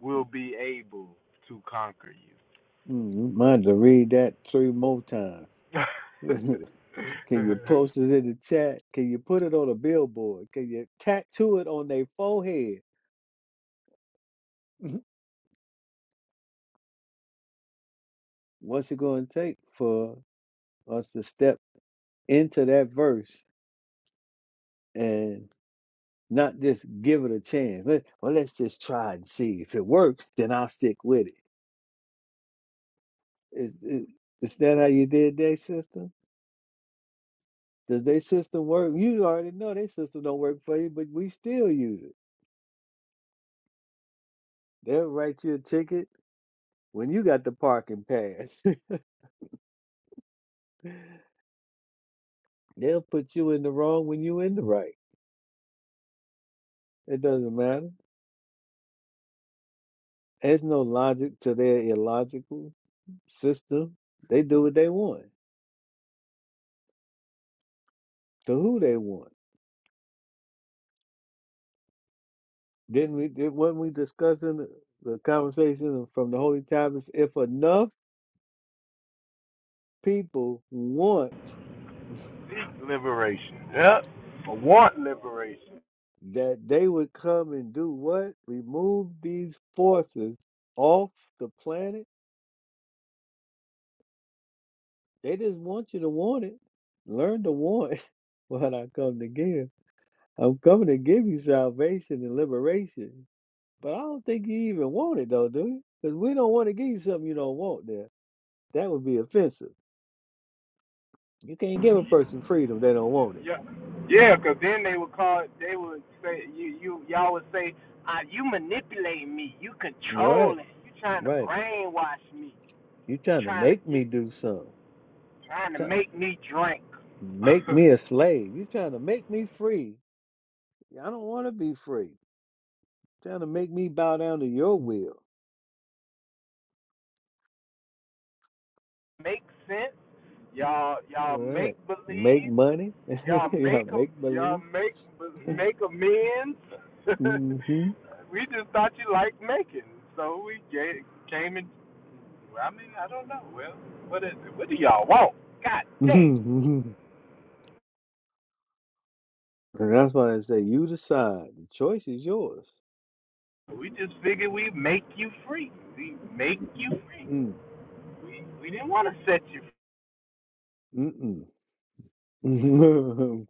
G: will be able to conquer
A: Mm, Mind to read that three more times.
G: you.
A: Can you post it in the chat? Can you put it on a billboard? Can you tattoo it on their forehead? What's it going to take for us to step into that verse and not just give it a chance? Let, well, let's just try and see. If it works, then I'll stick with it. Is, is, is that how you did that system? Does their system work? You already know their system don't work for you, but we still use it. They'll write you a ticket When you got the parking pass, they'll put you in the wrong when you in the right. It doesn't matter. There's no logic to their illogical system. They do what they want to who they want. Didn't we? Did, wasn't we discussing the, the conversation from the Holy Tablets? If enough people want
G: Seek liberation. Yep. Or want liberation.
A: that, they would come and do what? Remove these forces off the planet. They just want you to want it. Learn to want what I come to give. I'm coming to give you salvation and liberation. But I don't think you even want it though, do you? Because we don't want to give you something you don't want there. That would be offensive. You can't give a person freedom they don't want it.
G: Yeah. Yeah, because then they would call it, they would say, you, you, y'all would say, uh, you manipulating me. You
A: Right,
G: controlling. You trying to
A: right.
G: brainwash me.
A: You're trying to
G: Trying to
A: make me
G: get,
A: do something.
G: trying to
A: Trying to
G: make me drink.
A: make me a slave. You're trying to make me free. I don't want to be free. trying to make me bow down to your will.
G: make sense. Y'all, y'all
A: All
G: make
A: right. Make
G: believe.
A: money.
G: y'all
A: yeah,
G: make 'em
A: make
G: y'all
A: believe.
G: make make amends. we just thought you liked making, so we gave, came in. I mean, I don't know. Well, what is it? What do y'all want? God dang!
A: hmm And that's why I say you decide. The choice is yours.
G: We just figured we make you free. We make you free.
A: Mm,
G: We we didn't want to set you free.
A: mm-mm.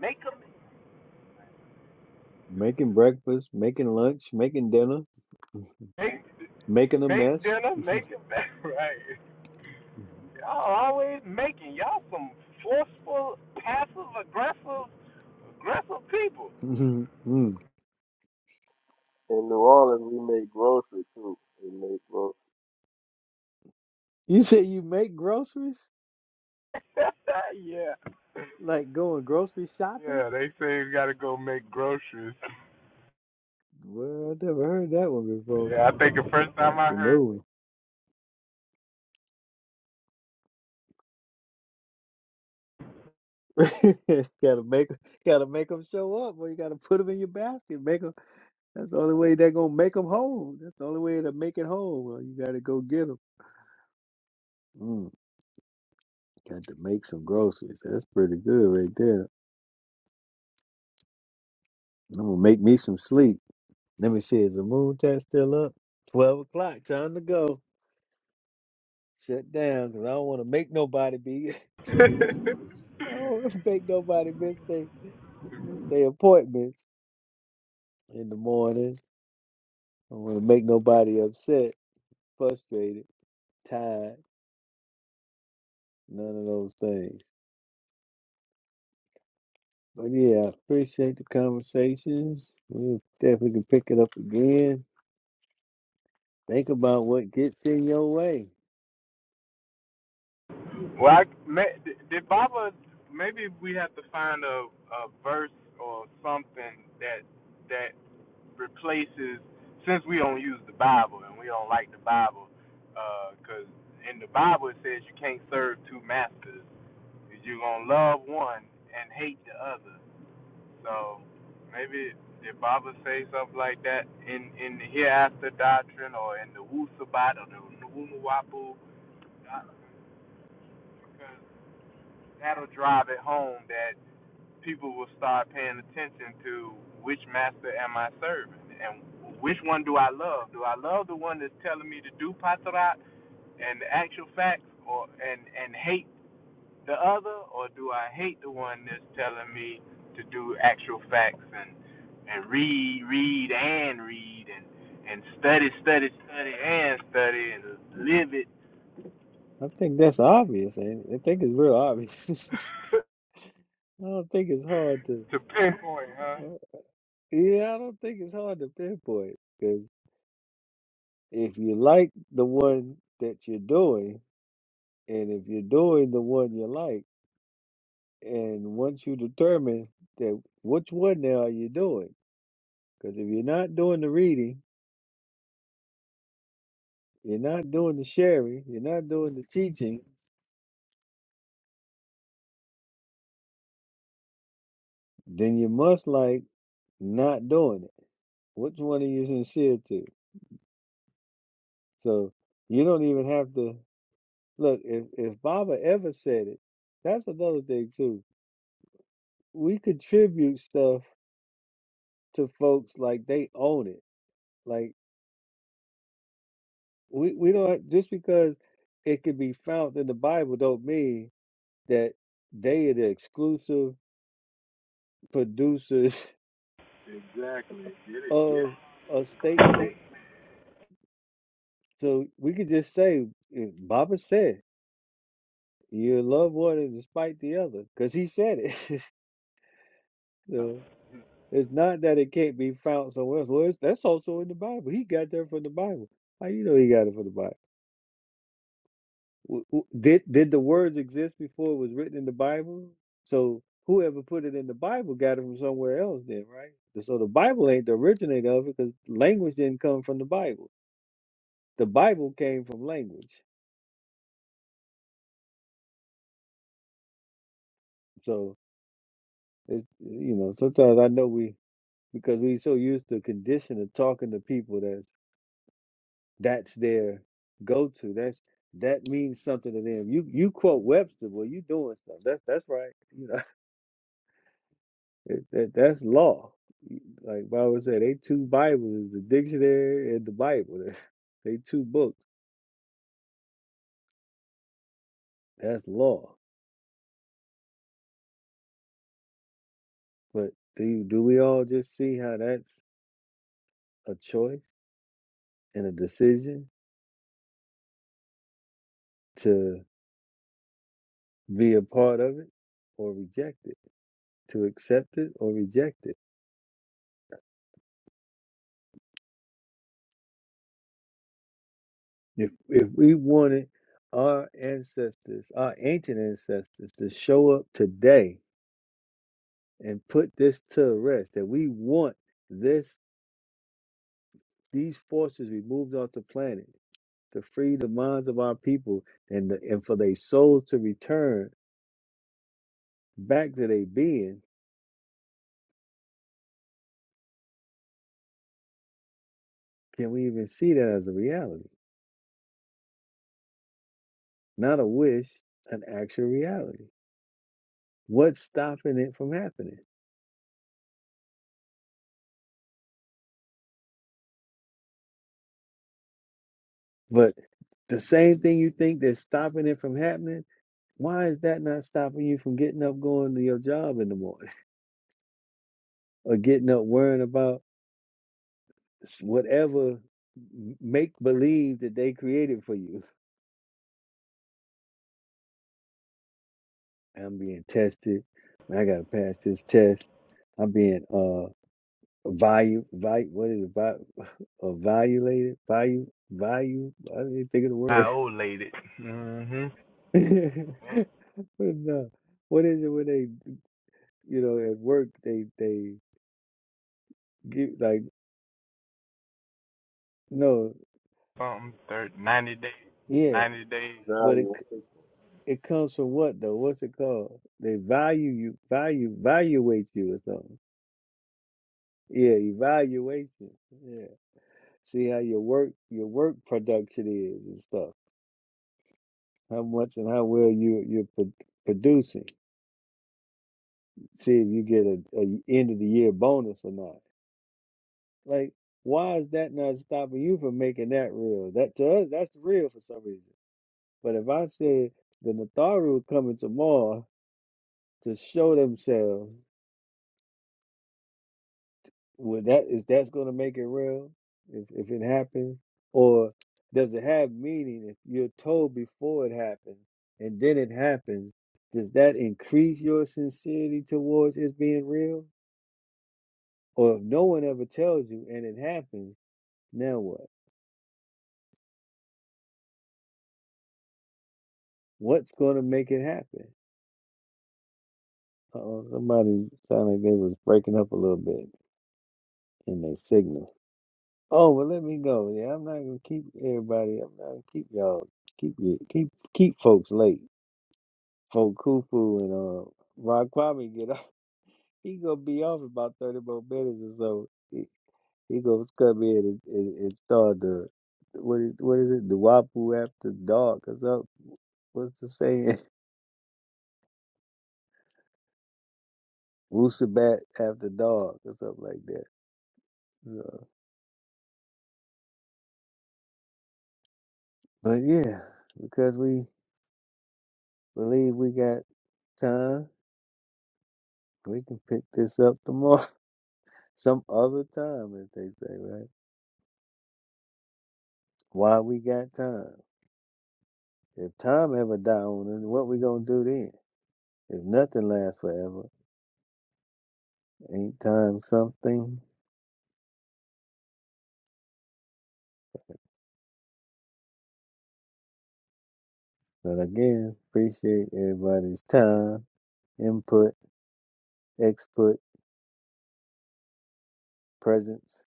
G: Make 'em
A: making breakfast, making lunch, making dinner,
G: make
A: making a
G: make
A: mess.
G: dinner, make it back right. Y'all always making y'all some forceful, passive aggressive, aggressive people.
A: Mhm. Mm.
C: In New Orleans, we make grocery too. We make grocery.
A: you say you make groceries?
G: yeah,
A: Like going grocery shopping?
G: yeah. They say you gotta go make groceries.
A: Well, I never heard that one before.
G: Yeah, I think the first time
A: That's a
G: I heard.
A: new one. gotta make, gotta make them show up, or you gotta put them in your basket. Make them. That's the only way they're gonna make them whole. That's the only way to make it whole. Well, you gotta go get them. Mm, got to make some groceries. That's pretty good right there. I'm gonna make me some sleep. Let me see, is the moon chat still up? Twelve o'clock, time to go. Shut down, cause I don't want to make nobody be. I don't want to make nobody miss they miss their appointments in the morning. I don't want to make nobody upset, frustrated, tired, none of those things. But yeah, I appreciate the conversations. We definitely can pick it up again. Think about what gets in your way
G: Well, I, may, did Baba? Maybe we have to find a, a verse or something that that replaces. Since we don't use the Bible and we don't like the Bible, because uh, in the Bible it says you can't serve two masters. You're gonna love one and hate the other. So maybe did Baba say something like that in in the hereafter doctrine or in the Wu Sabat or the Wunuwapu? Because that'll drive it home that people will start paying attention to which master am I serving and which one do I love? Do I love the one that's telling me to do patrat and the actual facts, or and and hate the other, or do I hate the one that's telling me to do actual facts and and read, read and read and and study, study, study and study and live it
A: I think that's obvious. ain't it? I think it's real obvious. I don't think it's hard to.
G: to pinpoint, huh?
A: uh, Yeah, I don't think it's hard to pinpoint because if you like the one that you're doing, and if you're doing the one you like, and once you determine that which one now are you doing, because if you're not doing the reading, you're not doing the sharing, you're not doing the teaching, then you must like not doing it. Which one are you sincere to? So you don't even have to. Look, if if Baba ever said it, that's another thing too. We contribute stuff to folks like they own it. Like we we don't just because it can be found in the Bible don't mean that they are the exclusive producers of a statement. So we could just say eh, Baba said you love one and despite the other because he said it. So It's not that it can't be found somewhere else. Well, it's, that's also in the Bible. He got that from the Bible. How you know he got it from the Bible? W- w- Did did the words exist before it was written in the Bible? So whoever put it in the Bible got it from somewhere else, then, right? So the Bible ain't the originator of it because language didn't come from the Bible. The Bible came from language. So it's you know sometimes I know we because we so used to condition of talking to people that. That's their go-to. That's that means something to them. You you quote Webster, well, you doing stuff. That's that's right. You know, it, that, that's law. Like Bible said, they two Bibles, the dictionary and the Bible. They two books. That's law. But do you, do we all just see how that's a choice and a decision to be a part of it or reject it, to accept it or reject it? If if we wanted our ancestors, our ancient ancestors, to show up today and put this to rest, that we want this these forces removed off the planet to free the minds of our people and the, and for their souls to return back to their being, can we even see that as a reality? Not a wish, an actual reality. What's stopping it from happening? But the same thing you think that's stopping it from happening Why is that not stopping you from getting up, going to your job in the morning, or getting up worrying about whatever make believe that they created for you? I'm being tested. Man, I gotta pass this test. I'm being uh value, value. What is it? Value, evaluated, value, value. I didn't even think of the
G: I
A: word.
G: old lady. Mm-hmm. Well,
A: but no, what is it when they, you know, at work they they give like no,
G: something thirty, ninety days,
A: yeah.
G: ninety days.
A: but it. It comes from what though? What's it called? They value you, value, evaluate you or something. Yeah, evaluation. Yeah, see how your work, your work production is and stuff. How much and how well you you're pro- producing. See if you get a, a end of the year bonus or not. Like, why is that not stopping you from making that real? That to us, that's real for some reason. But if I said the Natharu coming tomorrow to show themselves Would that is that's going to make it real if if it happens, or does it have meaning if you're told before it happens and then it happens? Does that increase your sincerity towards it being real? Or if no one ever tells you and it happens, now what? What's going to make it happen? Uh-oh, somebody sounded like they was breaking up a little bit in their signal. Oh, well, let me go. Yeah, I'm not gonna keep everybody. I'm not gonna keep y'all. Keep you. Keep keep folks late. Hokufu and uh Ron Kwame get off. He gonna be off about thirty more minutes or so. He, he gonna come in and, and, and start the what is what is it? The Wapu after dark or something. What's the saying? Wusabat after dark or something like that. So, but yeah, because we believe we got time, we can pick this up tomorrow, some other time, as they say, right? Why we got time? If time ever die on us, what we gonna do then? If nothing lasts forever, ain't time something? But again, appreciate everybody's time, input, exput, presence,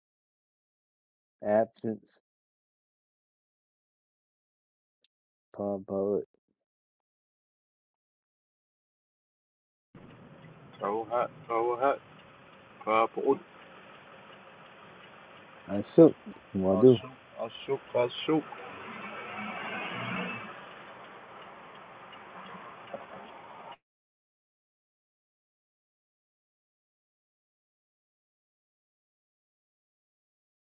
A: absence, pom poet.
G: So hot, so hot. Purple.
A: I shook. What
G: I'll
A: do?
G: shoot, I'll shoot, I'll shoot.